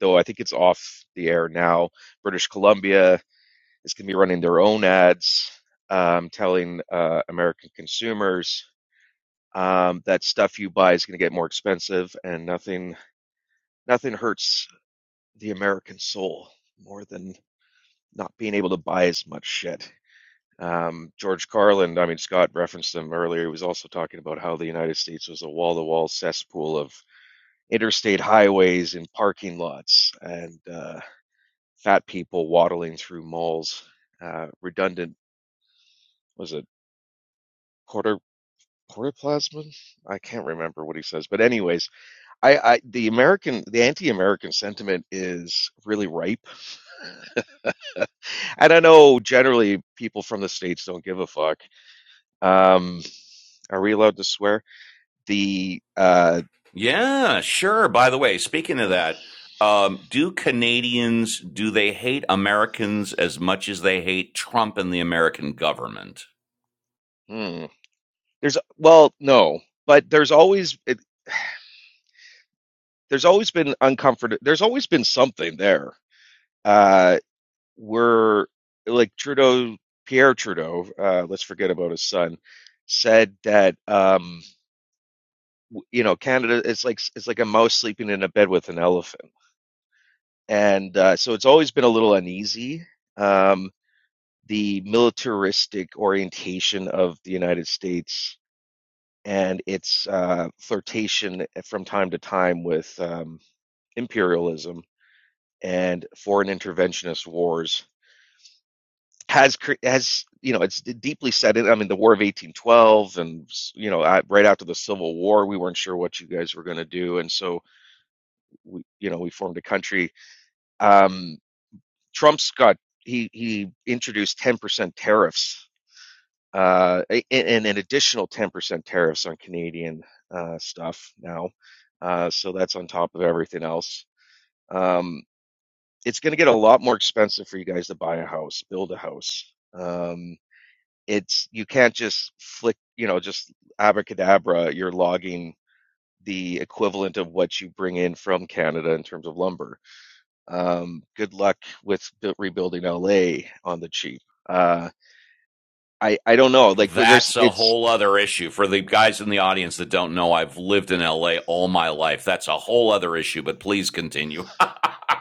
[SPEAKER 13] though I think it's off the air now. British Columbia is going to be running their own ads, um, telling uh, American consumers um, that stuff you buy is going to get more expensive, and nothing nothing hurts the American soul more than not being able to buy as much shit. Um, George Carlin, I mean, Scott referenced him earlier. He was also talking about how the United States was a wall to wall cesspool of interstate highways and parking lots and uh, fat people waddling through malls, uh, redundant, was it quarter? Portoplasmin? I can't remember what he says, but anyways, I, I the American, the anti-American sentiment is really ripe And I know generally people from the states don't give a fuck. Um, are we allowed to swear? The uh,
[SPEAKER 1] Yeah, sure. By the way, speaking of that, um, do Canadians do they hate Americans as much as they hate Trump and the American government?
[SPEAKER 13] hmm. there's well, no, but there's always it, there's always been uncomfort. There's always been something there. Uh, we're like Trudeau, Pierre Trudeau. Uh, let's forget about his son. Said that um, w- you know Canada is like it's like a mouse sleeping in a bed with an elephant. and uh, so it's always been a little uneasy. Um, the militaristic orientation of the United States and its uh, flirtation from time to time with um, imperialism and foreign interventionist wars has has you know it's deeply set in. I mean, the War of 1812, and you know, I, right after the Civil War, we weren't sure what you guys were going to do, and so we, you know, we formed a country. Um, Trump's got he he introduced 10% tariffs uh, and an additional 10% tariffs on Canadian uh, stuff now. Uh, so that's on top of everything else. Um, it's going to get a lot more expensive for you guys to buy a house, build a house. Um, it's you can't just flick, you know, just abracadabra. You're logging the equivalent of what you bring in from Canada in terms of lumber um, good luck with rebuilding LA on the cheap. Uh, I I don't know. Like there's
[SPEAKER 1] That's a
[SPEAKER 13] it's
[SPEAKER 1] whole other issue for the guys in the audience that don't know. I've lived in LA all my life. That's a whole other issue, but please continue.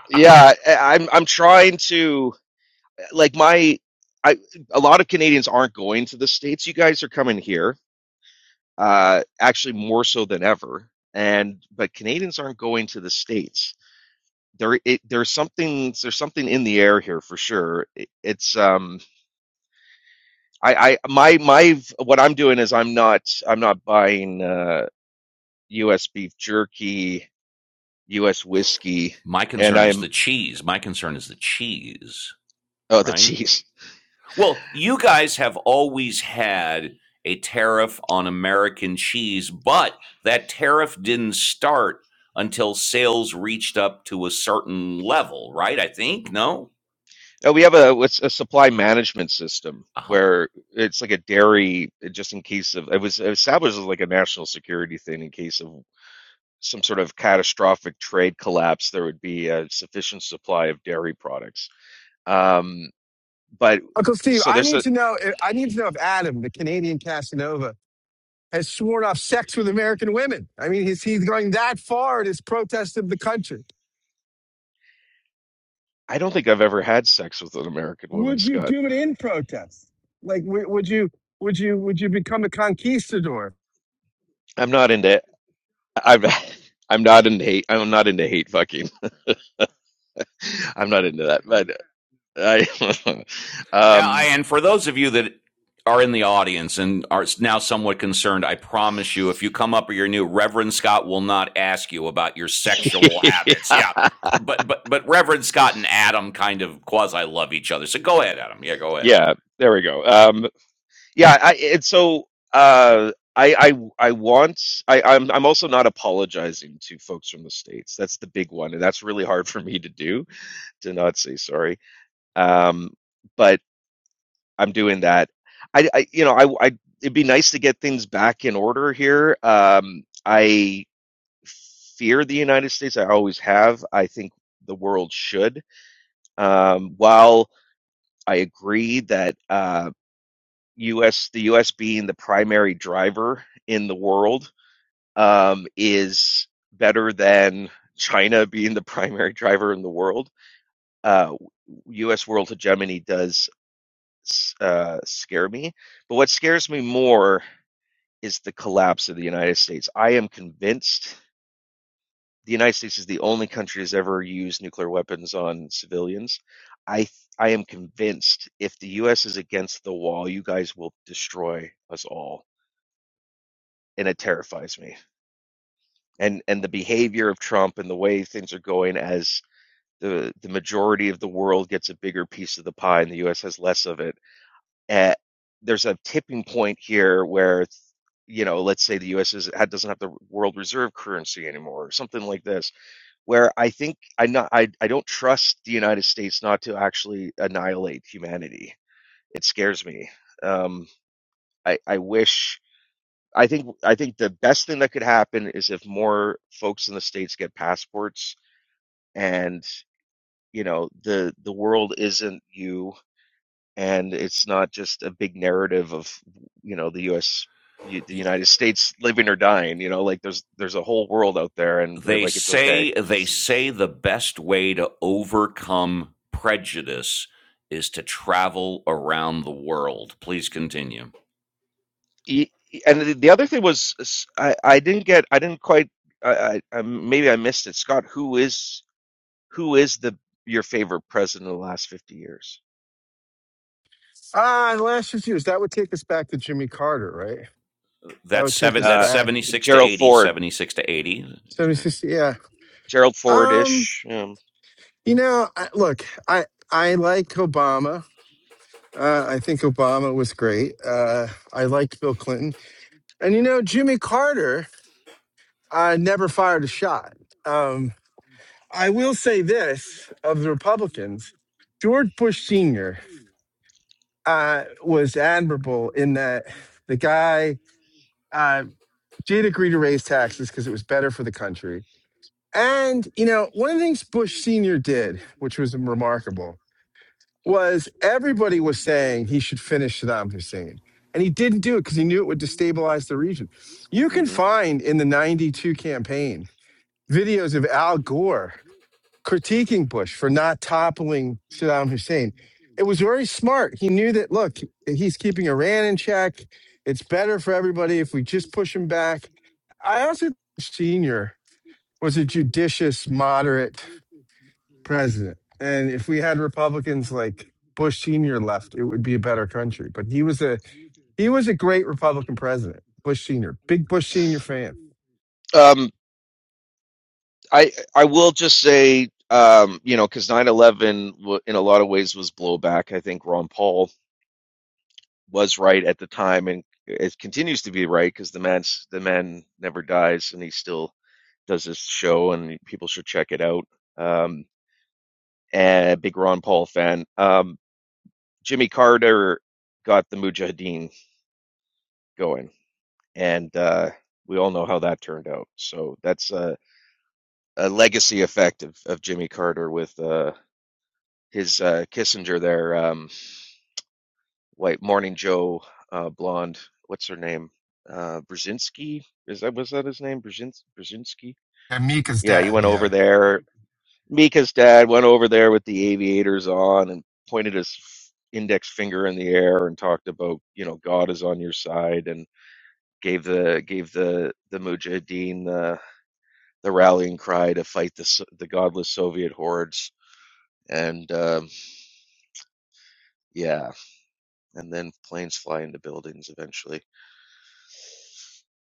[SPEAKER 13] yeah. I, I'm I'm trying to like my I a lot of Canadians aren't going to the states. You guys are coming here. Uh, actually more so than ever. And but Canadians aren't going to the states. There it, there's something there's something in the air here for sure. It, it's um. I, I my my what I'm doing is I'm not I'm not buying uh U.S. beef jerky, U.S. whiskey,
[SPEAKER 1] [laughs] My
[SPEAKER 13] and
[SPEAKER 1] concern is
[SPEAKER 13] I'm
[SPEAKER 1] the cheese. My concern is the cheese,
[SPEAKER 13] oh the [laughs]
[SPEAKER 1] right?
[SPEAKER 13] cheese.
[SPEAKER 1] Well, you guys have always had a tariff on American cheese, but that tariff didn't start until sales reached up to a certain level, right? I think, no?
[SPEAKER 13] Uh, we have a what's a supply management system
[SPEAKER 1] Uh huh.
[SPEAKER 13] where it's like a dairy, uh, just in case of it was established as like a national security thing in case of some sort of catastrophic trade collapse, there would be a sufficient supply of dairy products. Um, but
[SPEAKER 4] Uncle Steve,
[SPEAKER 13] so
[SPEAKER 4] I
[SPEAKER 13] there's
[SPEAKER 4] need
[SPEAKER 13] a.
[SPEAKER 4] to know. I need to know if Adam, the Canadian Casanova, has sworn off sex with American women. I mean, he's he's going that far in his protest of the country.
[SPEAKER 13] I don't think I've ever had sex with an American woman,
[SPEAKER 4] Would you
[SPEAKER 13] Scott.
[SPEAKER 4] do it in protest? Like, w- would you? Would you? Would you become a conquistador?
[SPEAKER 13] I'm not into. I'm. [laughs] I'm not into hate. I'm not into hate fucking. [laughs] I'm not into that, but I, [laughs] um,
[SPEAKER 1] And for those of you that are in the audience and are now somewhat concerned, I promise you, if you come up or you're new, Reverend Scott will not ask you about your sexual habits. Yeah.
[SPEAKER 13] [laughs]
[SPEAKER 1] But but but Reverend Scott and Adam kind of quasi love each other. So go ahead, Adam. Yeah, go ahead.
[SPEAKER 13] yeah, there we go. Um, yeah, I, and so uh, I, I, I want. I, I'm, I'm also not apologizing to folks from the states. That's the big one, and that's really hard for me to do to not say sorry. Um, but I'm doing that. I, I you know, I, I, it'd be nice to get things back in order here. Um, I fear the United States. I always have. I think the world should. Um, while I agree that uh, U.S. the U.S. being the primary driver in the world um, is better than China [laughs] being the primary driver in the world. Uh, U.S. world hegemony does uh, scare me, but what scares me more is the collapse of the United States. I am convinced the United States is the only country that's ever used nuclear weapons on civilians. I I am convinced if the U.S. is against the wall, you guys will destroy us all, and it terrifies me. And and the behavior of Trump and the way things are going as the the majority of the world gets a bigger piece of the pie and the U.S. has less of it. Uh, there's a tipping point here where you know, let's say the U.S. Is, doesn't have the world reserve currency anymore, or something like this where I think I not I, I don't trust the United States not to actually annihilate humanity. It scares me. Um, I I wish I think I think the best thing that could happen is if more folks in the states get passports and you know the the world isn't you and it's not just a big narrative of you know the US the United States living or dying, you know, like there's there's a whole world out there and
[SPEAKER 1] they
[SPEAKER 13] like it's okay.
[SPEAKER 1] say they say the best way to overcome prejudice is to travel around the world. Please continue.
[SPEAKER 13] y- and the, the other thing was s- I, I didn't get I didn't quite I, I, I maybe I missed it Scott who is who is the your favorite president of the last 50 years
[SPEAKER 4] Ah, the last refuse. That would take us back to Jimmy Carter, right? That
[SPEAKER 1] That's
[SPEAKER 4] would take
[SPEAKER 1] seven
[SPEAKER 4] us
[SPEAKER 1] that's
[SPEAKER 13] uh
[SPEAKER 4] back.
[SPEAKER 1] 76 to
[SPEAKER 13] Gerald
[SPEAKER 1] 80,
[SPEAKER 13] Ford
[SPEAKER 1] 76 to 80.
[SPEAKER 4] 76, yeah.
[SPEAKER 13] Gerald Ford
[SPEAKER 4] um.
[SPEAKER 13] ish um,
[SPEAKER 4] You know, I, look, I I like Obama. Uh, I think Obama was great. Uh, I liked Bill Clinton, and you know, Jimmy Carter uh, never fired a shot. Um, I will say this of the Republicans: George Bush Senior uh, was admirable in that the guy uh, did agree to raise taxes because it was better for the country. And you know, one of the things Bush Senior did, which was remarkable, was everybody was saying he should finish Saddam Hussein. And he didn't do it because he knew it would destabilize the region. You can
[SPEAKER 13] mhm.
[SPEAKER 4] find in the 92 campaign videos of Al Gore critiquing Bush for not toppling Saddam Hussein. It was very smart. He knew that, look, he's keeping Iran in check. It's better for everybody if we just push him back. I also, think Sr. was a judicious, moderate president. And if we had Republicans like Bush Senior left, it would be a better country. But he was a he was a great Republican president, Bush Senior, big Bush Senior fan.
[SPEAKER 13] um I I will just say, um, you know, because nine eleven in a lot of ways was blowback. I think Ron Paul was right at the time, and it continues to be right because the man's the man never dies, and he still does this show, and people should check it out. Um, and big Ron Paul fan. Um, Jimmy Carter got the Mujahideen going, and uh, we all know how that turned out. So that's a, a legacy effect of, of Jimmy Carter with. uh, his uh, Kissinger there, um, white Morning Joe uh, blonde. What's her name? Uh, Brzezinski? Is that was that his name? Brzezins- Brzezinski?
[SPEAKER 4] And Mika's
[SPEAKER 13] Yeah, he
[SPEAKER 4] dad,
[SPEAKER 13] went
[SPEAKER 4] yeah.
[SPEAKER 13] over there. Mika's dad went over there with the aviators on and pointed his f- index finger in the air and talked about you know God is on your side and gave the gave the the Mujahideen the the rallying cry to fight the S- the godless Soviet hordes and um, yeah and then planes fly into buildings eventually.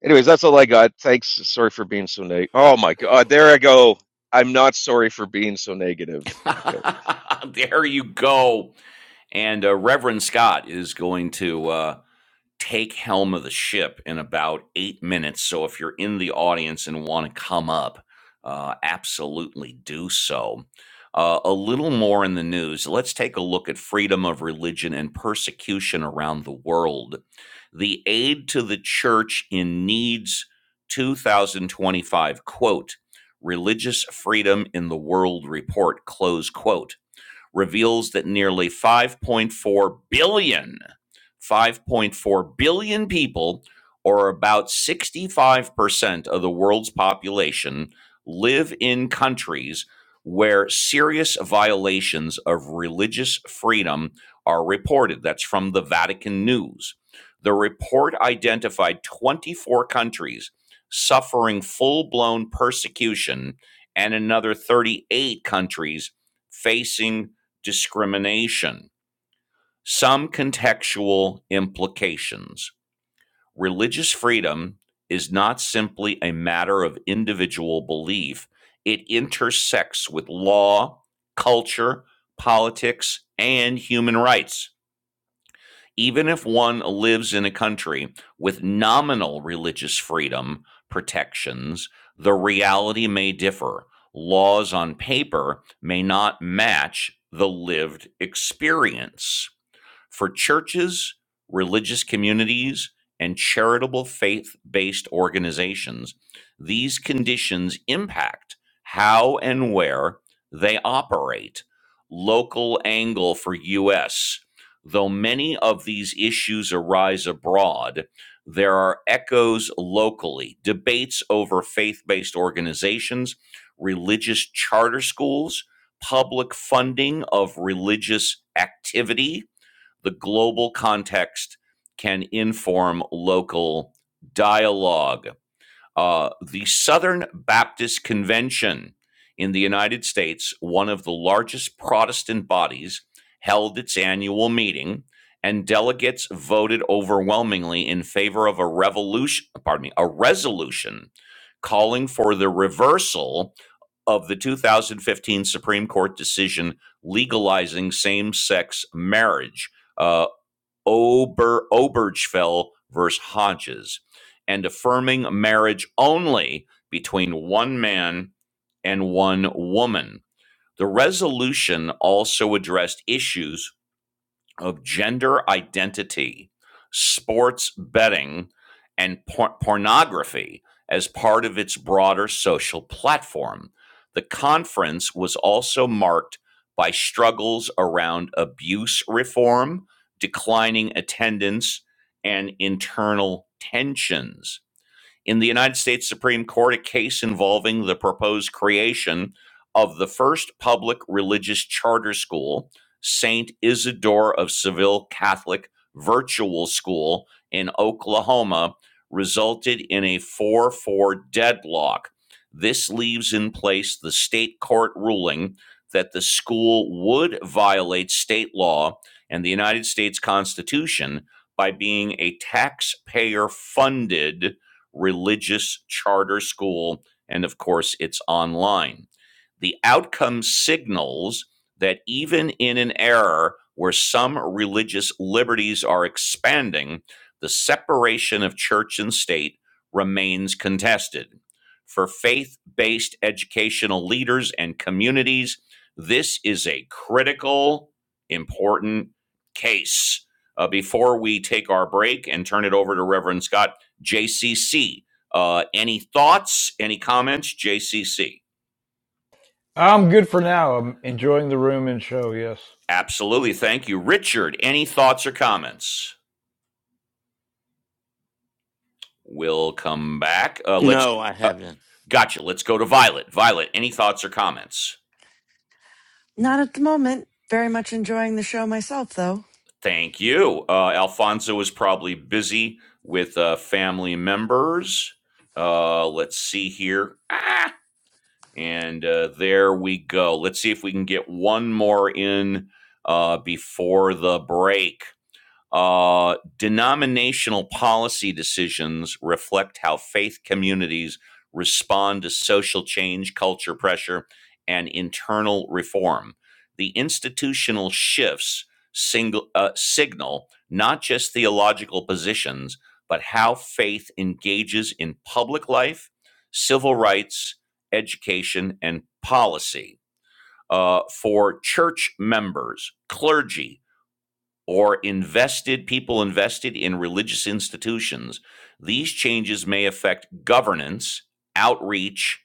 [SPEAKER 13] Anyways, that's all I got. Thanks. Sorry for being so negative. Oh my God. There I go. I'm not sorry for being so negative. Okay.
[SPEAKER 1] [laughs] there you go. And uh, Reverend Scott is going to uh take helm of the ship in about eight minutes. So if you're in the audience and want to come up, uh, absolutely do so. Uh, a little more in the news. Let's take a look at freedom of religion and persecution around the world. The aid to the church in needs 2025 quote religious freedom in the world report close quote reveals that nearly 5.4 billion, 5.4 billion people, or about 65% of the world's population, live in countries where serious violations of religious freedom are reported. That's from the Vatican News. The report identified 24 countries suffering full blown persecution and another 38 countries facing discrimination. Some contextual implications. Religious freedom is not simply a matter of individual belief, it intersects with law, culture, politics, and human rights. Even if one lives in a country with nominal religious freedom protections, the reality may differ. Laws on paper may not match the lived experience for churches, religious communities, and charitable faith based organizations. These conditions impact how and where they operate. Local angle for U.S. Though many of these issues arise abroad, there are echoes locally, debates over faith based organizations, religious charter schools, public funding of religious activity, the global context can inform local dialogue. Uh, the Southern Baptist Convention in the United States, one of the largest Protestant bodies, held its annual meeting, and delegates voted overwhelmingly in favor of a revolution, pardon me, a resolution calling for the reversal of the 2015 Supreme Court decision legalizing same-sex marriage. Uh, Ober Obergefell versus Hodges, and affirming marriage only between one man and one woman. The resolution also addressed issues of gender identity, sports betting, and por- pornography as part of its broader social platform. The conference was also marked by struggles around abuse reform, declining attendance, and internal tensions in the United States Supreme Court a case involving the proposed creation of the first public religious charter school, St. Isidore of Seville Catholic Virtual School in Oklahoma, resulted in a 4 4 deadlock. This leaves in place the state court ruling that the school would violate state law and the United States Constitution by being a taxpayer funded religious charter school, and of course, it's online. The outcome signals that even in an era where some religious liberties are expanding, the separation of church and state remains contested. For faith based educational leaders and communities, this is a critical, important case. Uh, before we take our break and turn it over to Reverend Scott, JCC. Uh, any thoughts, any comments? JCC.
[SPEAKER 2] I'm good for now. I'm enjoying the room and show. Yes.
[SPEAKER 1] Absolutely. Thank you. Richard, any thoughts or comments? We'll come back. Uh, let's,
[SPEAKER 3] no, I
[SPEAKER 1] uh,
[SPEAKER 3] haven't.
[SPEAKER 1] gotcha. Let's go to Violet. Violet, any thoughts or comments?
[SPEAKER 5] Not at the moment. Very much enjoying the show myself, though.
[SPEAKER 1] Thank you. Uh, Alfonso is probably busy with uh, family members. Uh, let's see here. Ah! And uh, there we go. Let's see if we can get one more in uh, before the break. Uh, denominational policy decisions reflect how faith communities respond to social change, culture pressure, and internal reform. The institutional shifts single, uh, signal not just theological positions, but how faith engages in public life, civil rights, education, and policy. Uh, for church members, clergy, or invested people invested in religious institutions, these changes may affect governance, outreach,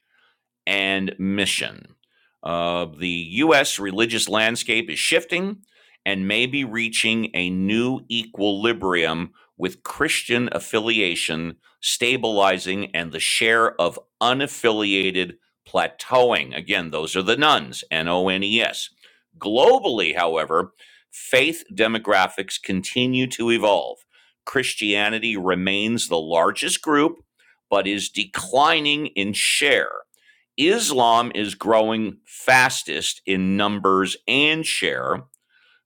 [SPEAKER 1] and mission. Uh, the U.S. religious landscape is shifting and may be reaching a new equilibrium with Christian affiliation stabilizing and the share of unaffiliated plateauing. Again, those are the nuns, N O N E S. Globally, however, faith demographics continue to evolve. Christianity remains the largest group, but is declining in share Islam is growing fastest in numbers and share.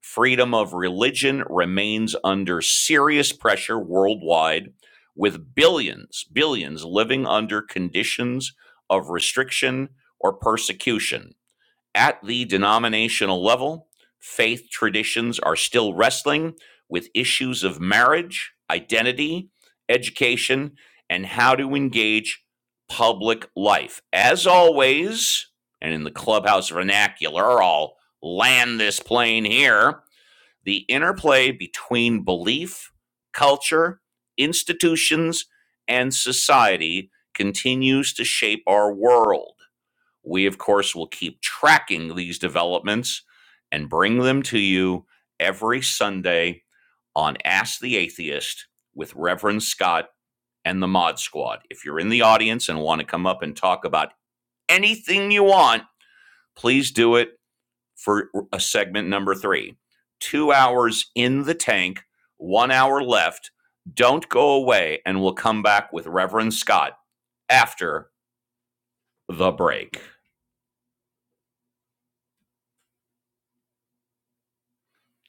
[SPEAKER 1] Freedom of religion remains under serious pressure worldwide, with billions, billions living under conditions of restriction or persecution. At the denominational level, faith traditions are still wrestling with issues of marriage, identity, education, and how to engage public life. As always, and in the clubhouse vernacular, I'll land this plane here the interplay between belief, culture, institutions, and society continues to shape our world. We, of course, will keep tracking these developments and bring them to you every Sunday on Ask the Atheist with Reverend Scott and the Mod Squad. If you're in the audience and want to come up and talk about anything you want, please do it for a segment number three. Two hours in the tank, one hour left. Don't go away, and we'll come back with Reverend Scott after the break.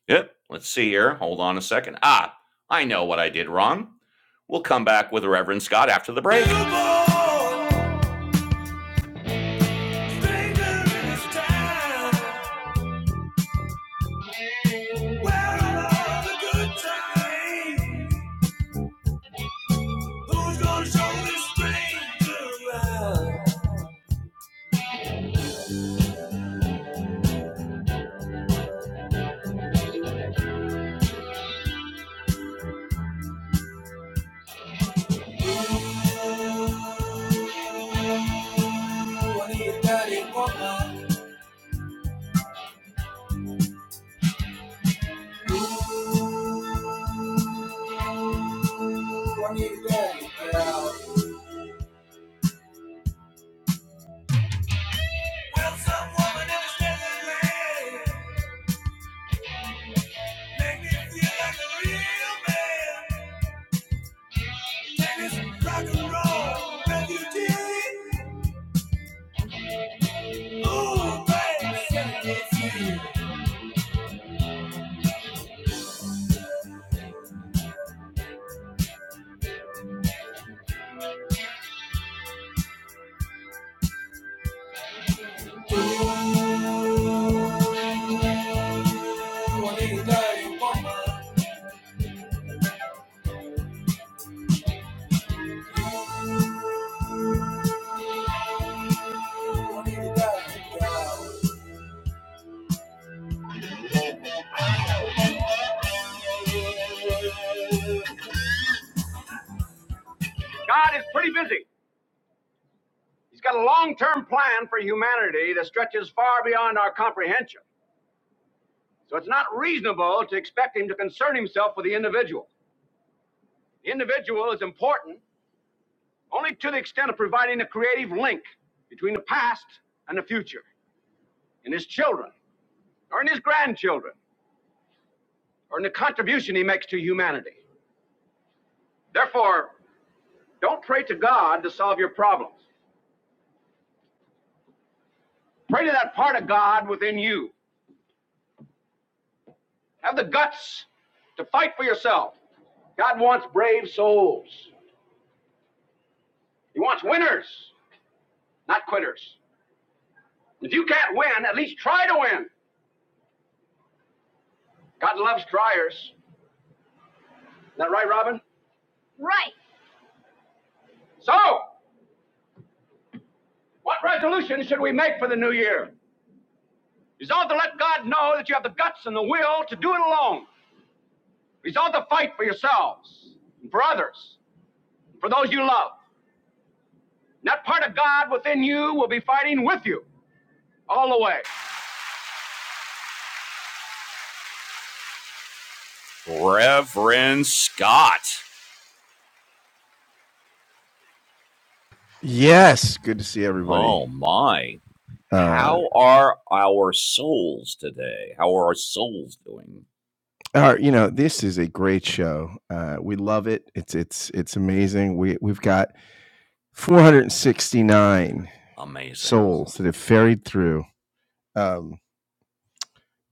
[SPEAKER 1] Yep. Let's see here. Hold on a second. Ah, I know what I did wrong. We'll come back with Reverend Scott after the break. God is pretty busy. He's got a long term plan for humanity that stretches far beyond our comprehension. So it's not reasonable to expect him to concern himself with the individual. The individual is important only to the extent of providing a creative link between the past and the future, in his children, or in his grandchildren, or in the contribution he makes to humanity. Therefore, don't pray to God to solve your problems. Pray to that part of God within you. Have the guts to fight for yourself. God wants brave souls. He wants winners, not quitters. If you can't win, at least try to win. God loves triers. Is that right, Robin? Right. So, what resolution should we make for the new year? Resolve to let God know that you have the guts and the will to do it alone. Resolve to fight for yourselves and for others, and for those you love. And that part of God within you will be fighting with you all the way. Reverend Scott.
[SPEAKER 4] Yes, good to see everybody.
[SPEAKER 1] Oh my.
[SPEAKER 4] Uh,
[SPEAKER 1] How are our souls today? How are our souls doing?
[SPEAKER 4] all right, you know this is a great show. Uh, we love it. It's it's it's amazing. We we've got 469
[SPEAKER 1] Amazing.
[SPEAKER 4] souls that have ferried through um,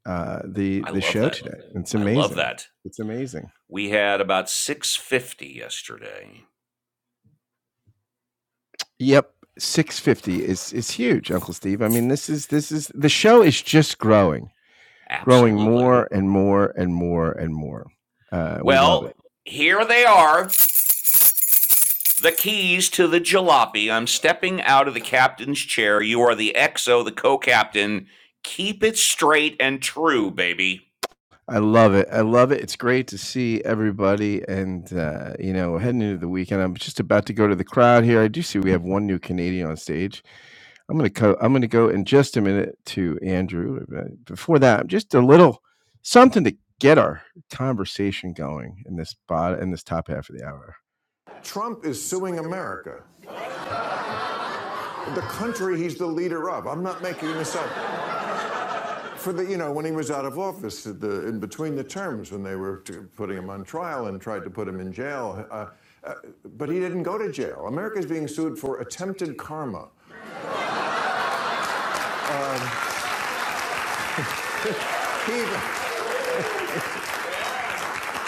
[SPEAKER 4] uh, the
[SPEAKER 1] I
[SPEAKER 4] the
[SPEAKER 1] love
[SPEAKER 4] show
[SPEAKER 1] that.
[SPEAKER 4] today. It's
[SPEAKER 1] I love
[SPEAKER 4] amazing.
[SPEAKER 1] that.
[SPEAKER 4] It's amazing.
[SPEAKER 1] We had about 650 yesterday.
[SPEAKER 4] Yep, 650 is is huge, Uncle Steve. I mean, this is this is the show is just growing, growing
[SPEAKER 1] Absolutely.
[SPEAKER 4] more and more and more and more. Uh, we love it.
[SPEAKER 1] Well, here they are. The keys to the jalopy. I'm stepping out of the captain's chair. You are the exo, the co captain. Keep it straight and true, baby.
[SPEAKER 4] I love it. I love it. It's great to see everybody, and uh, you know, heading into the weekend. I'm just about to go to the crowd here. I do see we have one new Canadian on stage. I'm gonna co- I'm gonna go in just a minute to Andrew. Uh, Before that, just a little something to get our conversation going in this spot in this top half of the hour. Trump is suing America, the country he's the leader of. I'm not making this up. For the, you know, when he was out of law, between the terms, when they were putting him on trial and tried to put him in jail, uh, but he didn't go to jail. America's being sued for attempted karma.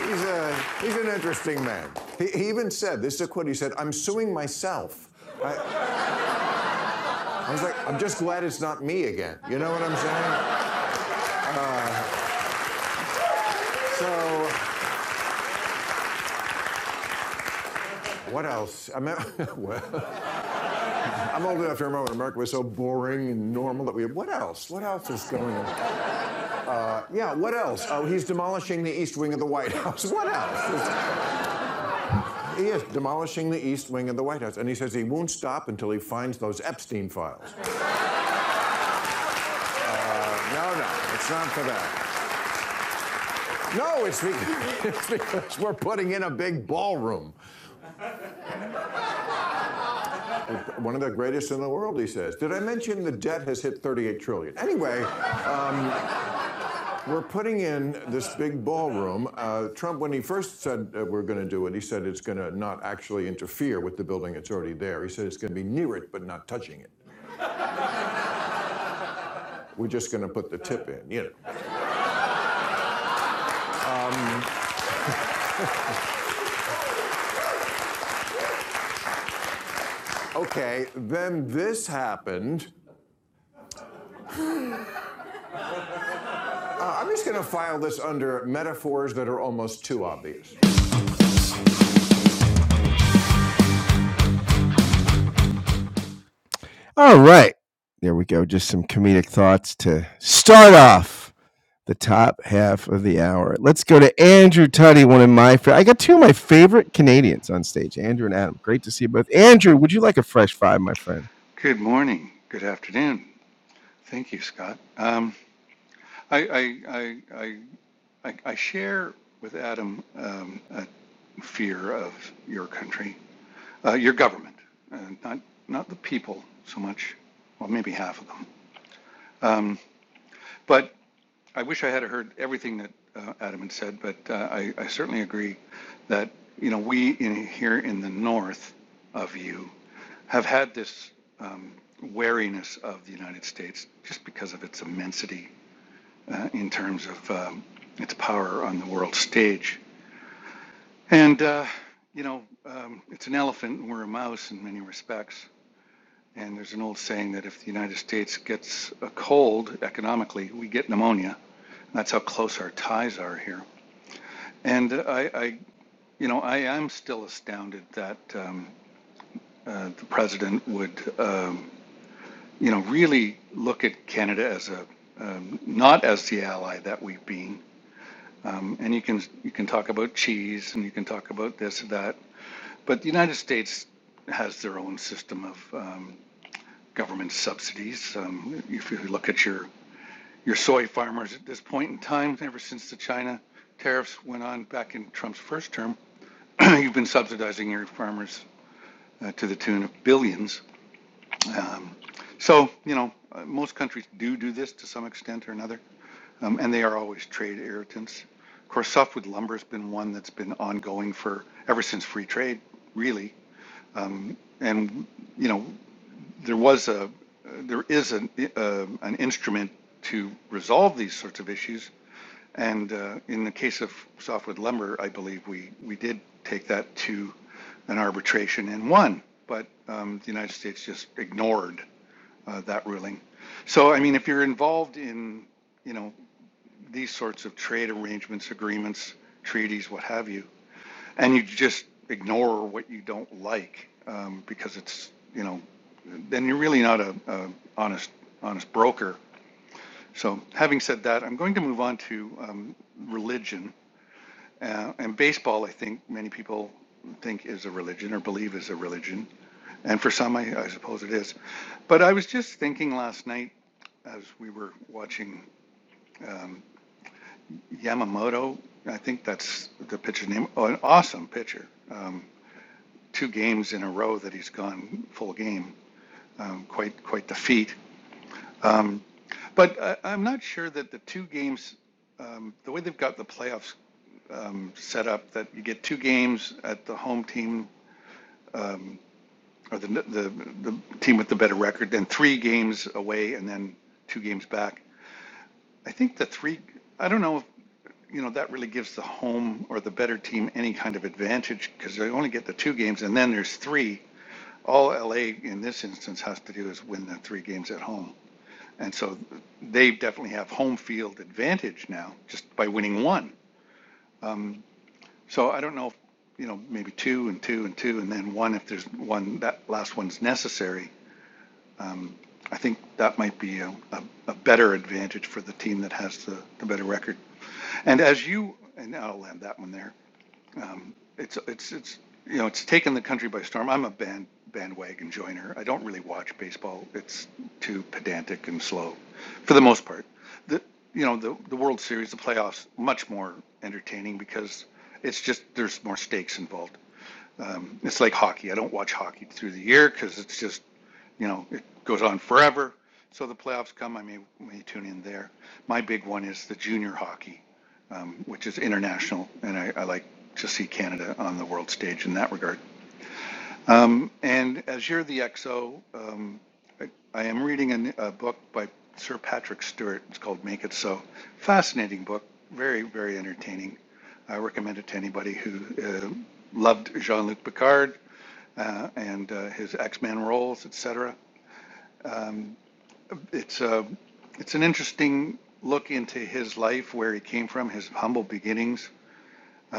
[SPEAKER 4] He's a, he's an interesting man. Even said, this is a quote. He said, "I'm suing myself." I was like, "I'm just glad it's not me again." You know what I'm saying? So what else? I'm, [laughs] I'm old enough to remember when America was so boring and normal that we. What else? What else is going on? Yeah, what else? Oh, he's demolishing the east wing of the White House. What else? [laughs] he is demolishing the east wing of the White House. And he says he won't stop until he finds those Epstein files. [laughs] No, no, it's not for that. No, it's because, [laughs] it's because we're putting in a big ballroom. One of the greatest in the world, he says. Did I mention the debt has hit 38 trillion? dollars? Anyway, we're putting in this big ballroom. Uh, Trump, when he first said uh, we're going to do it, he said it's going to not actually interfere with the building that's already there. He said it's going to be near it, but not touching it. We're just going to put the tip in, you know. Okay, then this happened. Uh, I'm just going to file this under metaphors that are almost too obvious. All right. There we go. Just some comedic thoughts to start off the top half of the hour. Let's go to Andrew Tutty, one of my favorite. I got two of my favorite Canadians on stage, Andrew and Adam. Great to see you both. Andrew, would you like a fresh five, my friend?
[SPEAKER 14] Good morning. Good afternoon. Thank you, Scott. Um, I, I, I, I, I share with Adam um, a fear of your country, uh, your government, uh, not not the people so much. Well, maybe half of them. Um, but I wish I had heard everything that uh, Adam had said. But uh, I, I certainly agree that you know we in here in the north of you have had this um, wariness of the United States just because of its immensity uh, in terms of um, its power on the world stage. And, uh, you know, um, it's an elephant and we're a mouse in many respects. And there's an old saying that if the United States gets a cold economically, we get pneumonia. That's how close our ties are here. And uh, I, I you know, I am still astounded that um, uh, the president would. Um, you know, really look at Canada as a um, not as the ally that we've been. Um, and you can you can talk about cheese and you can talk about this and that, but the United States has their own system of um, government subsidies. Um, if you look at your your soy farmers at this point in time, ever since the China tariffs went on back in Trump's first term, [clears throat] you've been subsidizing your farmers uh, to the tune of billions. Um, so, you know, uh, most countries do do this to some extent or another. um, and they are always trade irritants. Of course, softwood lumber has been one that's been ongoing for ever since free trade, really. And you know, there was a, there is an uh, an instrument to resolve these sorts of issues. And uh, in the case of softwood lumber, I believe we we did take that to an arbitration and won, but um, the United States just ignored uh, that ruling. So, I mean, if you're involved in, you know, these sorts of trade arrangements, agreements, treaties, what have you, and you just ignore what you don't like um, because it's you know, then you're really not a, a honest honest broker. So having said that, I'm going to move on to um, religion uh, and baseball. I think many people think is a religion or believe is a religion, and for some, I, I suppose it is. But I was just thinking last night as we were watching. um, Yamamoto, I think that's the pitcher's name. Oh, an awesome pitcher. Um, two games in a row that he's gone full game. Um, quite quite the feat. Um, but I, I'm not sure that the two games, um, the way they've got the playoffs um, set up, that you get two games at the home team um, or the, the the team with the better record, then three games away, and then two games back. I think the three. I don't know you know, that really gives the home or the better team any kind of advantage because they only get the two games and then there's three. All LA in this instance has to do is win the three games at home. And so they definitely have home field advantage now just by winning one. Um, so I don't know if, you know, maybe two and two and two and then one if there's one, that last one's necessary. I think that might be a, a, a better advantage for the team that has the, the better record. And as you, and I'll land that one there, it's, it's, it's, you know, it's taken the country by storm. I'm a band, bandwagon joiner. I don't really watch baseball. It's too pedantic and slow, for the most part. The, you know, the, the World Series, the playoffs, much more entertaining because it's just, there's more stakes involved. Um, it's like hockey. I don't watch hockey through the year because it's just, you know, it goes on forever. So the playoffs come, I may, may tune in there. My big one is the junior hockey um, which is international, and I, I like to see Canada on the world stage in that regard. Um, and as you're the XO, um, I, I am reading a, n- a book by Sir Patrick Stewart. It's called Make It So. Fascinating book, very, very entertaining. I recommend it to anybody who uh, loved Jean-Luc Picard uh, and uh, his X-Men roles, etc. It's uh, it's an interesting look into his life, where he came from, his humble beginnings,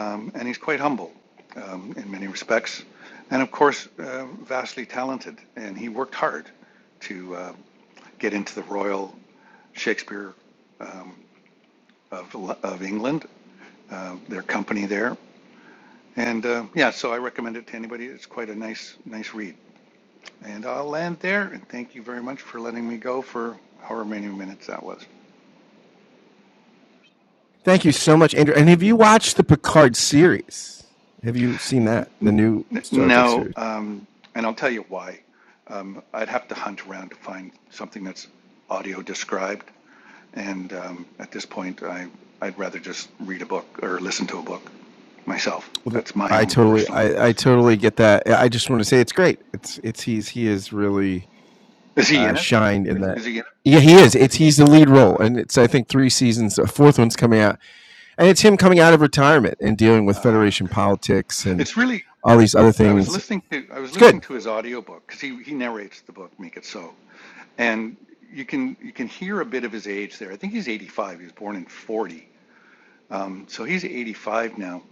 [SPEAKER 14] Um, and he's quite humble um, in many respects. And of course, uh, vastly talented. And he worked hard to uh, get into the Royal Shakespeare of, of England, uh, their company there. And uh, yeah, so I recommend it to anybody. It's quite a nice, nice read. And I'll land there. And thank you very much for letting me go for however many minutes that was.
[SPEAKER 4] Thank you so much, Andrew. And have you watched the Picard series? Have you seen that? The new
[SPEAKER 14] N-
[SPEAKER 4] Star Trek
[SPEAKER 14] no,
[SPEAKER 4] series?
[SPEAKER 14] um, and I'll tell you why. Um, I'd have to hunt around to find something that's audio described And um, at this point, I, I'd rather just read a book or listen to a book myself.
[SPEAKER 4] Well,
[SPEAKER 14] That's my
[SPEAKER 4] I
[SPEAKER 14] own
[SPEAKER 4] totally,
[SPEAKER 14] personal.
[SPEAKER 4] I, I totally get that. I I just want to say it's great. It's, it's he's he is really
[SPEAKER 14] Is he
[SPEAKER 4] uh,
[SPEAKER 14] in it?
[SPEAKER 4] shined in that.
[SPEAKER 14] Is he in it?
[SPEAKER 4] Yeah, he is.
[SPEAKER 14] Oh,
[SPEAKER 4] It's he's the lead role, and it's I think three seasons. A fourth one's coming out, and it's him coming out of retirement and dealing with
[SPEAKER 14] uh,
[SPEAKER 4] Federation
[SPEAKER 14] okay.
[SPEAKER 4] politics and
[SPEAKER 14] It's really.
[SPEAKER 4] all these other
[SPEAKER 14] I was
[SPEAKER 4] things.
[SPEAKER 14] listening to. I was
[SPEAKER 4] It's good.
[SPEAKER 14] listening to his audiobook because he, he narrates the book Make It So, and you can you can hear a bit of his age there. I think he's 85. He was born in 40, um, so he's 85 now.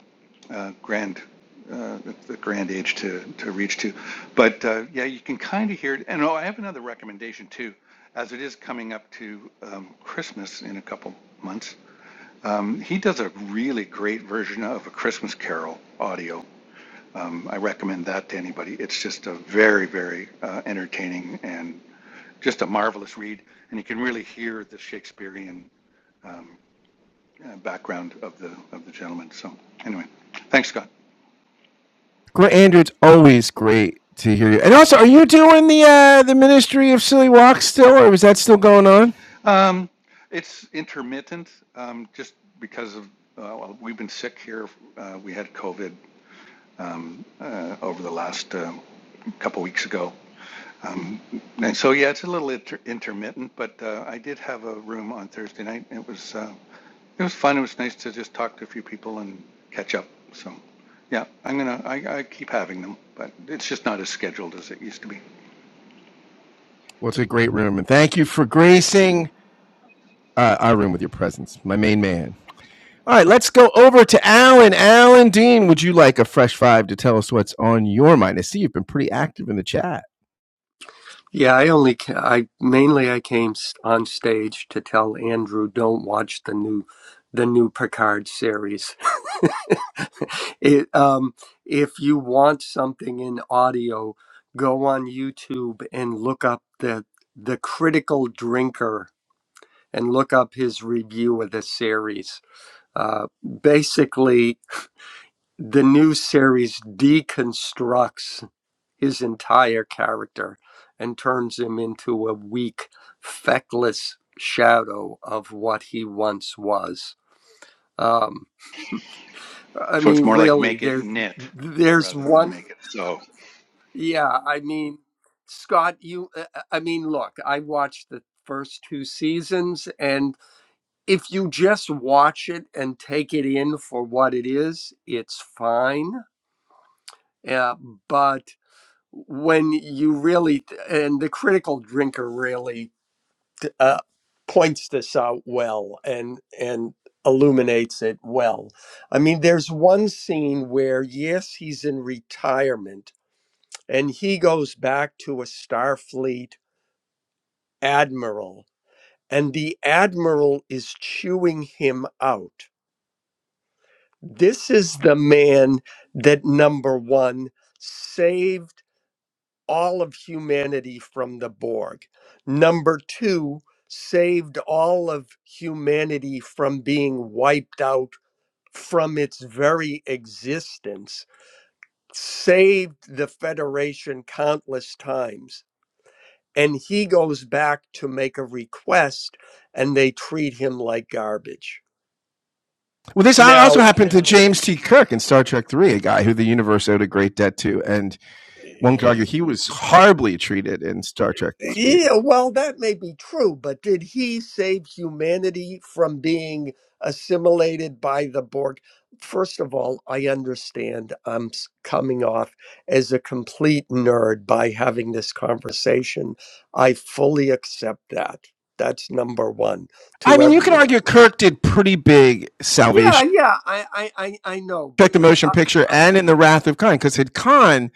[SPEAKER 14] uh, grand uh, the grand age to to reach to. But uh, yeah, you can kind of hear it. And oh, I have another recommendation too, as it is coming up to um, Christmas in a couple months. Um, he does a really great version of a Christmas Carol audio. Um, I recommend that to anybody. It's just a very very uh, entertaining and just a marvelous read, and you can really hear the Shakespearean um, uh, background of the of the gentleman. So anyway, thanks, Scott.
[SPEAKER 4] Gr- Andrew, it's always great to hear you. And also, are you doing the uh, the Ministry of Silly Walks still, or is that still going on?
[SPEAKER 14] Um, it's intermittent, um, just because of, uh, well, we've been sick here. Uh, we had COVID um, uh, over the last um couple weeks ago. Um, and so, yeah, it's a little inter- intermittent, but uh, I did have a room on Thursday night. It was uh, it was fun. It was nice to just talk to a few people and catch up. So, yeah, I'm gonna I, I keep having them, but it's just not as scheduled as it used to be.
[SPEAKER 4] Well, it's a great room, and thank you for gracing uh, our room with your presence, my main man. All right, let's go over to Alan. Alan Dean, would you like a fresh five to tell us what's on your mind? I see you've been pretty active in the chat.
[SPEAKER 15] Yeah, I only ca- I mainly I came s- on stage to tell Andrew don't watch the new the new Picard series. [laughs] it um if you want something in audio, go on YouTube and look up the the critical drinker and look up his review of the series. Uh, basically, the new series deconstructs his entire character and turns him into a weak, feckless shadow of what he once was. Um, I
[SPEAKER 14] So it's
[SPEAKER 15] mean,
[SPEAKER 14] more like
[SPEAKER 15] really,
[SPEAKER 14] make it
[SPEAKER 15] there,
[SPEAKER 14] knit
[SPEAKER 15] there's
[SPEAKER 14] rather than
[SPEAKER 15] one.
[SPEAKER 14] make it so.
[SPEAKER 15] Yeah, I mean, Scott, you. uh, uh, I mean, look, I watched the first two seasons, and if you just watch it and take it in for what it is, it's fine. Uh, but when you really and the critical drinker really uh, points this out well and and illuminates it well. I mean, there's one scene where yes, he's in retirement and he goes back to a Starfleet admiral, and the admiral is chewing him out. This is the man that number one saved. all of humanity from the Borg. Number two, saved all of humanity from being wiped out from its very existence, saved the Federation countless times. And he goes back to make a request, and they treat him like garbage.
[SPEAKER 4] Well, this also
[SPEAKER 15] Now,
[SPEAKER 4] happened to James T. Kirk in Star Trek Three, a guy who the universe owed a great debt to, and One could argue he was horribly treated in Star Trek Three.
[SPEAKER 15] Yeah, well, that may be true, but did he save humanity from being assimilated by the Borg? First of all, I understand I'm s- coming off as a complete nerd by having this conversation. I fully accept that. That's number one
[SPEAKER 4] I
[SPEAKER 15] to
[SPEAKER 4] mean, you can
[SPEAKER 15] everyone.
[SPEAKER 4] argue Kirk did pretty big
[SPEAKER 15] Yeah,
[SPEAKER 4] salvation.
[SPEAKER 15] yeah, I, I, I, I know, but
[SPEAKER 4] Check the motion
[SPEAKER 15] uh,
[SPEAKER 4] picture and in the Wrath of Khan, because had Khan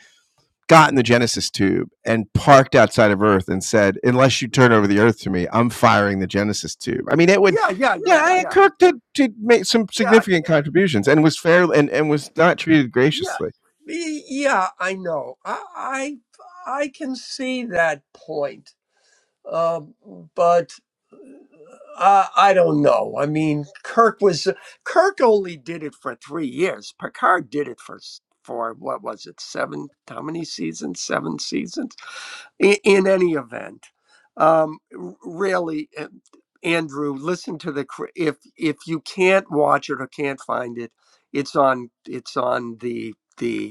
[SPEAKER 4] gotten the Genesis tube and parked outside of Earth and said, "Unless you turn over the Earth to me, I'm firing the Genesis tube." I mean, it would.
[SPEAKER 15] yeah, yeah,
[SPEAKER 4] Yeah,
[SPEAKER 15] yeah, yeah,
[SPEAKER 4] Kirk did, did make some
[SPEAKER 15] yeah,
[SPEAKER 4] significant contributions and was fair and, and was not treated
[SPEAKER 15] Yeah,
[SPEAKER 4] graciously.
[SPEAKER 15] y- yeah, I know. I I, I can see that point, uh, but uh, I don't know. I mean, Kirk was Kirk only did it for three years. Picard did it for s- for what was it seven? How many seasons? Seven seasons. In, in any event, um, r- really. uh, Andrew, listen to the cr- if if you can't watch it or can't find it, it's on it's on the the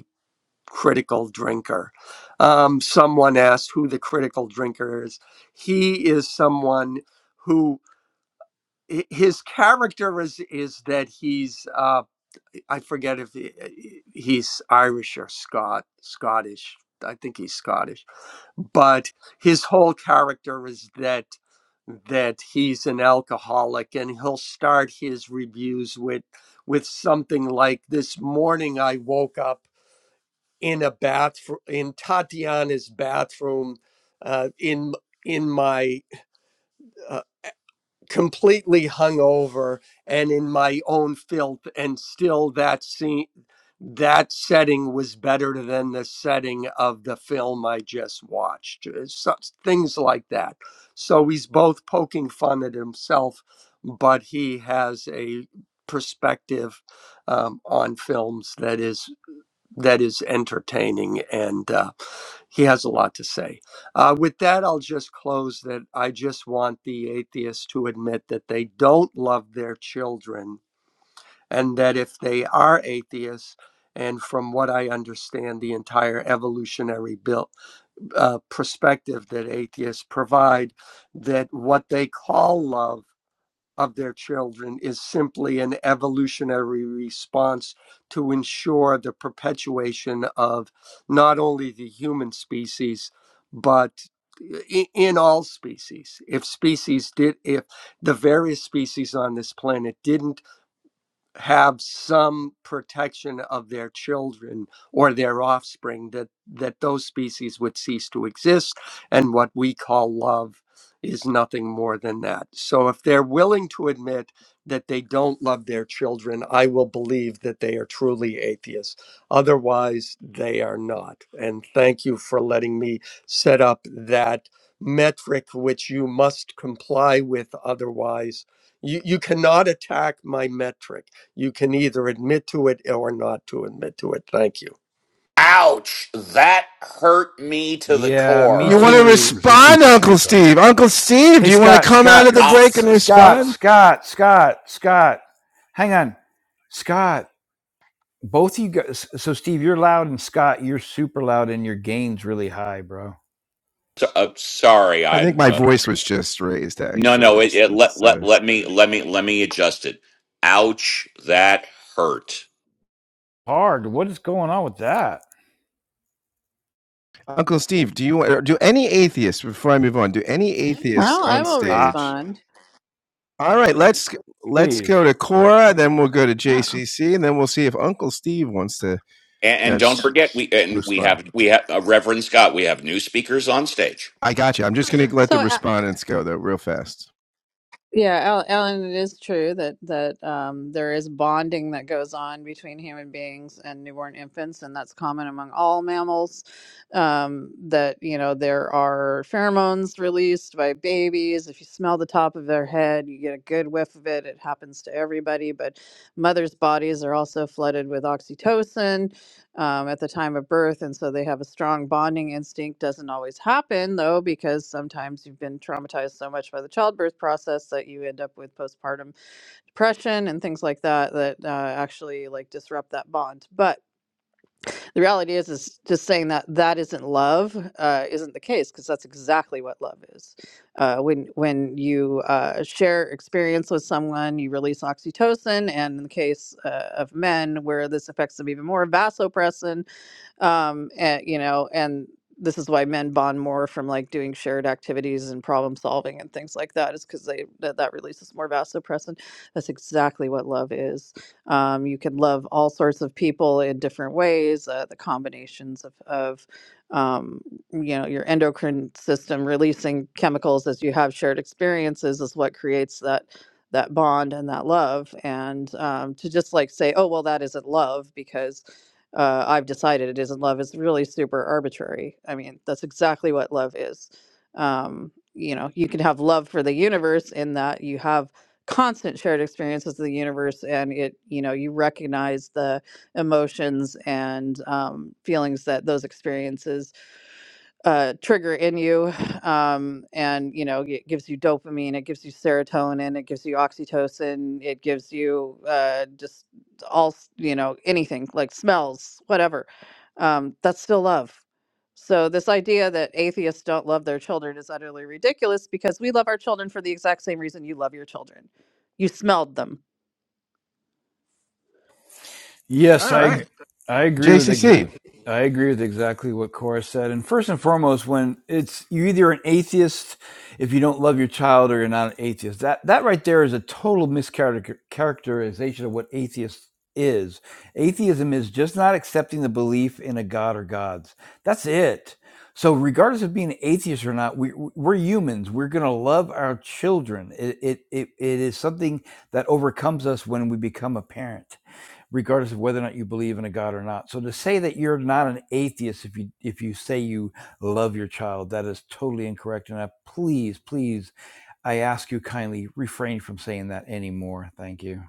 [SPEAKER 15] critical drinker. Um, someone asked who the critical drinker is. He is someone who his character is is that he's uh, I forget if he, he's Irish or Scot Scottish. I think he's Scottish, but his whole character is that that he's an alcoholic and he'll start his reviews with with something like this morning I woke up in a bathroom in Tatiana's bathroom uh, in in my uh, completely hungover and in my own filth and still that scene that setting was better than the setting of the film I just watched Uh, so- things like that so he's both poking fun at himself but he has a perspective um, on films that is that is entertaining and uh, he has a lot to say. Uh, with that, I'll just close that I just want the atheists to admit that they don't love their children and that if they are atheists, and from what I understand, the entire evolutionary built, uh, perspective that atheists provide, that what they call love of their children is simply an evolutionary response to ensure the perpetuation of not only the human species but in all species if species did if the various species on this planet didn't have some protection of their children or their offspring that that those species would cease to exist and what we call love is nothing more than that so if they're willing to admit that they don't love their children i will believe that they are truly atheists otherwise they are not and thank you for letting me set up that metric which you must comply with otherwise you, you cannot attack my metric you can either admit to it or not to admit to it. Thank you.
[SPEAKER 1] Ouch! That hurt me to the
[SPEAKER 2] Yeah, me
[SPEAKER 4] You
[SPEAKER 1] core.
[SPEAKER 4] want to
[SPEAKER 2] too.
[SPEAKER 4] respond,
[SPEAKER 14] Resistance is
[SPEAKER 4] Uncle
[SPEAKER 14] futile.
[SPEAKER 4] Steve? Uncle Steve,
[SPEAKER 2] Hey,
[SPEAKER 4] do you want to
[SPEAKER 2] Scott,
[SPEAKER 4] come out
[SPEAKER 2] Scott,
[SPEAKER 4] of the
[SPEAKER 1] I'm
[SPEAKER 4] break and
[SPEAKER 2] Scott,
[SPEAKER 4] respond?
[SPEAKER 2] Scott, Scott, Scott. Hang on, Scott. both of you guys so steve you're loud and scott you're super loud and your gain's really high bro
[SPEAKER 1] so, uh, sorry.
[SPEAKER 4] I think
[SPEAKER 1] I'm
[SPEAKER 4] my
[SPEAKER 1] uh,
[SPEAKER 4] voice was just raised.
[SPEAKER 1] no,
[SPEAKER 4] Actually,
[SPEAKER 1] no. It,
[SPEAKER 4] that's
[SPEAKER 1] it, let
[SPEAKER 4] that's. Uh...
[SPEAKER 1] let let me let me let me adjust it. Ouch! That hurt.
[SPEAKER 2] hard what is going on with that
[SPEAKER 4] Uncle Steve, do you Do any atheists before I move on? Do any atheists
[SPEAKER 16] I'll, I
[SPEAKER 4] on
[SPEAKER 16] will
[SPEAKER 2] ah
[SPEAKER 4] stage?
[SPEAKER 16] respond.
[SPEAKER 4] All right, let's let's
[SPEAKER 2] please
[SPEAKER 4] go to Cora, then we'll go to
[SPEAKER 16] Yeah.
[SPEAKER 4] JCC, and then we'll see if Uncle Steve wants to,
[SPEAKER 1] And,
[SPEAKER 4] you know,
[SPEAKER 1] and don't forget, we and we
[SPEAKER 4] respond.
[SPEAKER 1] have we have uh, Reverend Scott. We have new speakers on stage.
[SPEAKER 4] I got you. I'm just going to let the
[SPEAKER 16] So uh,
[SPEAKER 4] respondents go though, real fast.
[SPEAKER 16] yeah, Al- Alan, it is true that that um, there is bonding that goes on between human beings and newborn infants, and that's common among all mammals. Um, that you know there are pheromones released by babies. If you smell the top of their head, you get a good whiff of it. It happens to everybody, but mothers' bodies are also flooded with oxytocin um, at the time of birth. And so they have a strong bonding instinct. Doesn't always happen, though, because sometimes you've been traumatized so much by the childbirth process that you end up with postpartum depression and things like that that uh, actually like disrupt that bond. But the reality is, is just saying that that isn't love uh, isn't the case because that's exactly what love is. Uh, when when you uh, share experience with someone, you release oxytocin, and in the case uh, of men, where this affects them even more, vasopressin, um and you know and this is why men bond more from like doing shared activities and problem solving and things like that is because they that, that releases more vasopressin that's exactly what love is um, you can love all sorts of people in different ways uh, the combinations of, of um, you know your endocrine system releasing chemicals as you have shared experiences is what creates that that bond and that love and um, to just like say oh well that isn't love because uh, I've decided it isn't love is really super arbitrary. I mean, that's exactly what love is. Um, you know, you can have love for the universe in that you have constant shared experiences of the universe and it, you know, you recognize the emotions and um, feelings that those experiences uh, trigger in you um, and you know it gives you dopamine it gives you serotonin it gives you oxytocin it gives you uh, just all s- you know anything like smells whatever um, that's still love so this idea that atheists don't love their children is utterly ridiculous because we love our children for the exact same reason you love your children you smelled them
[SPEAKER 4] All
[SPEAKER 2] Yes, I
[SPEAKER 4] right,
[SPEAKER 2] I agree with ex-
[SPEAKER 4] JCC.
[SPEAKER 2] I agree with exactly what Cora said. And first and foremost, when it's you're either an atheist if you don't love your child, or you're not an atheist. That that right there is a total mischaracterization of what atheist is. Atheism is just not accepting the belief in a god or gods. That's it. So regardless of being atheist or not, we we're humans. We're gonna love our children. It it it, it is something that overcomes us when we become a parent regardless of whether or not you believe in a God or not. So to say that you're not an atheist if you if you say you love your child, that is totally incorrect. And I please, please, I ask you kindly refrain from saying that anymore. Thank you.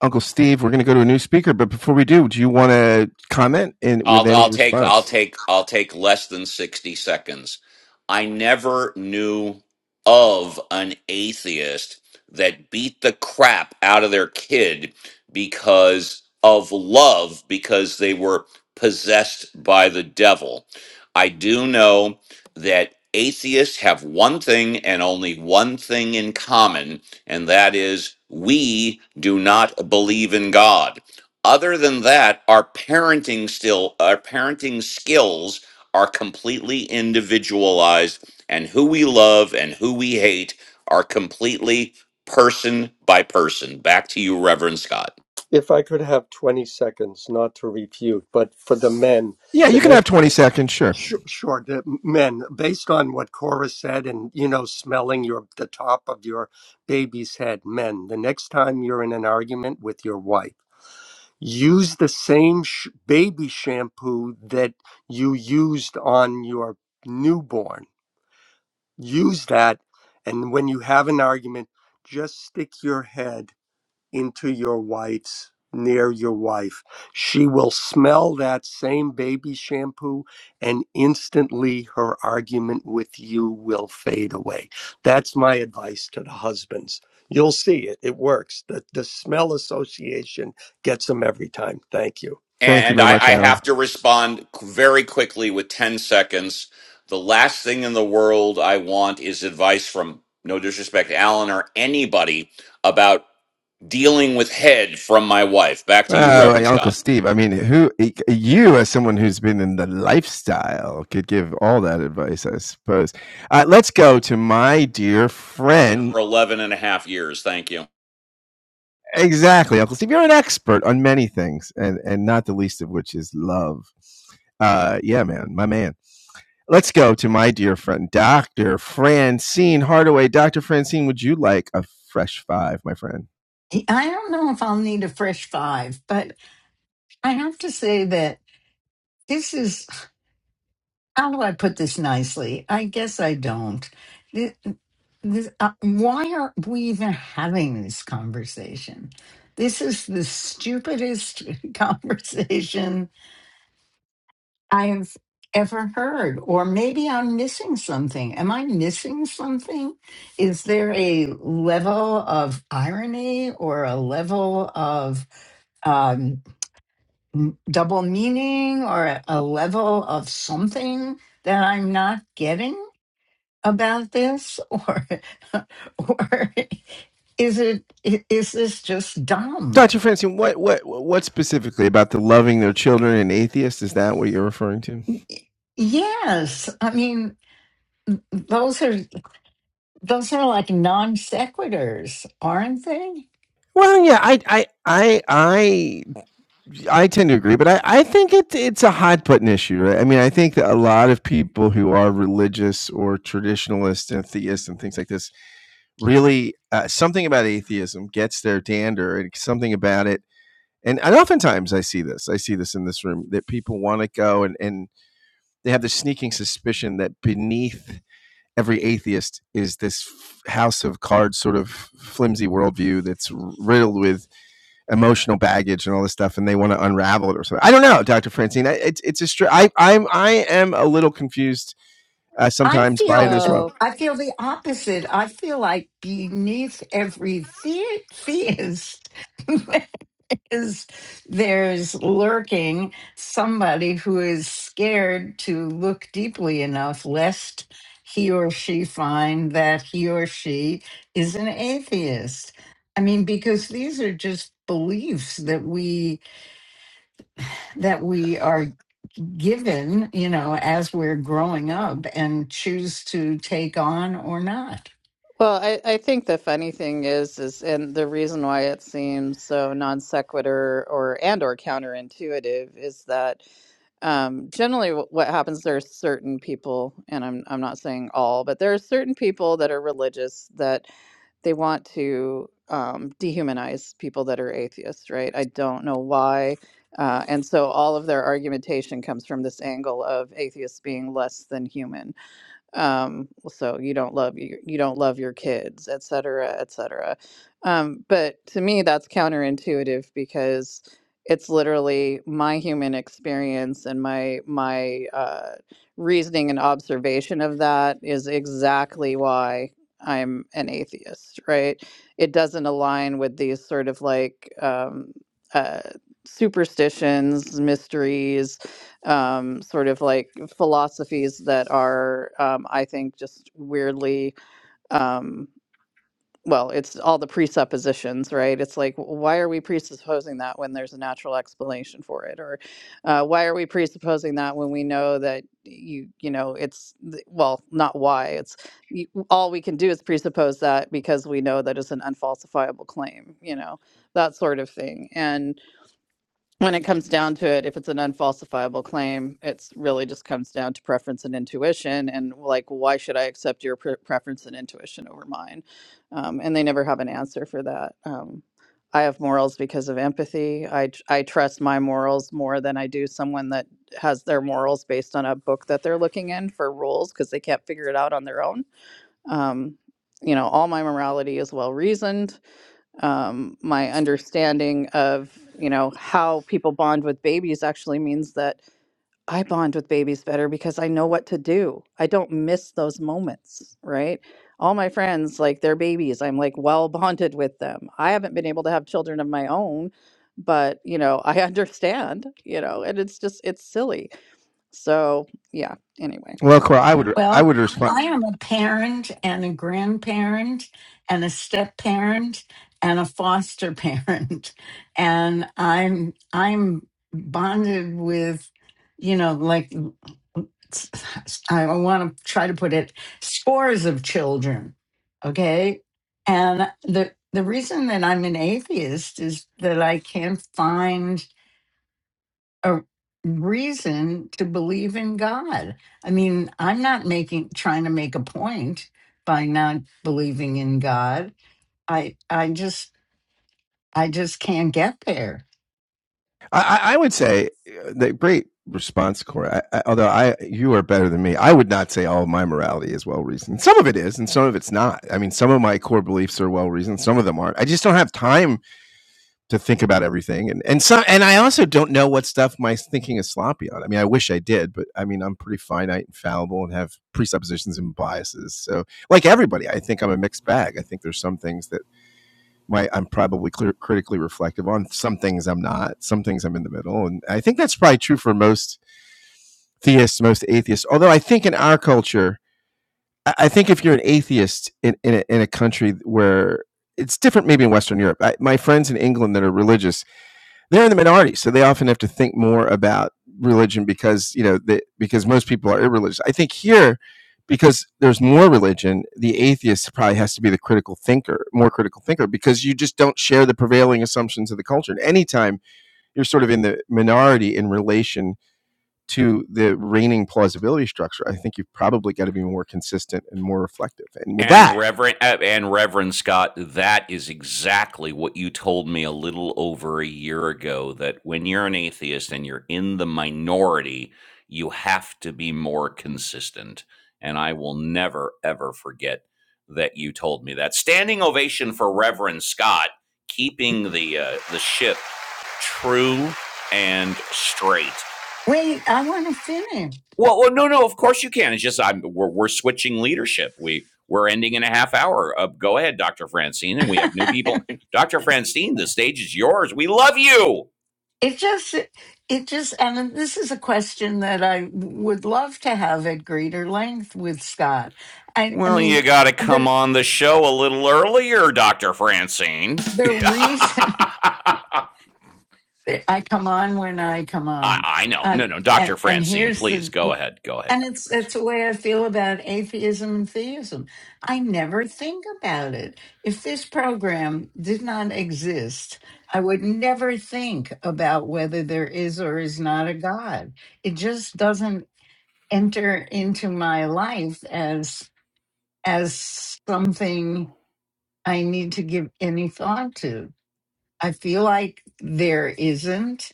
[SPEAKER 4] Uncle Steve. We're going to go to a new speaker, but before we do, do you want to comment in with
[SPEAKER 1] I'll
[SPEAKER 4] any
[SPEAKER 1] I'll take I'll
[SPEAKER 4] response?
[SPEAKER 1] take I'll take less than 60 seconds. I never knew of an atheist that beat the crap out of their kid because of love because they were possessed by the devil. I do know that atheists have one thing and only one thing in common and that is we do not believe in God other than that, our parenting still, our parenting skills are completely individualized, and who we love and who we hate are completely person by person. Back to you, Reverend Scott.
[SPEAKER 15] If I could have 20 seconds, not to refute, but for the men,
[SPEAKER 4] Yeah,
[SPEAKER 15] the
[SPEAKER 4] you can have
[SPEAKER 15] next.
[SPEAKER 4] twenty seconds. Sure.
[SPEAKER 15] Sure, sure, the men, based on what Cora said and, you know, smelling your the top of your baby's head, men, the next time you're in an argument with your wife, use the same sh- baby shampoo that you used on your newborn use that and when you have an argument just stick your head into your wife's near your wife she will smell that same baby shampoo and instantly her argument with you will fade away that's my advice to the husbands you'll see it it works the, the smell association gets them every time thank you
[SPEAKER 4] Thank you
[SPEAKER 1] And
[SPEAKER 4] very
[SPEAKER 1] I,
[SPEAKER 4] much,
[SPEAKER 1] I
[SPEAKER 4] Alan.
[SPEAKER 1] have to respond qu- very quickly with 10 seconds. The last thing in the world I want is advice from, no disrespect, Alan or anybody about dealing with head from my wife. Back to you,
[SPEAKER 4] Well, like
[SPEAKER 1] Reverend Scott.
[SPEAKER 4] Uncle Steve. I mean, who you as someone who's been in the lifestyle could give all that advice, I suppose. Uh, let's go to my dear friend.
[SPEAKER 1] for 11 and a half years. Thank you.
[SPEAKER 4] Exactly, Uncle Steve. You're an expert on many things, and and not the least of which is love. Uh, yeah, man, my man. Let's go to my dear friend, Dr. Francine Hardaway. Dr. Francine, would you like a fresh five, my friend?
[SPEAKER 17] I don't know if I'll need a fresh five, but I have to say that this is how do I put this nicely? I guess I don't. Th- This, uh, why are we even having this conversation? This is the stupidest [laughs] conversation I have ever heard. Or maybe I'm missing something. Am I missing something? Is there a level of irony or a level of? um? m- double meaning or a a level of something that I'm not getting about this [laughs] or or is it i- is this just dumb
[SPEAKER 4] Dr. Francine, what, what, what specifically about the loving their children and atheists? Is that what you're referring to?
[SPEAKER 17] yes i mean those are those are like non sequiturs aren't they
[SPEAKER 4] Well, yeah, I, I, I, I. I tend to agree, but I, I think it, it's a hot button issue. Right? I mean, I think that a lot of people who are religious or traditionalist and theists and things like this really uh, something about atheism gets their dander and something about it. And, and oftentimes I see this, I see this in this room that people want to go and, and they have this sneaking suspicion that beneath every atheist is this f- house of cards sort of flimsy worldview that's riddled with emotional baggage and all this stuff, and they want to unravel it or something. I don't know, Doctor Francine. It's it's a str- I I'm I am a little confused uh,
[SPEAKER 17] i
[SPEAKER 4] sometimes by it
[SPEAKER 17] feel
[SPEAKER 4] as well.
[SPEAKER 16] Well,
[SPEAKER 17] i feel the opposite i feel like beneath every the- theist [laughs] is there's lurking somebody who is scared to look deeply enough lest he or she find that he or she is an atheist i mean because these are just beliefs that we that we are given you know as we're growing up and choose to take on or not
[SPEAKER 16] Well, I, I think the funny thing is, is and the reason why it seems so non sequitur or and or counterintuitive is that um, generally wh- what happens there are certain people, and I'm I'm not saying all, but there are certain people that are religious that they want to um, dehumanize people that are atheists, right? I don't know why, uh, and so all of their argumentation comes from this angle of atheists being less than human um well, so you don't love you. you don't love your kids et cetera et cetera um but to me that's counterintuitive because it's literally my human experience and my my uh reasoning and observation of that is exactly why i'm an atheist right it doesn't align with these sort of like um uh superstitions mysteries um, sort of like philosophies that are, um, I think, just weirdly. Um, well, it's all the presuppositions, right? It's like, w- why are we presupposing that when there's a natural explanation for it, or uh, why are we presupposing that when we know that you, you know, it's th- well, not why. It's y- all we can do is presuppose that because we know that it's an unfalsifiable claim, you know, that sort of thing. and when it comes down to it, if it's an unfalsifiable claim, it's really just comes down to preference and intuition. And like, why should I accept your pre- preference and intuition over mine? Um, and they never have an answer for that. Um, I have morals because of empathy. I, tr- I trust my morals more than I do someone that has their morals based on a book that they're looking in for rules because they can't figure it out on their own. Um, you know, all my morality is well reasoned um, my understanding of you know how people bond with babies actually means that i bond with babies better because i know what to do i don't miss those moments right all my friends like their babies i'm like well bonded with them i haven't been able to have children of my own but you know i [laughs] understand you know and it's just it's silly so yeah anyway
[SPEAKER 4] Well, Cora, I would I
[SPEAKER 17] Well,
[SPEAKER 4] would
[SPEAKER 17] I
[SPEAKER 4] respond.
[SPEAKER 17] am a parent and a grandparent and a step parent and a foster parent. [laughs] And I'm I'm bonded with, you know, like I want to try to put it scores of children. Okay. And the the reason that I'm an atheist is that I can't find a reason to believe in God. I mean, I'm not making trying to make a point by not believing in God. I I just I just can't get there.
[SPEAKER 4] I, I I would say uh, that great response, Cora. I, I, although I you are better than me, I would not say all of my morality is well reasoned. Some of it is, and some of it's not. I mean, some of my core beliefs are well reasoned. Some of them aren't. I just don't have time to think about everything and and so and I also don't know what stuff my thinking is sloppy on. I mean, I wish I did, but I mean, I'm pretty finite and fallible and have presuppositions and biases. So, like everybody, I think I'm a mixed bag. I think there's some things that my I'm probably clear, critically reflective on. Some things I'm not. Some things I'm in the middle, and I think that's probably true for most theists, most atheists. Although I think in our culture, I I think if you're an atheist in in a, in a country where it's different, maybe in Western Europe. I, my friends in England that are religious they're in the minority, so they often have to think more about religion because you know the, because most people are irreligious. I think here, because there's more religion, the atheist probably has to be the critical thinker, more critical thinker, because you just don't share the prevailing assumptions of the culture. And anytime you're sort of in the minority in relation to the reigning plausibility structure, I think you've probably got to be more consistent and more reflective. And with that,
[SPEAKER 1] And Reverend uh, and Reverend Scott, that is exactly what you told me a little over a year ago that when you're an atheist and you're in the minority, you have to be more consistent. And I will never ever forget that you told me that. Standing ovation for Reverend Scott keeping the uh, the ship true and straight.
[SPEAKER 17] Wait, I want to finish.
[SPEAKER 1] Well, well, no, no. Of course you can. It's just I'm we're, we're switching leadership. We we're ending in a half hour. Uh, go ahead, Doctor Francine, and we have new
[SPEAKER 17] [laughs]
[SPEAKER 1] people. Doctor Francine, the stage is yours. We love you.
[SPEAKER 17] It just it just and this is a question that I would love to have at greater length with Scott. I I
[SPEAKER 1] Well, you
[SPEAKER 17] mean
[SPEAKER 1] got to come
[SPEAKER 17] the
[SPEAKER 1] on the show a little earlier, Doctor Francine. [laughs]
[SPEAKER 17] the reason
[SPEAKER 1] I,
[SPEAKER 17] [laughs] I come on when I come on.
[SPEAKER 1] I know. No,
[SPEAKER 17] Um,
[SPEAKER 1] no,
[SPEAKER 17] and
[SPEAKER 1] Doctor
[SPEAKER 17] and
[SPEAKER 1] Francine,
[SPEAKER 17] here's
[SPEAKER 1] please
[SPEAKER 17] the
[SPEAKER 1] go ahead. Go ahead,
[SPEAKER 17] And
[SPEAKER 1] Doctor
[SPEAKER 17] it's
[SPEAKER 1] Francine.
[SPEAKER 17] that's the way I feel about atheism and theism. I never think about it. If this program did not exist, I would never think about whether there is or is not a God. It just doesn't enter into my life as as something I need to give any thought to. I feel like there isn't.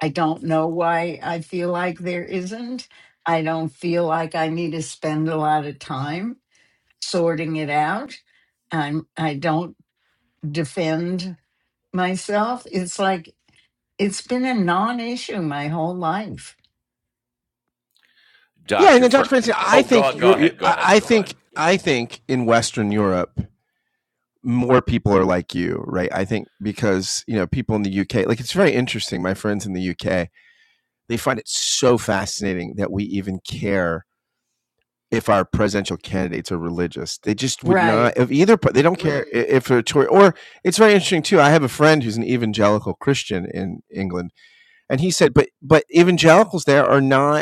[SPEAKER 17] I don't know why I feel like there isn't. I don't feel like I need to spend a lot of time sorting it out. I'm I don't defend myself. It's like it's been a non-issue my whole life.
[SPEAKER 4] yeah. And
[SPEAKER 1] Doctor
[SPEAKER 4] then,
[SPEAKER 1] Fran.
[SPEAKER 4] Dr. Francis, I
[SPEAKER 1] Oh,
[SPEAKER 4] think
[SPEAKER 1] go go
[SPEAKER 4] you're. You,
[SPEAKER 1] ahead. Go
[SPEAKER 4] I
[SPEAKER 1] ahead.
[SPEAKER 4] I
[SPEAKER 1] Go ahead.
[SPEAKER 4] think I think in Western Europe more people are like you, right? I think because, you know, people in the UK, like it's very interesting. My friends in the UK, they find it so fascinating that we even care if our presidential candidates are religious. They just would not,
[SPEAKER 17] Right.
[SPEAKER 4] if either, they don't care i- if a Tory, or it's very interesting too. I have a friend who's an evangelical Christian in England, and he said, but, but evangelicals there are not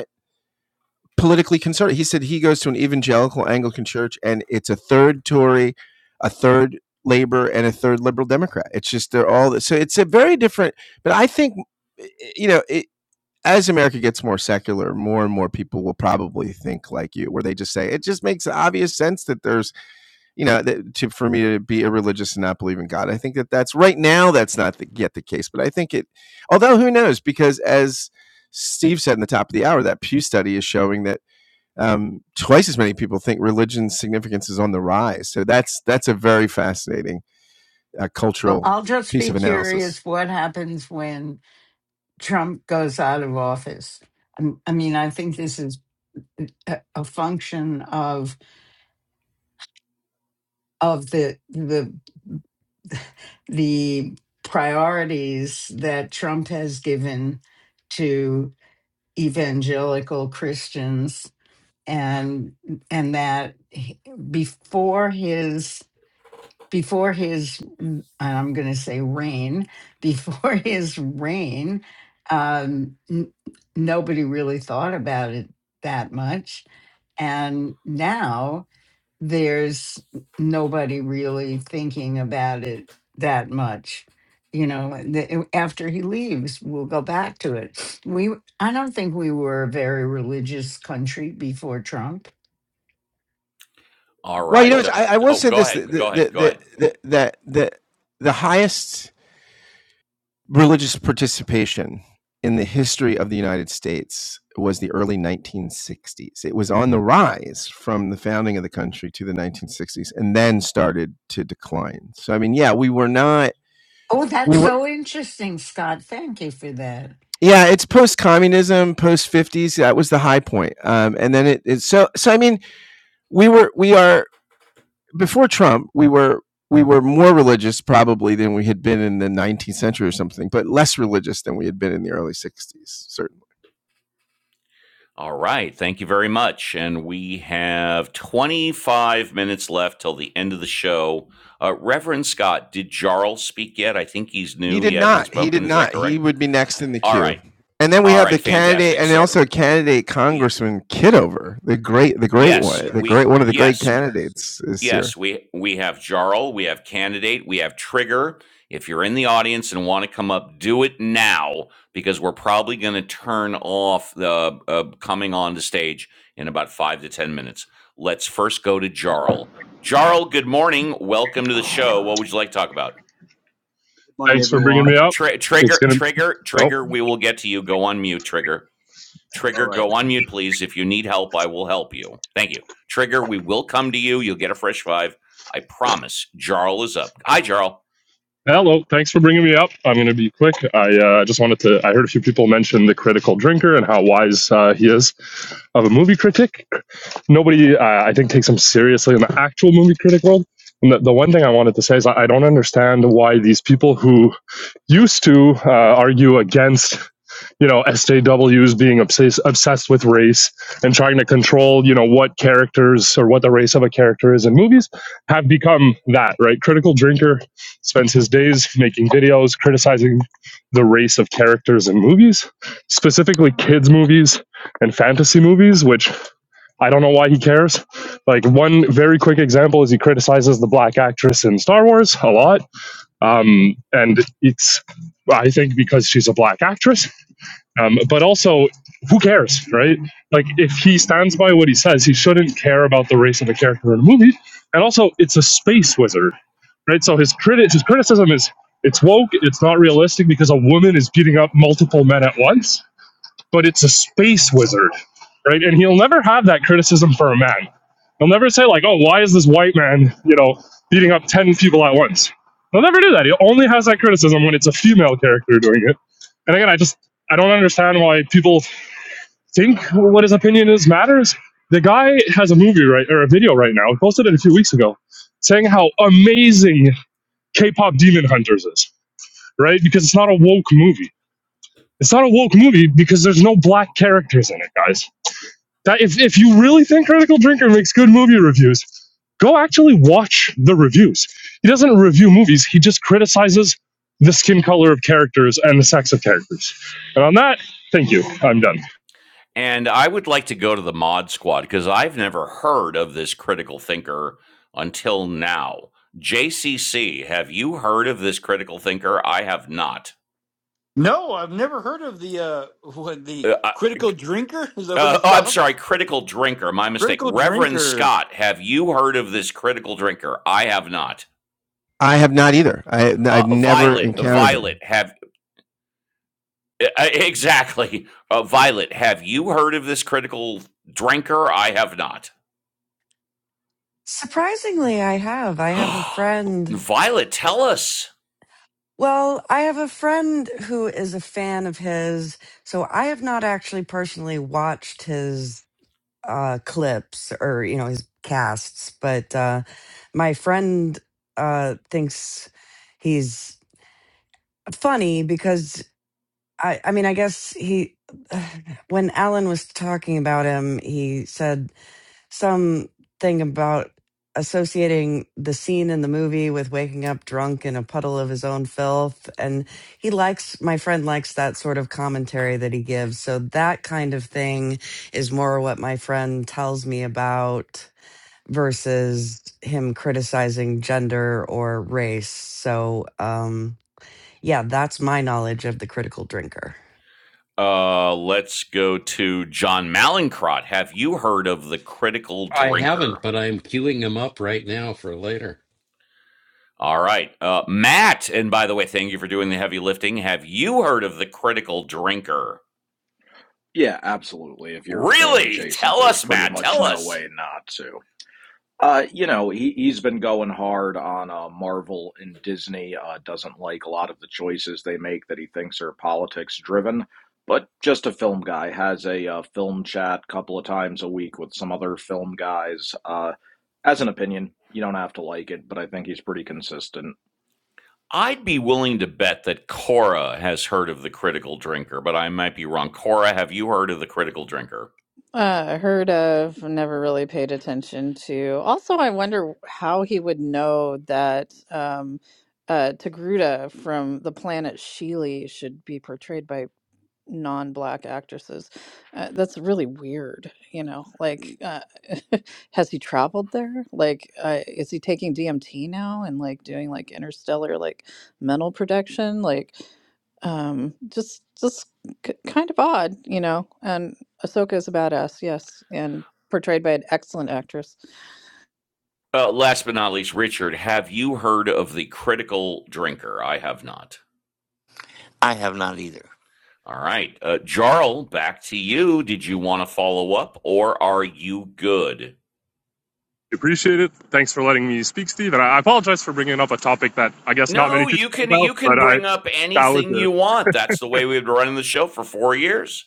[SPEAKER 4] politically conservative. He said he goes to an evangelical Anglican church and it's a third Tory, a third Labor, and a third Liberal Democrat. It's just they're all so it's a very different. But I think eh, eh, you know it, as America gets more secular, more and more people will probably think like you, where they just say it just makes obvious sense that there's you know that to, for me to be irreligious and not believe in God. I think that that's right now that's not the, yet the case, but I think it. Although who knows? Because as Steve said in the top of the hour, that Pew study is showing that um, twice as many people think religion's significance is on the rise. So that's that's a very fascinating uh,
[SPEAKER 17] Well,
[SPEAKER 4] cultural
[SPEAKER 17] I'll just
[SPEAKER 4] piece
[SPEAKER 17] be
[SPEAKER 4] of analysis.
[SPEAKER 17] curious what happens when Trump goes out of office. I I mean, I think this is a a function of of the the the priorities that Trump has given to evangelical Christians and and that he- before his before his mm, I'm going to say reign before [laughs] his reign um, n- nobody really thought about it that much and now there's nobody really thinking about it that much you know the- after he leaves we'll go back to it we i don't think we were a very religious country before trump
[SPEAKER 1] All
[SPEAKER 4] Well, you know,
[SPEAKER 1] right. uh,
[SPEAKER 4] I, I will
[SPEAKER 1] oh,
[SPEAKER 4] say
[SPEAKER 1] go
[SPEAKER 4] this: that
[SPEAKER 1] ahead.
[SPEAKER 4] the
[SPEAKER 1] Go ahead. Go ahead.
[SPEAKER 4] the the the the the highest religious participation in the history of the United States was the early 1960s. It was on the rise from the founding of the country to the 1960s and then started to decline. So, I mean, yeah, we were not,
[SPEAKER 17] oh that's
[SPEAKER 4] we were,
[SPEAKER 17] so interesting scott thank you for that
[SPEAKER 4] yeah, it's post communism, post 50s. That was the high point. Um, and then it, it, so, so, I mean, we were, we are, before Trump, we were, we were more religious probably than we had been in the 19th century or something, but less religious than we had been in the early 60s, certainly.
[SPEAKER 1] All right. Thank you very much. And we have 25 minutes left till the end of the show. Uh, Reverend Scott, did Jarl speak yet? I think he's
[SPEAKER 4] He
[SPEAKER 1] new. He
[SPEAKER 4] did
[SPEAKER 1] hasn't
[SPEAKER 4] not. He did
[SPEAKER 1] spoken. Is that
[SPEAKER 4] not. He
[SPEAKER 1] correct?
[SPEAKER 4] would be next in the
[SPEAKER 1] All
[SPEAKER 4] queue.
[SPEAKER 1] right.
[SPEAKER 4] And then we
[SPEAKER 1] All
[SPEAKER 4] have the
[SPEAKER 1] right.
[SPEAKER 4] candidate,
[SPEAKER 1] Fantastic.
[SPEAKER 4] and
[SPEAKER 1] So,
[SPEAKER 4] also candidate
[SPEAKER 1] y-
[SPEAKER 4] Congressman Kidover, the great, the great
[SPEAKER 1] yes,
[SPEAKER 4] one, the
[SPEAKER 1] we.
[SPEAKER 4] great one of the great
[SPEAKER 1] Yes,
[SPEAKER 4] candidates is here.
[SPEAKER 1] Yes, we we have Jarl, we have candidate, we have trigger. If you're in the audience and want to come up, do it now because we're probably going to turn off the uh, coming on to stage in about five to ten minutes. Let's first go to Jarl. Jarl, good morning. Welcome to the show. What would you like to talk about?
[SPEAKER 18] Morning,
[SPEAKER 19] Thanks for bringing
[SPEAKER 18] everyone.
[SPEAKER 19] me up.
[SPEAKER 1] Tri-
[SPEAKER 19] It's
[SPEAKER 1] trigger,
[SPEAKER 19] gonna.
[SPEAKER 1] trigger,
[SPEAKER 19] Oh,
[SPEAKER 1] trigger. We will get to you. Go on mute, trigger.
[SPEAKER 18] All
[SPEAKER 1] Trigger,
[SPEAKER 18] right.
[SPEAKER 1] go on mute, please. If you need help, I will help you. Thank you. Trigger, we will come to you. You'll get a fresh five. I promise. Jarl is up. Hi, Jarl.
[SPEAKER 19] hello. Thanks for bringing me up. I'm gonna be quick. I uh, just wanted to. I heard a few people mention the critical drinker and how wise uh, he is of a movie critic. Nobody, uh, I think, takes him seriously in the actual movie critic world. And the, the one thing I wanted to say is I I don't understand why these people who used to uh, argue against you know SJWs being obsessed obsessed with race and trying to control you know what characters or what the race of a character is in movies have become that right critical drinker spends his days making videos criticizing the race of characters in movies specifically kids movies and fantasy movies which I don't know why he cares. Like one very quick example is he criticizes the black actress in Star Wars a lot um, and it's I think because she's a black actress, um, but also who cares, right? Like if he stands by what he says, he shouldn't care about the race of the character in the movie. And also, it's a space wizard, right? So his criti- his criticism is it's woke, it's not realistic because a woman is beating up multiple men at once but it's a space wizard, right? And he'll never have that criticism for a man. He'll never say like, "Oh, why is this white man, you know, beating up ten people at once?" He'll never do that. He only has that criticism when it's a female character doing it. And again, I just I don't understand why people think what his opinion is matters. The guy has a movie right or a video right now. He posted it a few weeks ago, saying how amazing K-pop Demon Hunters is, right? Because it's not a woke movie. It's not a woke movie because there's no black characters in it, guys that if if you really think Critical Drinker makes good movie reviews, go actually watch the reviews. He doesn't review movies; he just criticizes the skin color of characters and the sex of characters. And on that, thank you. I'm done.
[SPEAKER 1] And I would like to go to the mod squad because I've never heard of this critical thinker until now. JCC, have you heard of this critical thinker? I have not.
[SPEAKER 2] No, I've never heard of the uh [laughs] what the
[SPEAKER 1] Uh, I-
[SPEAKER 2] critical drinker? [laughs] Is that what
[SPEAKER 1] uh,
[SPEAKER 2] it's
[SPEAKER 1] oh, I'm
[SPEAKER 2] called?
[SPEAKER 1] sorry, critical drinker. My mistake.
[SPEAKER 2] Critical
[SPEAKER 1] Reverend
[SPEAKER 2] drinker.
[SPEAKER 1] Scott, have you heard of this critical drinker? I have not.
[SPEAKER 4] I have not either. I, I've
[SPEAKER 1] Uh,
[SPEAKER 4] never
[SPEAKER 1] Violet,
[SPEAKER 4] encountered
[SPEAKER 1] Violet,
[SPEAKER 4] him.
[SPEAKER 1] have E- e- Exactly. Uh, Violet, have you heard of this critical drinker? I have not.
[SPEAKER 5] Surprisingly, I have. I have a
[SPEAKER 1] [gasps]
[SPEAKER 5] friend
[SPEAKER 1] Violet, tell us.
[SPEAKER 5] Well, I have a friend who is a fan of his, so I have not actually personally watched his uh clips or you know his casts, but uh my friend uh thinks he's funny because I I mean I guess he [sighs] when Alan was talking about him, he said some thing about associating the scene in the movie with waking up drunk in a puddle of his own filth and he likes my friend likes that sort of commentary that he gives so that kind of thing is more what my friend tells me about versus him criticizing gender or race so um yeah that's my knowledge of the critical drinker
[SPEAKER 1] Uh, let's go to John Malincrot. Have you heard of the critical
[SPEAKER 9] I haven't,
[SPEAKER 1] drinker?
[SPEAKER 9] but I'm queuing him up right now for later.
[SPEAKER 1] All right. Uh, Matt, and by the way, thank you for doing the heavy lifting. Have you heard of the critical drinker?
[SPEAKER 20] Yeah, absolutely. If you're film
[SPEAKER 1] Really?
[SPEAKER 20] adjacent,
[SPEAKER 1] Tell
[SPEAKER 20] there's
[SPEAKER 1] us,
[SPEAKER 20] pretty
[SPEAKER 1] Matt.
[SPEAKER 20] much
[SPEAKER 1] Tell
[SPEAKER 20] no
[SPEAKER 1] us.
[SPEAKER 20] way not to. Uh, you know, he he's been going hard on uh, Marvel and Disney. Uh, doesn't like a lot of the choices they make that he thinks are politics driven. But just a film guy has a uh, film chat a couple of times a week with some other film guys. Uh, as an opinion, you don't have to like it, but I think he's pretty consistent.
[SPEAKER 1] I'd be willing to bet that Cora has heard of the critical drinker, but I might be wrong. Cora, have you heard of the critical drinker?
[SPEAKER 16] Uh, heard of, never really paid attention to. Also, I wonder how he would know that um, uh, Togruta from the planet Sheely should be portrayed by non-black actresses. Uh, that's really weird, you know. Like, uh, [laughs] has he traveled there? Like, uh, is he taking DMT now and like doing like interstellar like mental protection? Like, um, just just k- kind of odd, you know. And Ahsoka is a badass, yes, and portrayed by an excellent actress.
[SPEAKER 1] Uh, last but not least, Richard, have you heard of the critical drinker? I have not.
[SPEAKER 3] I have not either.
[SPEAKER 1] All right. Uh, Jarl, back to you. Did you want to follow up or are you good?
[SPEAKER 19] Appreciate it. Thanks for letting me speak, Steve. And I apologize for bringing up a topic that I guess not many
[SPEAKER 1] No,
[SPEAKER 19] people
[SPEAKER 1] you
[SPEAKER 19] know
[SPEAKER 1] can
[SPEAKER 19] about,
[SPEAKER 1] you
[SPEAKER 19] but
[SPEAKER 1] can
[SPEAKER 19] I
[SPEAKER 1] bring up
[SPEAKER 19] that was
[SPEAKER 1] anything
[SPEAKER 19] it.
[SPEAKER 1] you want. That's the way we've been running the show for four years.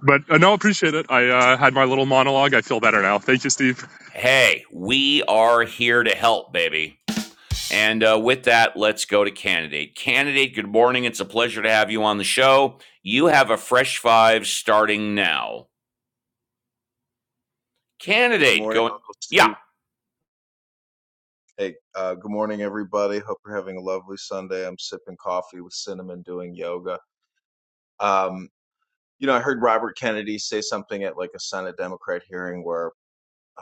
[SPEAKER 19] But uh, no, appreciate it. I uh, had my little monologue. I feel better now. Thank you, Steve.
[SPEAKER 1] Hey, we are here to help, baby. And uh, with that, let's go to candidate. Candidate, good morning. It's a pleasure to have you on the show. You have a fresh five starting now.
[SPEAKER 21] Hey, Good
[SPEAKER 1] Candidate,
[SPEAKER 21] morning,
[SPEAKER 1] going.
[SPEAKER 21] Uncle
[SPEAKER 1] Yeah,
[SPEAKER 21] Steve. Hey, uh, good morning, everybody. Hope you're having a lovely Sunday. I'm sipping coffee with cinnamon, doing yoga. Um, you know, I heard Robert Kennedy say something at like a Senate Democrat hearing where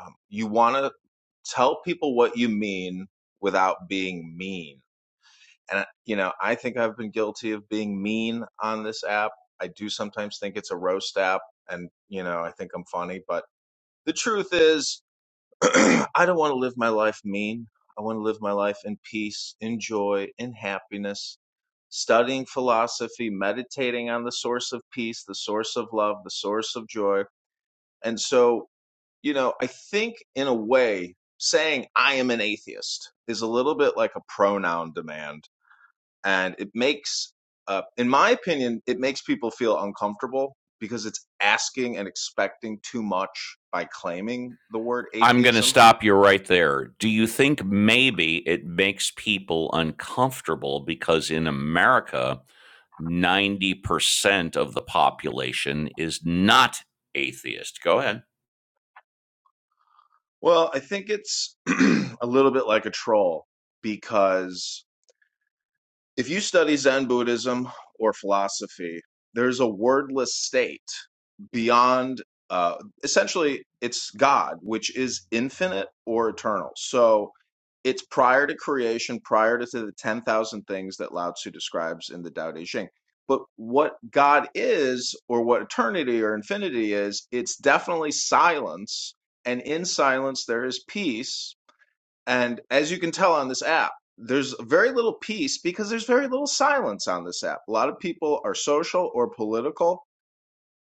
[SPEAKER 21] um, you want to tell people what you mean without being mean. And, you know, I think I've been guilty of being mean on this app. I do sometimes think it's a roast app, and, you know, I think I'm funny, but the truth is, [clears throat] I don't want to live my life mean. I want to live my life in peace, in joy, in happiness, studying philosophy, meditating on the source of peace, the source of love, the source of joy. And so, you know, I think in a way, saying I am an atheist is a little bit like a pronoun demand. And it makes, uh, in my opinion, it makes people feel uncomfortable because it's asking and expecting too much by claiming the word
[SPEAKER 1] I'm going to
[SPEAKER 21] atheism
[SPEAKER 1] stop you right there. Do you think maybe it makes people uncomfortable because in America, 90% of the population is not atheist? Go ahead.
[SPEAKER 21] Well, I think it's [clears throat] a little bit like a troll because if you study Zen Buddhism or philosophy, there's a wordless state beyond, uh, essentially, it's God, which is infinite or eternal. So it's prior to creation, prior to the 10,000 things that Lao Tzu describes in the Tao Te Ching. But what God is, or what eternity or infinity is, it's definitely silence. And in silence, there is peace and as you can tell on this app, there's very little peace because there's very little silence on this app. A lot of people are social or political.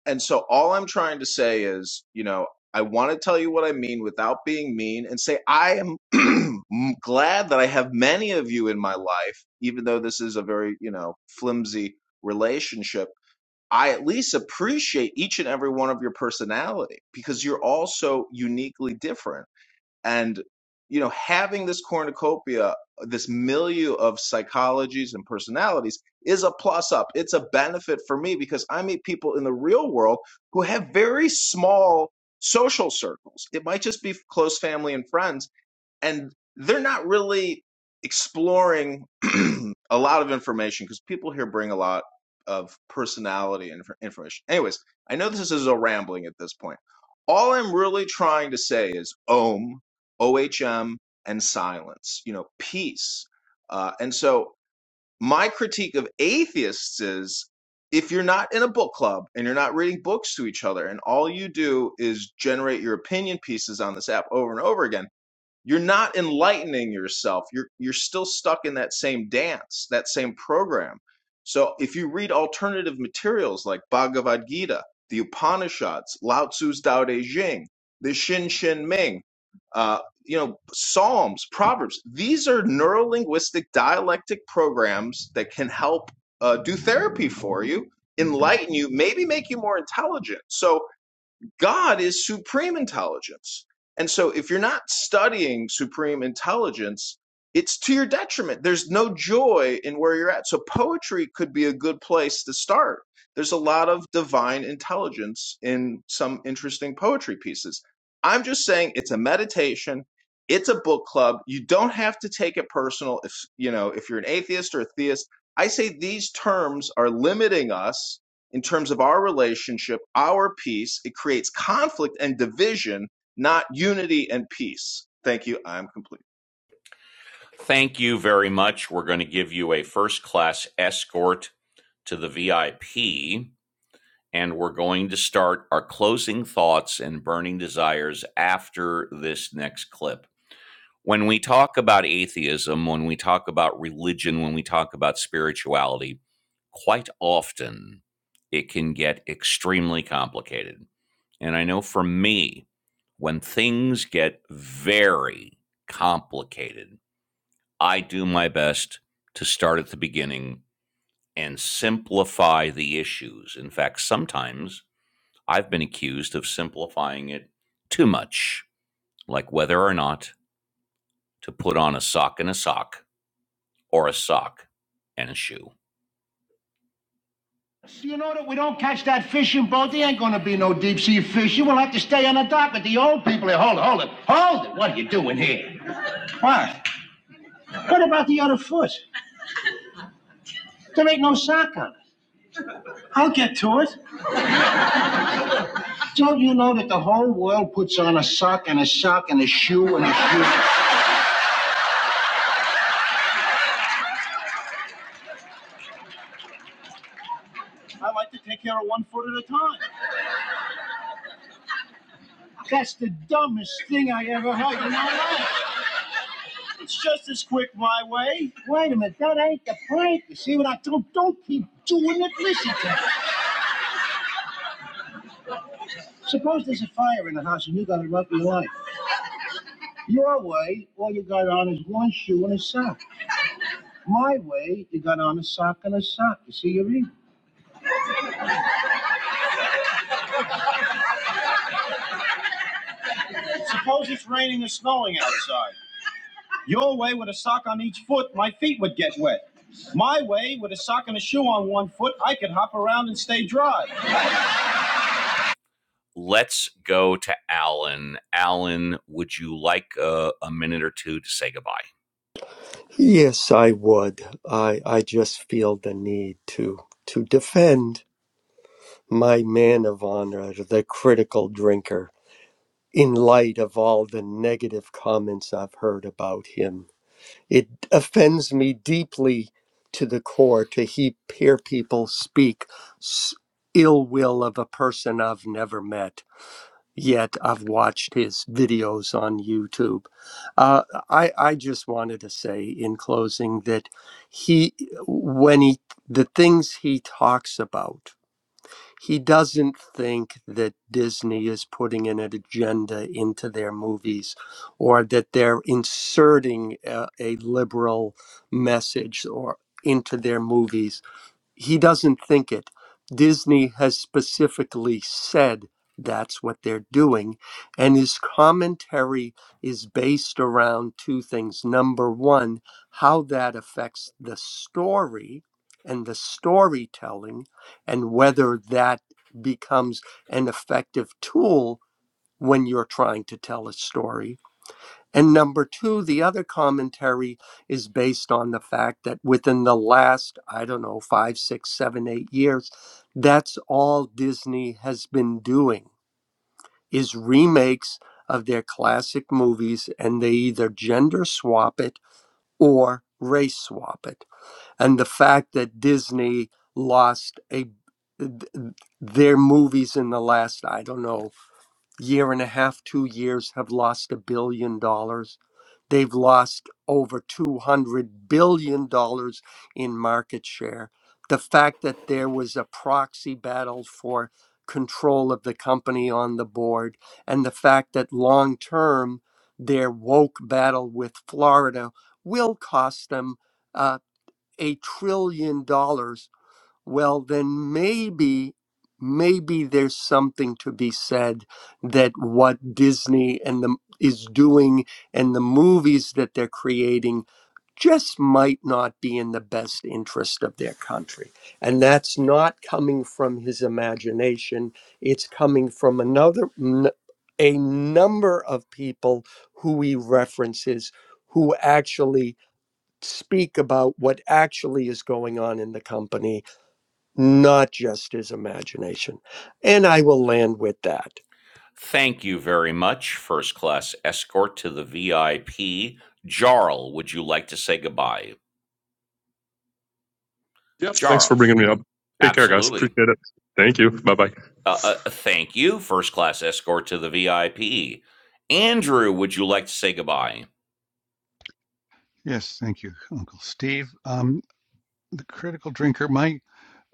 [SPEAKER 21] And so all I'm trying to say is, you know, I want to tell you what I mean without being mean and say, I am [clears throat] glad that I have many of you in my life, even though this is a very, you know, flimsy relationship. I at least appreciate each and every one of your personality because you're all so uniquely different and you know having this cornucopia this milieu of psychologies and personalities is a plus up it's a benefit for me because i meet people in the real world who have very small social circles it might just be close family and friends and they're not really exploring [clears throat] a lot of information because people here bring a lot of personality and information. Anyways, I know this is a rambling at this point. All I'm really trying to say is Om, OHM, and silence, you know, peace. Uh, and so my critique of atheists is if you're not in a book club and you're not reading books to each other and all you do is generate your opinion pieces on this app over and over again you're not enlightening yourself you're you're still stuck in that same dance that same program so if you read alternative materials like bhagavad gita the upanishads lao tzu's Tao Te Ching, the shin shin ming uh, you know psalms proverbs these are neurolinguistic dialectic programs that can help uh, do therapy for you enlighten you maybe make you more intelligent so God is supreme intelligence. And so if you're not studying supreme intelligence, it's to your detriment. There's no joy in where you're at. So poetry could be a good place to start. There's a lot of divine intelligence in some interesting poetry pieces. I'm just saying it's a meditation. It's a book club. You don't have to take it personal if, you know, if you're an atheist or a theist. I say these terms are limiting us in terms of our relationship, our peace. It creates conflict and division, not unity and peace. Thank you. I'm complete.
[SPEAKER 1] Thank you very much. We're going to give you a first class escort to the VIP, and we're going to start our closing thoughts and burning desires after this next clip. when we talk about atheism, when we talk about religion, when we talk about spirituality, quite often it can get extremely complicated. And I know for me, when things get very complicated, I do my best to start at the beginning and simplify the issues. In fact, sometimes I've been accused of simplifying it too much, like whether or not to put on a sock and a sock or a sock and a shoe. You know that we don't catch that fishing boat. There ain't gonna be no deep sea fish. You will have to stay on the dock with the old people here. Hold it, hold it, hold it. What are you doing here? What? What about the other foot? There ain't no sock on it. I'll get to it. I like to take care of one foot at a time. That's the dumbest thing I ever heard in my life. It's just as quick my way. Wait a minute, that ain't the point. You see what I do? Don't keep doing it. Listen to me. Suppose My way, with a sock and a shoe on one foot, I could hop around and stay dry. Let's go to Alan. Alan, would you like a, a minute or two to say goodbye?
[SPEAKER 15] yes i would i i just feel the need to to defend my man of honor, the critical drinker, in light of all the negative comments I've heard about him. It offends me deeply to the core to he- hear people speak s- ill will of a person I've never met. Yet I've watched his videos on YouTube. Uh, I I just wanted to say in closing that he when he the things he talks about he doesn't think that Disney is putting an agenda into their movies or that they're inserting a, a liberal message or into their movies he doesn't think it. Disney has specifically said that's what they're doing. And his commentary is based around two things. Number one, how that affects the story and the storytelling, and whether that becomes an effective tool when you're trying to tell a story and number two, the other commentary is based on the fact that within the last, I don't know, five, six, seven, eight years, that's all Disney has been doing is remakes of their classic movies, and they either gender swap it or race swap it. And the fact that Disney lost a their movies in the last, I don't know, year and a half, two years have lost a billion dollars They've lost over $200 billion dollars in market share. The fact that there was a proxy battle for control of the company on the board, and the fact that long term, their woke battle with Florida will cost them uh, a trillion dollars well, then maybe, maybe there's something to be said that what Disney and the is doing and the movies that they're creating just might not be in the best interest of their country. And that's not coming from his imagination. It's coming from another a number of people who he references who actually speak about what actually is going on in the company not just his imagination. And I will land with that.
[SPEAKER 1] Thank you very much, first class escort to the VIP. Jarl, would you like to say goodbye?
[SPEAKER 19] Yep. Thanks for
[SPEAKER 1] Jarl,
[SPEAKER 19] bringing me up. Take care, guys.
[SPEAKER 1] absolutely.
[SPEAKER 19] Appreciate it. Thank you. Bye bye.
[SPEAKER 1] Uh, uh, thank you, first class escort to the VIP. Andrew, would you like to say goodbye?
[SPEAKER 14] Yes, thank you, Uncle Steve. Um, the critical drinker. My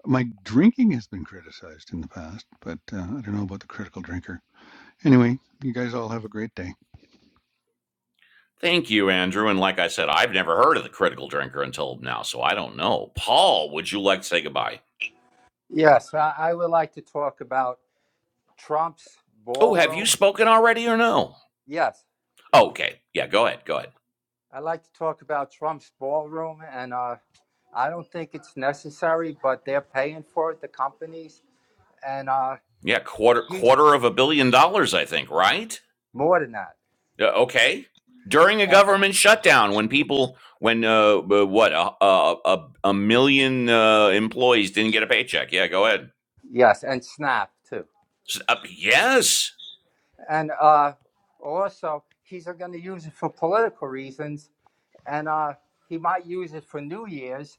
[SPEAKER 14] my drinking has been criticized in the past, but uh, I don't know about the critical drinker. Anyway, you guys all have a great day.
[SPEAKER 1] Thank you, Andrew. And like I said, I've never heard of the critical drinker until now, so I don't know. Paul, would you like to say goodbye?
[SPEAKER 7] Yes, I, I would like to talk about Trump's
[SPEAKER 1] Oh, have you
[SPEAKER 7] ballroom.
[SPEAKER 1] spoken already or no?
[SPEAKER 7] Yes,
[SPEAKER 1] Oh, okay. Yeah, go ahead. Go ahead.
[SPEAKER 7] I'd like to talk about Trump's ballroom, and uh, I don't think it's necessary, but they're paying for it, the companies, and uh,
[SPEAKER 1] Yeah, quarter
[SPEAKER 7] he's
[SPEAKER 1] quarter of a billion dollars, I think, right?
[SPEAKER 7] more than that.
[SPEAKER 1] Uh, okay. During a
[SPEAKER 7] And-
[SPEAKER 1] government shutdown, when people, when uh, uh, what a a, a, a million uh, employees didn't get a paycheck. Yeah, go ahead.
[SPEAKER 7] yes, and Snap too.
[SPEAKER 1] S- Uh, yes,
[SPEAKER 7] And uh, also, he's going to use it for political reasons, and uh, he might use it for New Year's,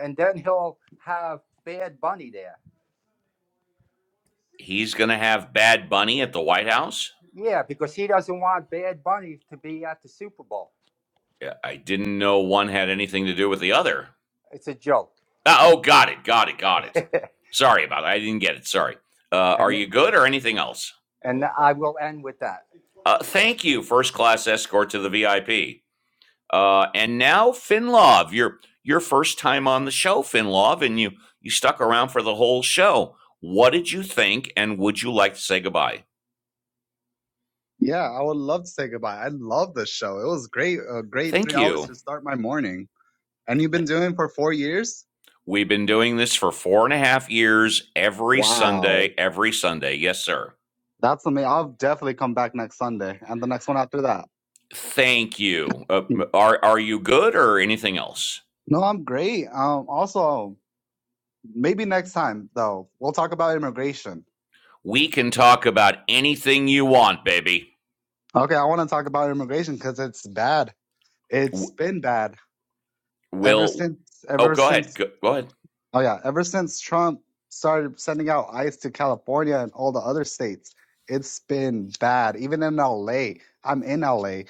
[SPEAKER 7] and then he'll have Bad Bunny there.
[SPEAKER 1] he's gonna have Bad Bunny at the White House.
[SPEAKER 7] Yeah, because he doesn't want Bad Bunny to be at the Super Bowl.
[SPEAKER 1] Yeah, I didn't know one had anything to do with the other.
[SPEAKER 7] It's a joke.
[SPEAKER 1] Uh, oh, got it, got it, got
[SPEAKER 7] [laughs]
[SPEAKER 1] it.
[SPEAKER 7] and,
[SPEAKER 1] Sorry about that. I didn't get it. Sorry. Uh, are you good or anything else?
[SPEAKER 7] and I will end with that.
[SPEAKER 1] Uh, thank you, first class escort to the VIP. Uh, and now, Finlov, your your first time on the show, Finlov, and you you stuck around for the whole show. What did you think, and would you like to say goodbye?
[SPEAKER 10] yeah, I would love to say goodbye. I love this show. It was great, a great
[SPEAKER 1] Thank
[SPEAKER 10] three hours
[SPEAKER 1] you.
[SPEAKER 10] to start my morning. And you've been doing it for four years.
[SPEAKER 1] We've been doing this for four and a half years, every
[SPEAKER 10] Wow,
[SPEAKER 1] Sunday, every Sunday. Yes, sir.
[SPEAKER 10] that's amazing. I'll definitely come back next Sunday and the next one after that.
[SPEAKER 1] Thank you. Uh,
[SPEAKER 10] Hmm.
[SPEAKER 1] are are you good or anything else?
[SPEAKER 10] No, I'm great. Um, also. Maybe next time, though, we'll talk about immigration.
[SPEAKER 1] We can talk about anything you want, baby.
[SPEAKER 10] Okay, I want to talk about immigration because it's bad. It's been bad ever
[SPEAKER 1] We'll.
[SPEAKER 10] since,
[SPEAKER 1] Oh,
[SPEAKER 10] ever
[SPEAKER 1] go ahead.
[SPEAKER 10] since,
[SPEAKER 1] Go, go ahead.
[SPEAKER 10] oh yeah, ever since Trump started sending out ICE to California and all the other states. It's been bad. Even in LA, I'm in LA,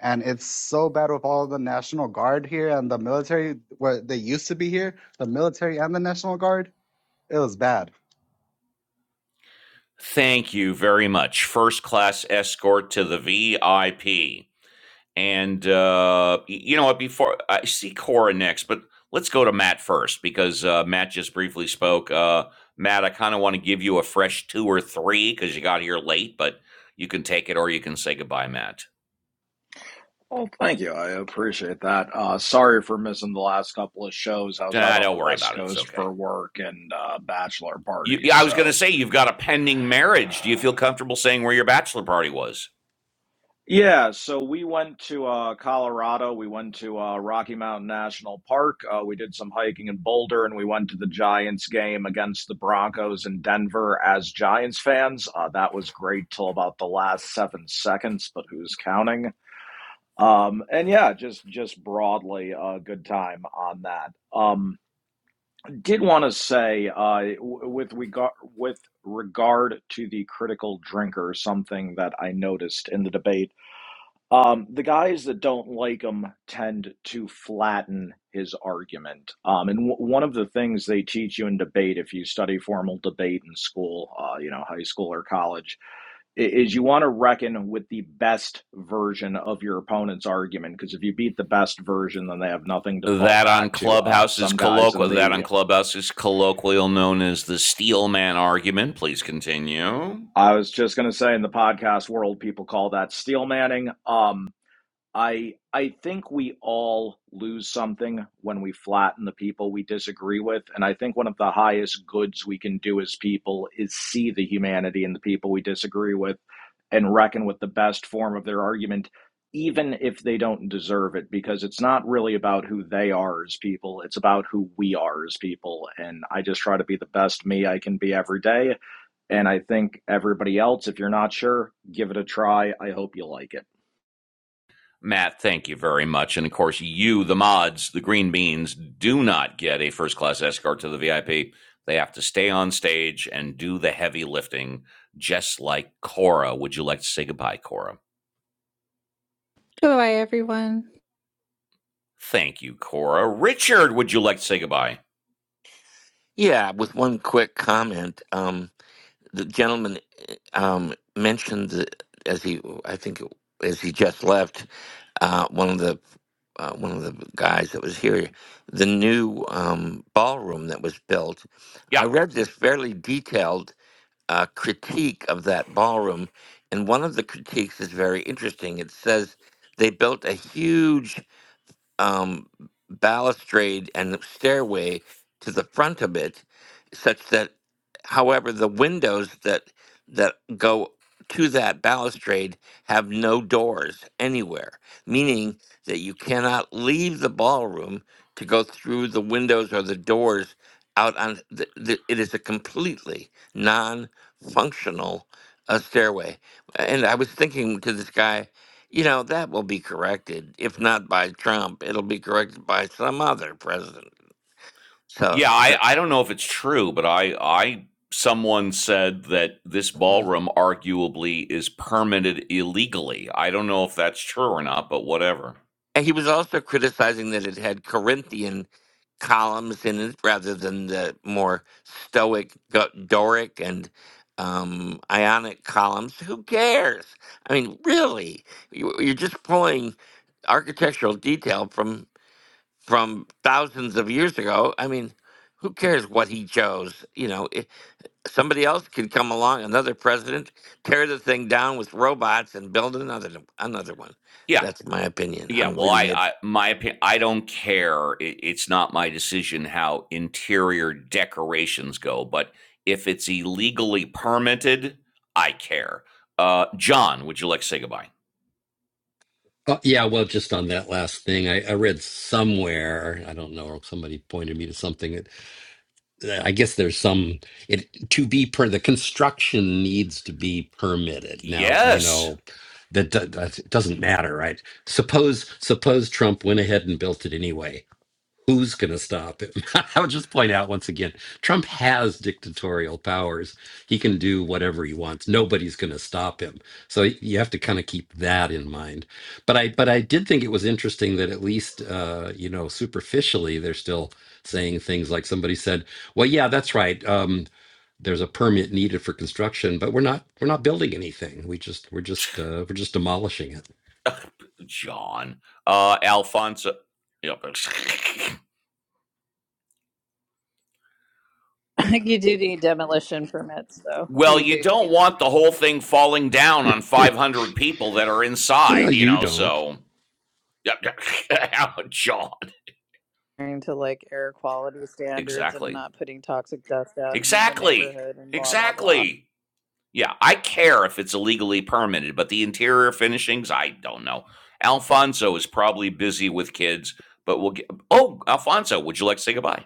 [SPEAKER 10] and it's so bad with all the National Guard here and the military, where they used to be here, the military and the National Guard. It was bad.
[SPEAKER 1] Thank you very much. First class escort to the VIP. And uh, you know what? Before I see Cora next, but let's go to Matt first because uh, Matt just briefly spoke. Uh, Matt, I kind of want to give you a fresh two or three because you got here late, but you can take it or you can say goodbye, Matt.
[SPEAKER 20] Well, thank you. I appreciate that. Uh, sorry for missing the last couple of shows. I was
[SPEAKER 1] Nah,
[SPEAKER 20] out on
[SPEAKER 1] don't
[SPEAKER 20] the
[SPEAKER 1] worry
[SPEAKER 20] West
[SPEAKER 1] about it. It's
[SPEAKER 20] Coast
[SPEAKER 1] okay.
[SPEAKER 20] for work and uh, bachelor
[SPEAKER 1] You,
[SPEAKER 20] parties.
[SPEAKER 1] I was going to
[SPEAKER 20] So,
[SPEAKER 1] say you've got a pending marriage. Do you feel comfortable saying where your bachelor party was?
[SPEAKER 20] yeah, so we went to uh, Colorado. We went to uh, Rocky Mountain National Park. Uh, we did some hiking in Boulder and we went to the Giants game against the Broncos in Denver as Giants fans. Uh, that was great till about the last seven seconds, but who's counting? Um, and yeah, just just broadly a good time on that. Um, did want to say uh, with regard with regard to the critical drinker, something that I noticed in the debate. Um, the guys that don't like him tend to flatten his argument. Um, and w- one of the things they teach you in debate, if you study formal debate in school, uh, you know, high school or college, i- is you want to reckon with the best version of your opponent's argument. Because if you beat the best version, then they have nothing to fall
[SPEAKER 1] That on
[SPEAKER 20] back to. Uh,
[SPEAKER 1] Clubhouse is
[SPEAKER 20] some guys in
[SPEAKER 1] colloquial. That
[SPEAKER 20] the
[SPEAKER 1] on Clubhouse is colloquial, known as the Steelman argument. Please continue,
[SPEAKER 20] I was just going to say in the podcast world, people call that steel manning. Um, I I think we all lose something when we flatten the people we disagree with, and I think one of the highest goods we can do as people is see the humanity in the people we disagree with and reckon with the best form of their argument, even if they don't deserve it, because it's not really about who they are as people, it's about who we are as people. And I just try to be the best me I can be every day. And I think everybody else, if you're not sure, give it a try. I hope you like it.
[SPEAKER 1] Matt. Thank you very much. And of course, you, the mods, the green beans, do not get a first class escort to the VIP. They have to stay on stage and do the heavy lifting, just like Cora. Would you like to say goodbye, Cora?
[SPEAKER 16] [laughs] Goodbye, everyone.
[SPEAKER 1] Thank you, Cora. Richard, would you like to say goodbye?
[SPEAKER 3] Yeah, with one quick comment, um, the gentleman um, mentioned that as he, I think, as he just left, uh, one of the uh, one of the guys that was here, the new um, ballroom that was built.
[SPEAKER 1] Yeah.
[SPEAKER 3] I read this fairly detailed uh, critique of that ballroom, and one of the critiques is very interesting. It says they built a huge um, balustrade and stairway to the front of it, such that, however, the windows that that go to that balustrade have no doors anywhere, meaning that you cannot leave the ballroom to go through the windows or the doors out on. The, the, it is a completely non-functional uh, stairway, and I was thinking to this guy you know, that will be corrected. If not by Trump, it'll be corrected by some other president. So,
[SPEAKER 1] Yeah, I, I don't know if it's true, but I I someone said that this
[SPEAKER 3] Mhm.
[SPEAKER 1] ballroom arguably is permitted illegally. I don't know if that's true or not, but whatever.
[SPEAKER 3] and he was also criticizing that it had Corinthian columns in it rather than the more Stoic, Go- Doric, and um, Ionic columns. Who cares? I mean, really, You- you're just pulling architectural detail from from thousands of years ago. I mean, who cares what he chose? You know, somebody else could come along, another president, tear the thing down with robots and build another another one.
[SPEAKER 1] Yeah.
[SPEAKER 3] That's my opinion.
[SPEAKER 1] Yeah,
[SPEAKER 3] I'm
[SPEAKER 1] well,
[SPEAKER 3] leaving
[SPEAKER 1] I,
[SPEAKER 3] it.
[SPEAKER 1] I my opinion, I don't care. It, it's not my decision how interior decorations go, but if it's illegally permitted, I care. Uh, John, would you like to say goodbye?
[SPEAKER 9] Oh, yeah, well, just on that last thing, I, I read somewhere, I don't know, somebody pointed me to something. I guess there's some it to be per the construction needs to be permitted. Now, you
[SPEAKER 1] Yes,
[SPEAKER 9] know, that, do- that doesn't matter, right? Suppose suppose Trump went ahead and built it anyway. Who's going to stop him? [laughs] I would just point out once again Trump has dictatorial powers. He can do whatever he wants. Nobody's going to stop him. So you have to kind of keep that in mind. But I but I did think it was interesting that at least uh, you know superficially they're still saying things like somebody said, "Well, yeah, that's right. Um, there's a permit needed for construction, but we're not we're not building anything. We just we're just uh, we're just demolishing it."
[SPEAKER 1] [laughs] John. Uh, Alfonso. Yep. [laughs]
[SPEAKER 16] you do need demolition permits, though.
[SPEAKER 1] Well,
[SPEAKER 16] You
[SPEAKER 1] you
[SPEAKER 16] do,
[SPEAKER 1] don't
[SPEAKER 16] yeah.
[SPEAKER 1] want the whole thing falling down on 500 people that are
[SPEAKER 9] Well,
[SPEAKER 1] inside, you
[SPEAKER 9] you
[SPEAKER 1] know,
[SPEAKER 9] don't.
[SPEAKER 1] so. [laughs] John.
[SPEAKER 16] adhering to like air quality standards and
[SPEAKER 1] Exactly.
[SPEAKER 16] not putting toxic dust out into the
[SPEAKER 1] Exactly.
[SPEAKER 16] neighborhood and blah blah blah.
[SPEAKER 1] Exactly. Yeah, I care if it's illegally permitted, but the interior finishings, I don't know. Alfonso is probably busy with kids, but we'll get. Oh, Alfonso, would you like to say goodbye?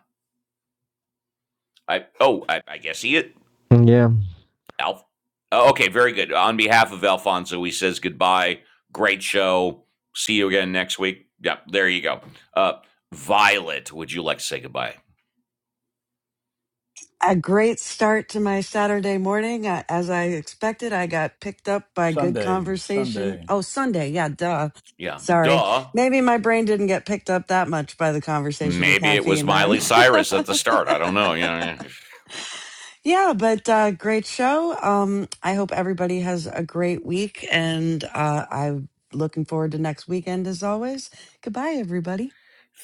[SPEAKER 1] I oh, I, I guess he is.
[SPEAKER 6] Yeah.
[SPEAKER 1] Al, Okay, very good. On behalf of Alfonso, he says goodbye. Great show. See you again next week. Yeah, there you go. Uh, Violet, would you like to say goodbye?
[SPEAKER 5] a great start to my Saturday morning. Uh, As I expected, I got picked up by good
[SPEAKER 2] Sunday,
[SPEAKER 5] conversation.
[SPEAKER 2] Sunday.
[SPEAKER 5] Oh, Sunday. Yeah, duh.
[SPEAKER 1] Yeah,
[SPEAKER 5] Sorry.
[SPEAKER 1] duh.
[SPEAKER 5] Maybe my brain didn't get picked up that much by the conversation and
[SPEAKER 1] Maybe it was
[SPEAKER 5] caffeine then.
[SPEAKER 1] Miley Cyrus at the start. I
[SPEAKER 5] [laughs]
[SPEAKER 1] don't know. Yeah. yeah.
[SPEAKER 5] yeah, but uh, great show. Um, I hope everybody has a great week. And uh, I'm looking forward to next weekend as always. Goodbye, everybody.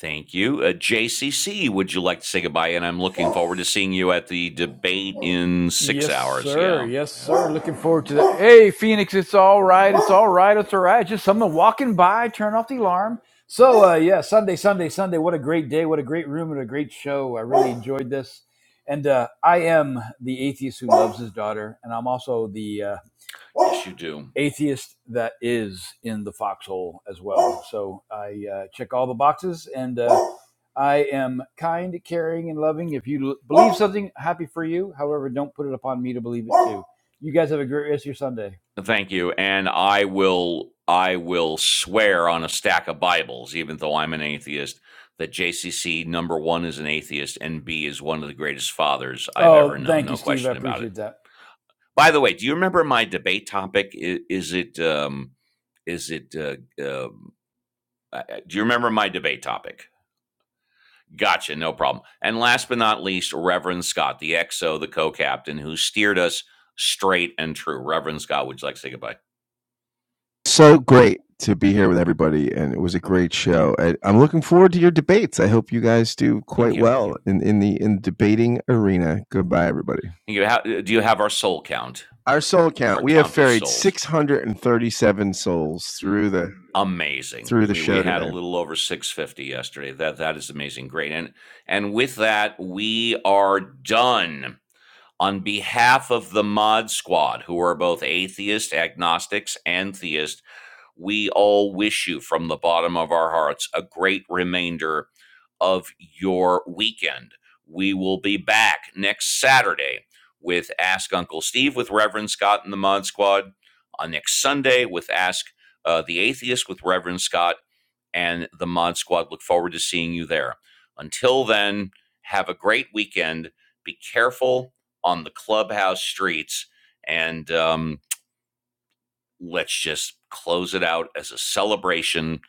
[SPEAKER 1] Thank you. Uh, JCC, would you like to say goodbye? And I'm looking forward to seeing you at the debate in six
[SPEAKER 2] Yes,
[SPEAKER 1] hours.
[SPEAKER 2] sir.
[SPEAKER 1] Yeah.
[SPEAKER 2] Yes,
[SPEAKER 1] Yeah.
[SPEAKER 2] sir. [gasps] Looking forward to that. Hey, Phoenix, it's all right. It's all right. It's all right. Just someone walking by. Turn off the alarm. So, uh, yeah, Sunday, Sunday, Sunday. What a great day. What a great room and a great show. I really enjoyed this. And uh, I am the atheist who loves his daughter. And I'm also the uh,
[SPEAKER 1] Yes, you do.
[SPEAKER 2] atheist that is in the foxhole as well. So I uh, check all the boxes and uh, I am kind, caring, and loving. If you believe something, happy for you. However, don't put it upon me to believe it too. You guys have a great rest of your Sunday.
[SPEAKER 1] Thank you. And I will I will swear on a stack of Bibles, even though I'm an atheist, that JCC number one is an atheist and B is one of the greatest fathers I've ever
[SPEAKER 2] Oh,
[SPEAKER 1] known.
[SPEAKER 2] thank you,
[SPEAKER 1] No
[SPEAKER 2] Steve. I
[SPEAKER 1] question about it.
[SPEAKER 2] appreciate that.
[SPEAKER 1] By the way, do you remember my debate topic? Is, is it um, is it uh, um, uh, uh, do you remember my debate topic? Gotcha, no problem. And last but not least, Reverend Scott, the XO, the co-captain, who steered us straight and true. Reverend Scott, would you like to say goodbye?
[SPEAKER 4] So great to be here with everybody, and it was a great show. I, I'm looking forward to your debates. I hope you guys do
[SPEAKER 1] Thank
[SPEAKER 4] quite
[SPEAKER 1] you.
[SPEAKER 4] well in, in the in debating arena. Goodbye, everybody.
[SPEAKER 1] You have? Do you have our soul count?
[SPEAKER 4] Our soul count:
[SPEAKER 1] Our
[SPEAKER 4] we have
[SPEAKER 1] count of
[SPEAKER 4] ferried
[SPEAKER 1] souls.
[SPEAKER 4] 637 souls through the
[SPEAKER 1] Amazing.
[SPEAKER 4] through the
[SPEAKER 1] We we
[SPEAKER 4] show
[SPEAKER 1] had a
[SPEAKER 4] today.
[SPEAKER 1] little over 650 yesterday. That that is amazing. Great. And and with that, we are done. On behalf of the Mod Squad, who are both atheists, agnostics, and theists, We all wish you from the bottom of our hearts a great remainder of your weekend. We will be back next Saturday with Ask Uncle Steve with Reverend Scott and the Mod Squad, on next Sunday with Ask uh, the Atheist with Reverend Scott and the Mod Squad. Look forward to seeing you there. Until then, have a great weekend. Be careful on the clubhouse streets and um, let's just close it out as a celebration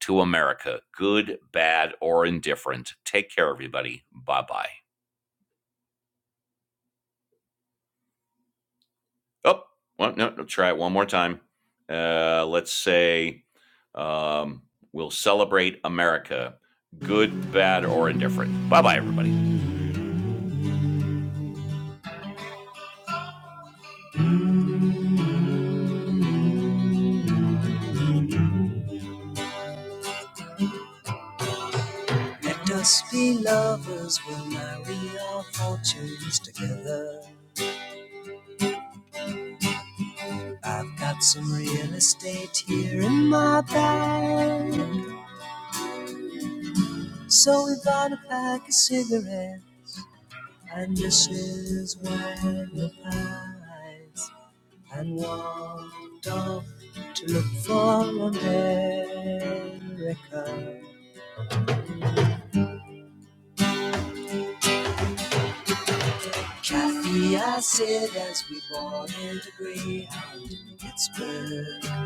[SPEAKER 1] to America, good, bad, or indifferent. Take care, everybody. Bye bye. Oh, well, no, no, try it one more time. Uh, let's say um, we'll celebrate America, good, bad, or indifferent. Bye bye, everybody. Let us be lovers, we'll marry our fortunes together. I've got some real estate here in my bag. So we bought a pack of cigarettes and dishes were the pies and walked off to look for America. Kathy, I said as we boarded the Greyhound in Pittsburgh,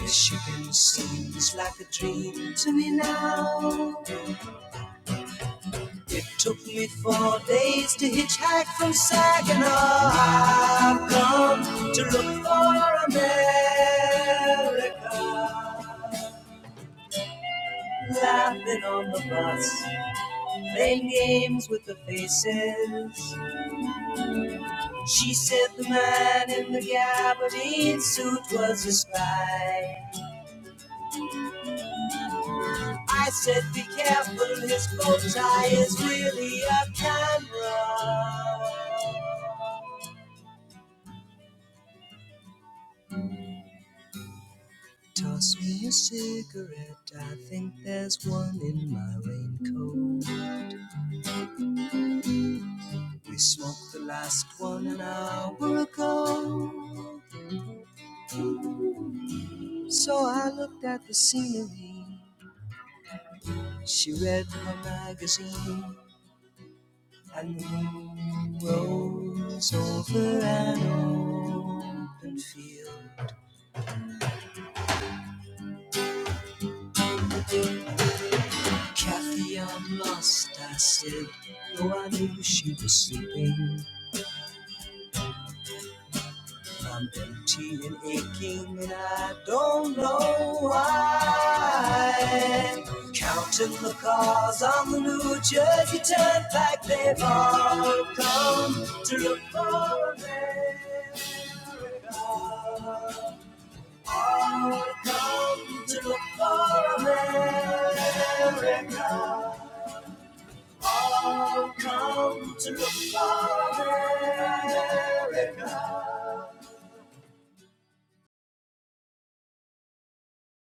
[SPEAKER 1] Michigan seems like a dream to me now. It took me four days to hitchhike from Saginaw. I've come to look for America. Laughing on the bus, playing games with the faces. She said the man in the gabardine suit was a spy. I said, be careful, his bow tie is really a camera. Toss me a cigarette, I think there's one in my raincoat. We smoked the last one an hour ago. So I looked at the scenery, she read her magazine, and the moon rose over an open field. Kathy, I'm lost, I said, though I knew she was sleeping. I'm empty and aching, and I don't know why. Counting the cars on the New Jersey Turnpike, they've all come to look for a man. Come to look for a man. Come to look for a man.